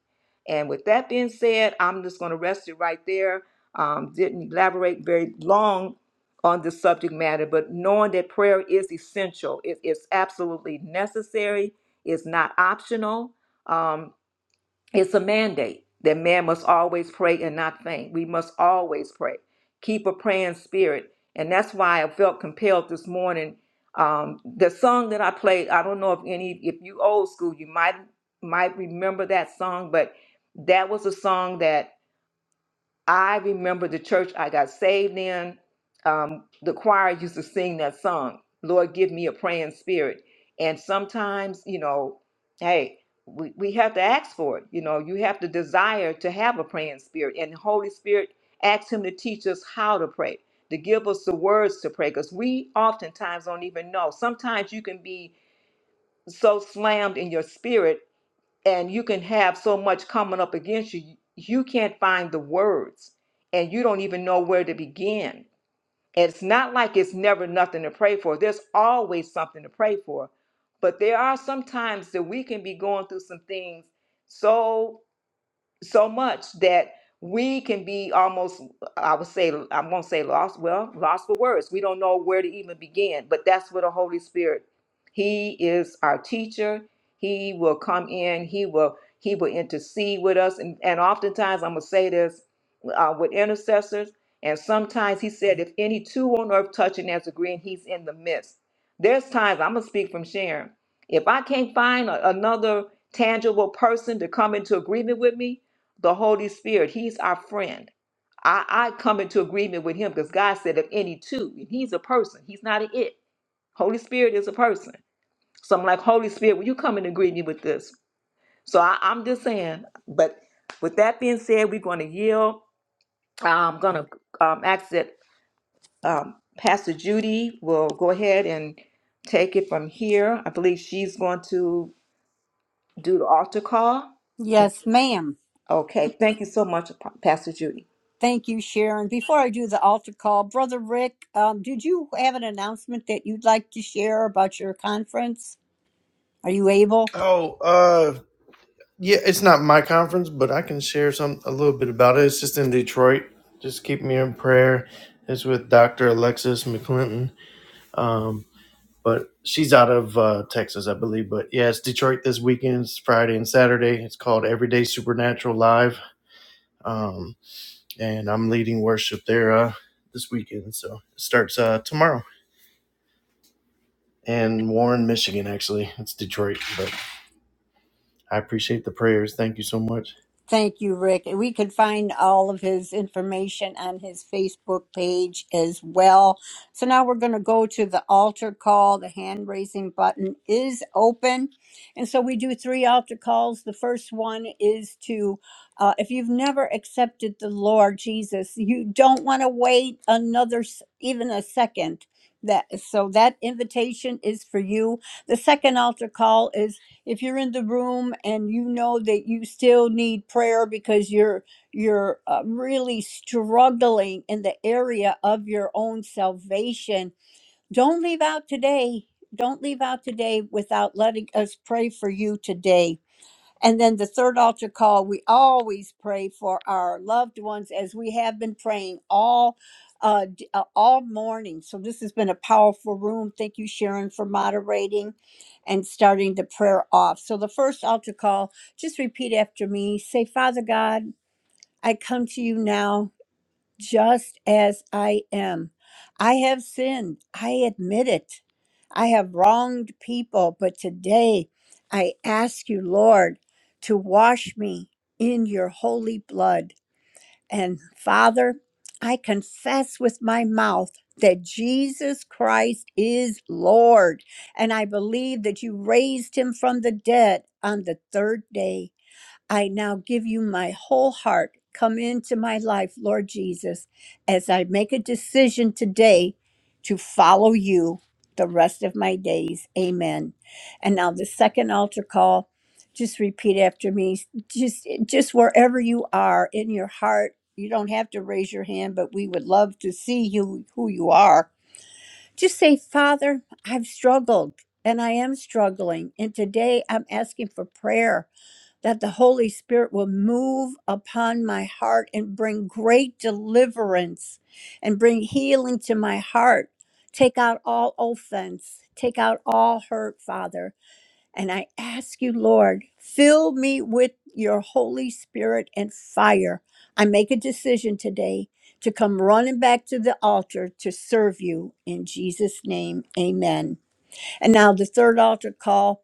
And with that being said, I'm just going to rest it right there. Um, didn't elaborate very long on the subject matter, but knowing that prayer is essential, it, it's absolutely necessary, it's not optional. Um, it's a mandate that man must always pray and not faint. We must always pray. Keep a praying spirit. And that's why I felt compelled this morning. Um, the song that I played, I don't know if any if you old school, you might might remember that song, but that was a song that I remember the church I got saved in. Um, the choir used to sing that song, Lord, give me a praying spirit. And sometimes, you know, hey, we, we have to ask for it. You know, you have to desire to have a praying spirit. And the Holy Spirit asks Him to teach us how to pray, to give us the words to pray, because we oftentimes don't even know. Sometimes you can be so slammed in your spirit and you can have so much coming up against you you can't find the words and you don't even know where to begin and it's not like it's never nothing to pray for there's always something to pray for but there are some times that we can be going through some things so so much that we can be almost i would say i won't say lost well lost for words we don't know where to even begin but that's where the holy spirit he is our teacher he will come in he will he will intercede with us and, and oftentimes i'm going to say this uh, with intercessors and sometimes he said if any two on earth touch and as agreeing he's in the midst there's times i'm going to speak from sharon if i can't find a, another tangible person to come into agreement with me the Holy Spirit. He's our friend. I, I come into agreement with him because God said of any two, and he's a person. He's not an it. Holy Spirit is a person. So I'm like, Holy Spirit, will you come in agreement with this? So I, I'm just saying, but with that being said, we're going to yield. I'm going to um, ask that um, Pastor Judy will go ahead and take it from here. I believe she's going to do the altar call. Yes, Yes, ma'am. Okay. Thank you so much, Pa- Pastor Judy. Thank you, Sharon. Before I do the altar call, Brother Rick, um, did you have an announcement that you'd like to share about your conference? Are you able? Oh, uh, yeah, it's not my conference, but I can share some a little bit about it. It's just in Detroit. Just keep me in prayer. It's with Dr. Alexis McClinton. Um, but she's out of uh, Texas, I believe. But yeah, it's Detroit this weekend. It's Friday and Saturday. It's called Everyday Supernatural Live. Um, and I'm leading worship there uh, this weekend. So it starts uh, tomorrow in Warren, Michigan, actually. It's Detroit. But I appreciate the prayers. Thank you so much. Thank you, Rick. We can find all of his information on his Facebook page as well. So now we're going to go to the altar call. The hand raising button is open. And so we do three altar calls. The first one is to, uh, if you've never accepted the Lord Jesus, you don't want to wait another, s- even a second. That, so that invitation is for you. The second altar call is if you're in the room and you know that you still need prayer because you're you're uh, really struggling in the area of your own salvation don't leave out today don't leave out today without letting us pray for you today and then the third altar call, we always pray for our loved ones as we have been praying all uh, d- uh, all morning. So this has been a powerful room. Thank you, Sharon, for moderating and starting the prayer off. So the first altar call, just repeat after me. Say, Father God, I come to you now just as I am. I have sinned. I admit it. I have wronged people. But today I ask you, Lord, to wash me in your holy blood. And Father, I confess with my mouth that Jesus Christ is Lord. And I believe that you raised him from the dead on the third day. I now give you my whole heart. Come into my life, Lord Jesus, as I make a decision today to follow you the rest of my days. Amen. And now the second altar call, just repeat after me. Just just wherever you are in your heart, you don't have to raise your hand, but we would love to see you who you are. Just say, "Father, I've struggled and I am struggling, and today I'm asking for prayer." that the Holy Spirit will move upon my heart and bring great deliverance and bring healing to my heart. Take out all offense, take out all hurt, Father. And I ask you, Lord, fill me with your Holy Spirit and fire. I make a decision today to come running back to the altar to serve you in Jesus' name. Amen. And now the third altar call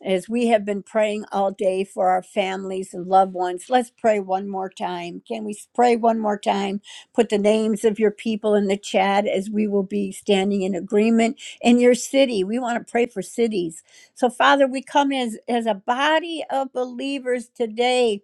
as we have been praying all day for our families and loved ones, let's pray one more time. Can we pray one more time? Put the names of your people in the chat as we will be standing in agreement in your city. We want to pray for cities. So, Father, we come as, as a body of believers today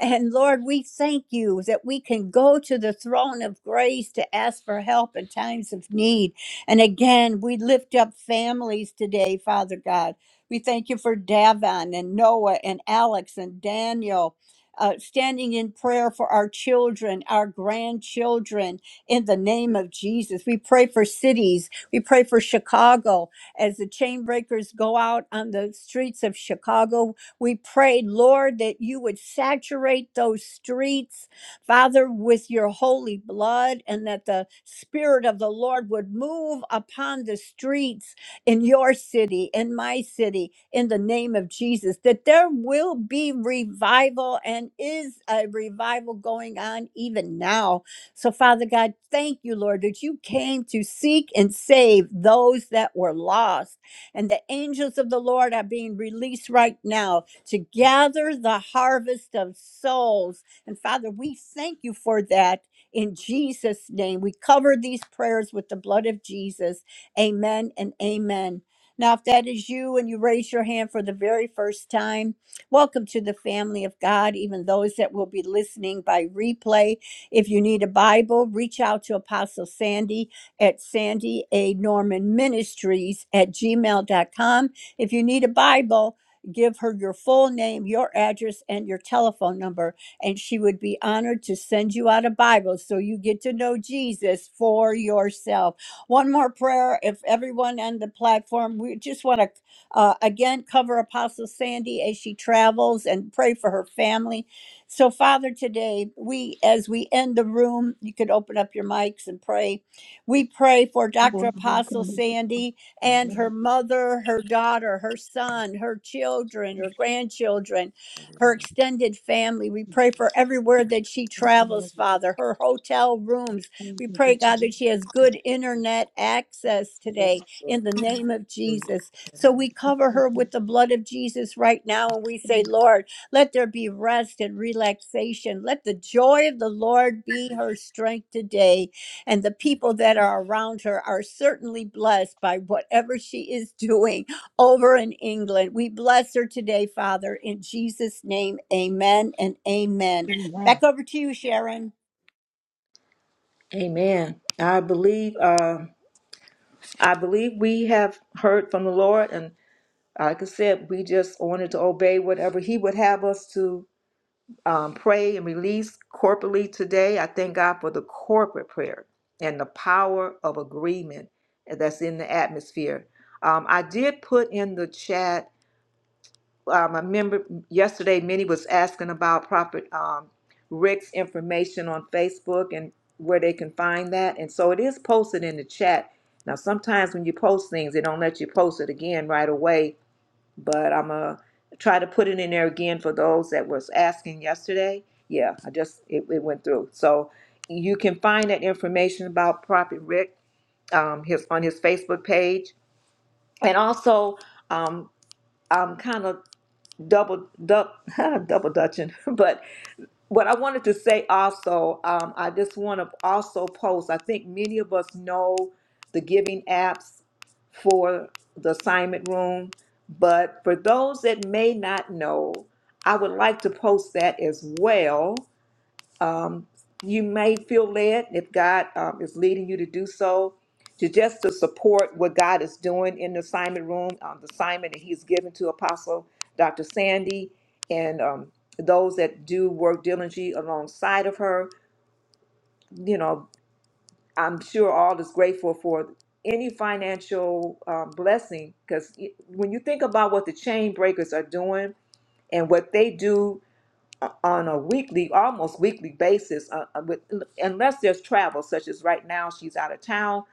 and Lord, we thank you that we can go to the throne of grace to ask for help in times of need. And again, we lift up families today, Father God. We thank you for Davon and Noah and Alex and Daniel. Uh, standing in prayer for our children, our grandchildren, in the name of Jesus. We pray for cities. We pray for Chicago as the chain breakers go out on the streets of Chicago. We prayed, Lord, that you would saturate those streets, Father, with your holy blood, and that the Spirit of the Lord would move upon the streets in your city, in my city, in the name of Jesus, that there will be revival and is a revival going on even now. So, Father God, thank you, Lord, that you came to seek and save those that were lost. And the angels of the Lord are being released right now to gather the harvest of souls. And Father, we thank you for that in Jesus' name. We cover these prayers with the blood of Jesus. Amen and amen. Now, if that is you and you raise your hand for the very first time, welcome to the family of God, even those that will be listening by replay. If you need a Bible, reach out to Apostle Sandy at Sandy A. Norman Ministries at gmail dot com. If you need a Bible, give her your full name, your address, and your telephone number, and she would be honored to send you out a Bible so you get to know Jesus for yourself. One more prayer, if everyone on the platform, we just want to uh, again cover Apostle Sandy as she travels and pray for her family. So, Father, today we, as we end the room, you could open up your mics and pray. We pray for Dr. Apostle Sandy and her mother, her daughter, her son, her children, her grandchildren, her extended family. We pray for everywhere that she travels, Father, her hotel rooms. We pray, God, that she has good internet access yes, today Lord. in the name of Jesus. So we cover her with the blood of Jesus right now and we say, Lord, let there be rest and relaxation. Let the joy of the Lord be her strength today and the people that are around her are certainly blessed by whatever she is doing over in England. We bless her today, Father, in Jesus' name. Amen and amen. Amen. Back over to you, Sharon. Amen. I believe uh, I believe we have heard from the Lord, and like I said, we just wanted to obey whatever He would have us to um, pray and release corporately today. I thank God for the corporate prayer and the power of agreement that's in the atmosphere. Um, I did put in the chat um, I remember yesterday Minnie was asking about Prophet um, Rick's information on Facebook and where they can find that. And so it is posted in the chat. Now, sometimes when you post things, they don't let you post it again right away, but I'm going to try to put it in there again for those that was asking yesterday. Yeah, I just, it, it went through. So you can find that information about Prophet Rick um, his, on his Facebook page. And also, um, I'm kind of double double double dutching. But what I wanted to say also, um, I just want to also post. I think many of us know the giving apps for the assignment room, but for those that may not know, I would like to post that as well um, you may feel led, if God um, is leading you to do so, to just to support what God is doing in the assignment room, um, the assignment that He's given to Apostle Dr. Sandy and um, those that do work diligently alongside of her. You know, I'm sure all is grateful for any financial um, blessing because when you think about what the chain breakers are doing and what they do uh, on a weekly, almost weekly basis, uh, uh, with, unless there's travel, such as right now she's out of town.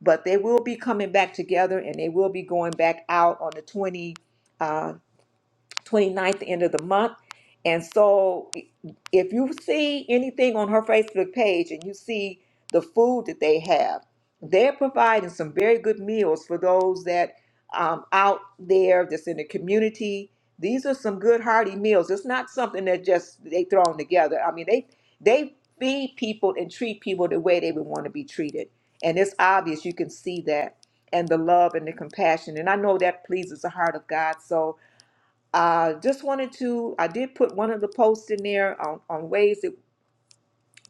But they will be coming back together, and they will be going back out on the 20. uh, 29th, the end of the month. And so if you see anything on her Facebook page and you see the food that they have, they're providing some very good meals for those that um, out there that's in the community. These are some good hearty meals. It's not something that just they thrown together. I mean, they they feed people and treat people the way they would want to be treated. And it's obvious you can see that and the love and the compassion. And I know that pleases the heart of God. So uh, just wanted to, I did put one of the posts in there on, on ways that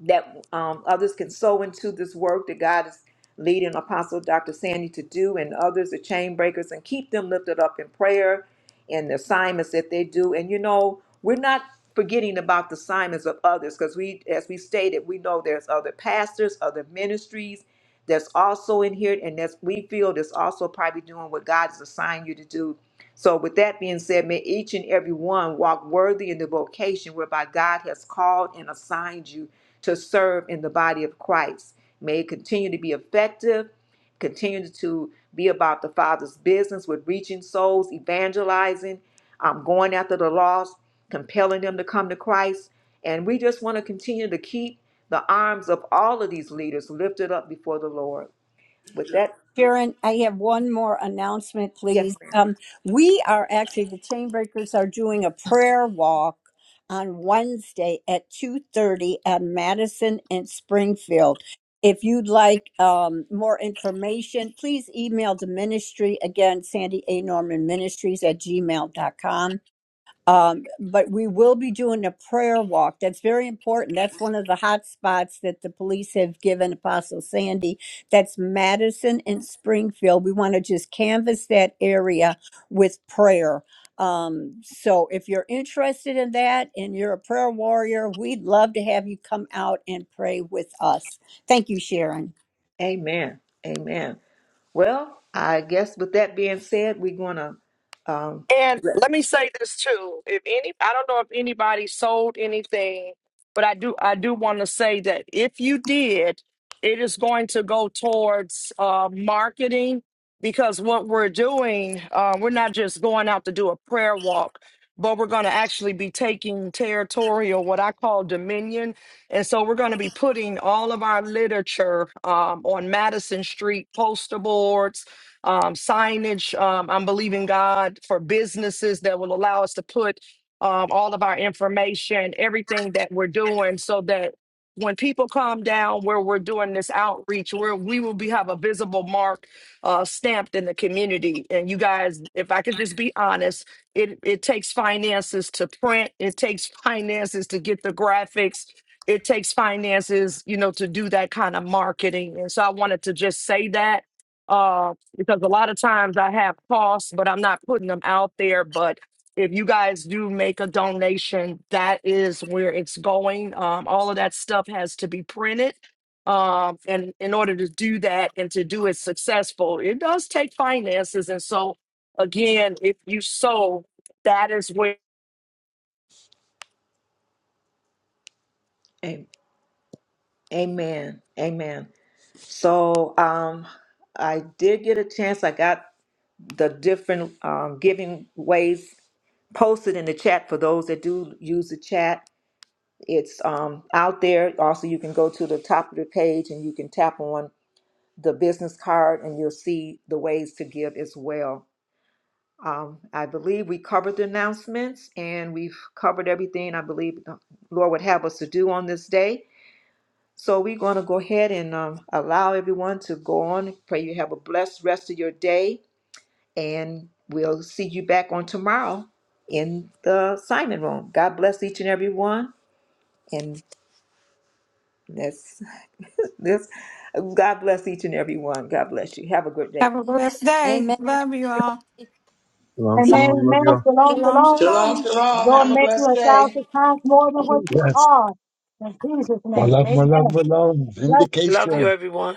that um, others can sow into this work that God is leading Apostle Dr. Sandy to do, and others, the chain breakers, and keep them lifted up in prayer and the assignments that they do. And you know, we're not forgetting about the assignments of others because we, as we stated, we know there's other pastors, other ministries that's also in here, and that's we feel that's also probably doing what God has assigned you to do. So, with that being said, may each and every one walk worthy in the vocation whereby God has called and assigned you to serve in the body of Christ. May it continue to be effective, continue to be about the Father's business with reaching souls, evangelizing, um, going after the lost, compelling them to come to Christ. And we just want to continue to keep the arms of all of these leaders lifted up before the Lord. With that, Sharon, I have one more announcement, yes, please. ma'am. Um, we are actually the Chainbreakers are doing a prayer walk on Wednesday at two thirty at Madison and Springfield. If you'd like um, more information, please email the ministry again, Sandy A. Norman Ministries at gmail dot com. Um, but we will be doing a prayer walk. That's very important. That's one of the hot spots that the police have given Apostle Sandy. That's Madison and Springfield. We want to just canvas that area with prayer. Um, so if you're interested in that and you're a prayer warrior, we'd love to have you come out and pray with us. Thank you, Sharon. Amen. Amen. Well, I guess with that being said, we're going to, um, And let me say this too. If any I don't know if anybody sold anything, but I do I do want to say that if you did, it is going to go towards uh marketing because what we're doing, uh, we're not just going out to do a prayer walk, but we're going to actually be taking territorial, what I call dominion. And so we're going to be putting all of our literature um, on Madison Street poster boards, um, signage. Um, I'm believing God for businesses that will allow us to put um, all of our information, everything that we're doing, so that when people come down where we're doing this outreach, where we will be have a visible mark uh, stamped in the community. And you guys, if I could just be honest, it it takes finances to print. It takes finances to get the graphics. It takes finances, you know, to do that kind of marketing. And so I wanted to just say that um, because a lot of times I have costs, but I'm not putting them out there. But if you guys do make a donation, that is where it's going. Um, all of that stuff has to be printed. Um, and in order to do that and to do it successful, it does take finances. And so, again, if you sow, that is where. a- amen. Amen. So um, I did get a chance. I got the different um, giving ways posted in the chat for those that do use the chat. It's um, out there. Also, you can go to the top of the page and you can tap on the business card and you'll see the ways to give as well. Um, I believe we covered the announcements and we've covered everything I believe the Lord would have us to do on this day. So we're going to go ahead and um, allow everyone to go on. Pray you have a blessed rest of your day, and we'll see you back on tomorrow in the Simon Room. God bless each and every one, and that's this. God bless each and every one. God bless you. Have a good day. Have a blessed day. Amen. Love. Shalom, Amen. Double shalom. Love you all. Amen. shalom. Shalom, shalom. Lord, make you a thousand times more than what you Yes, are. In Jesus' my love, my name. love, my love. Love Vindication. you, everyone.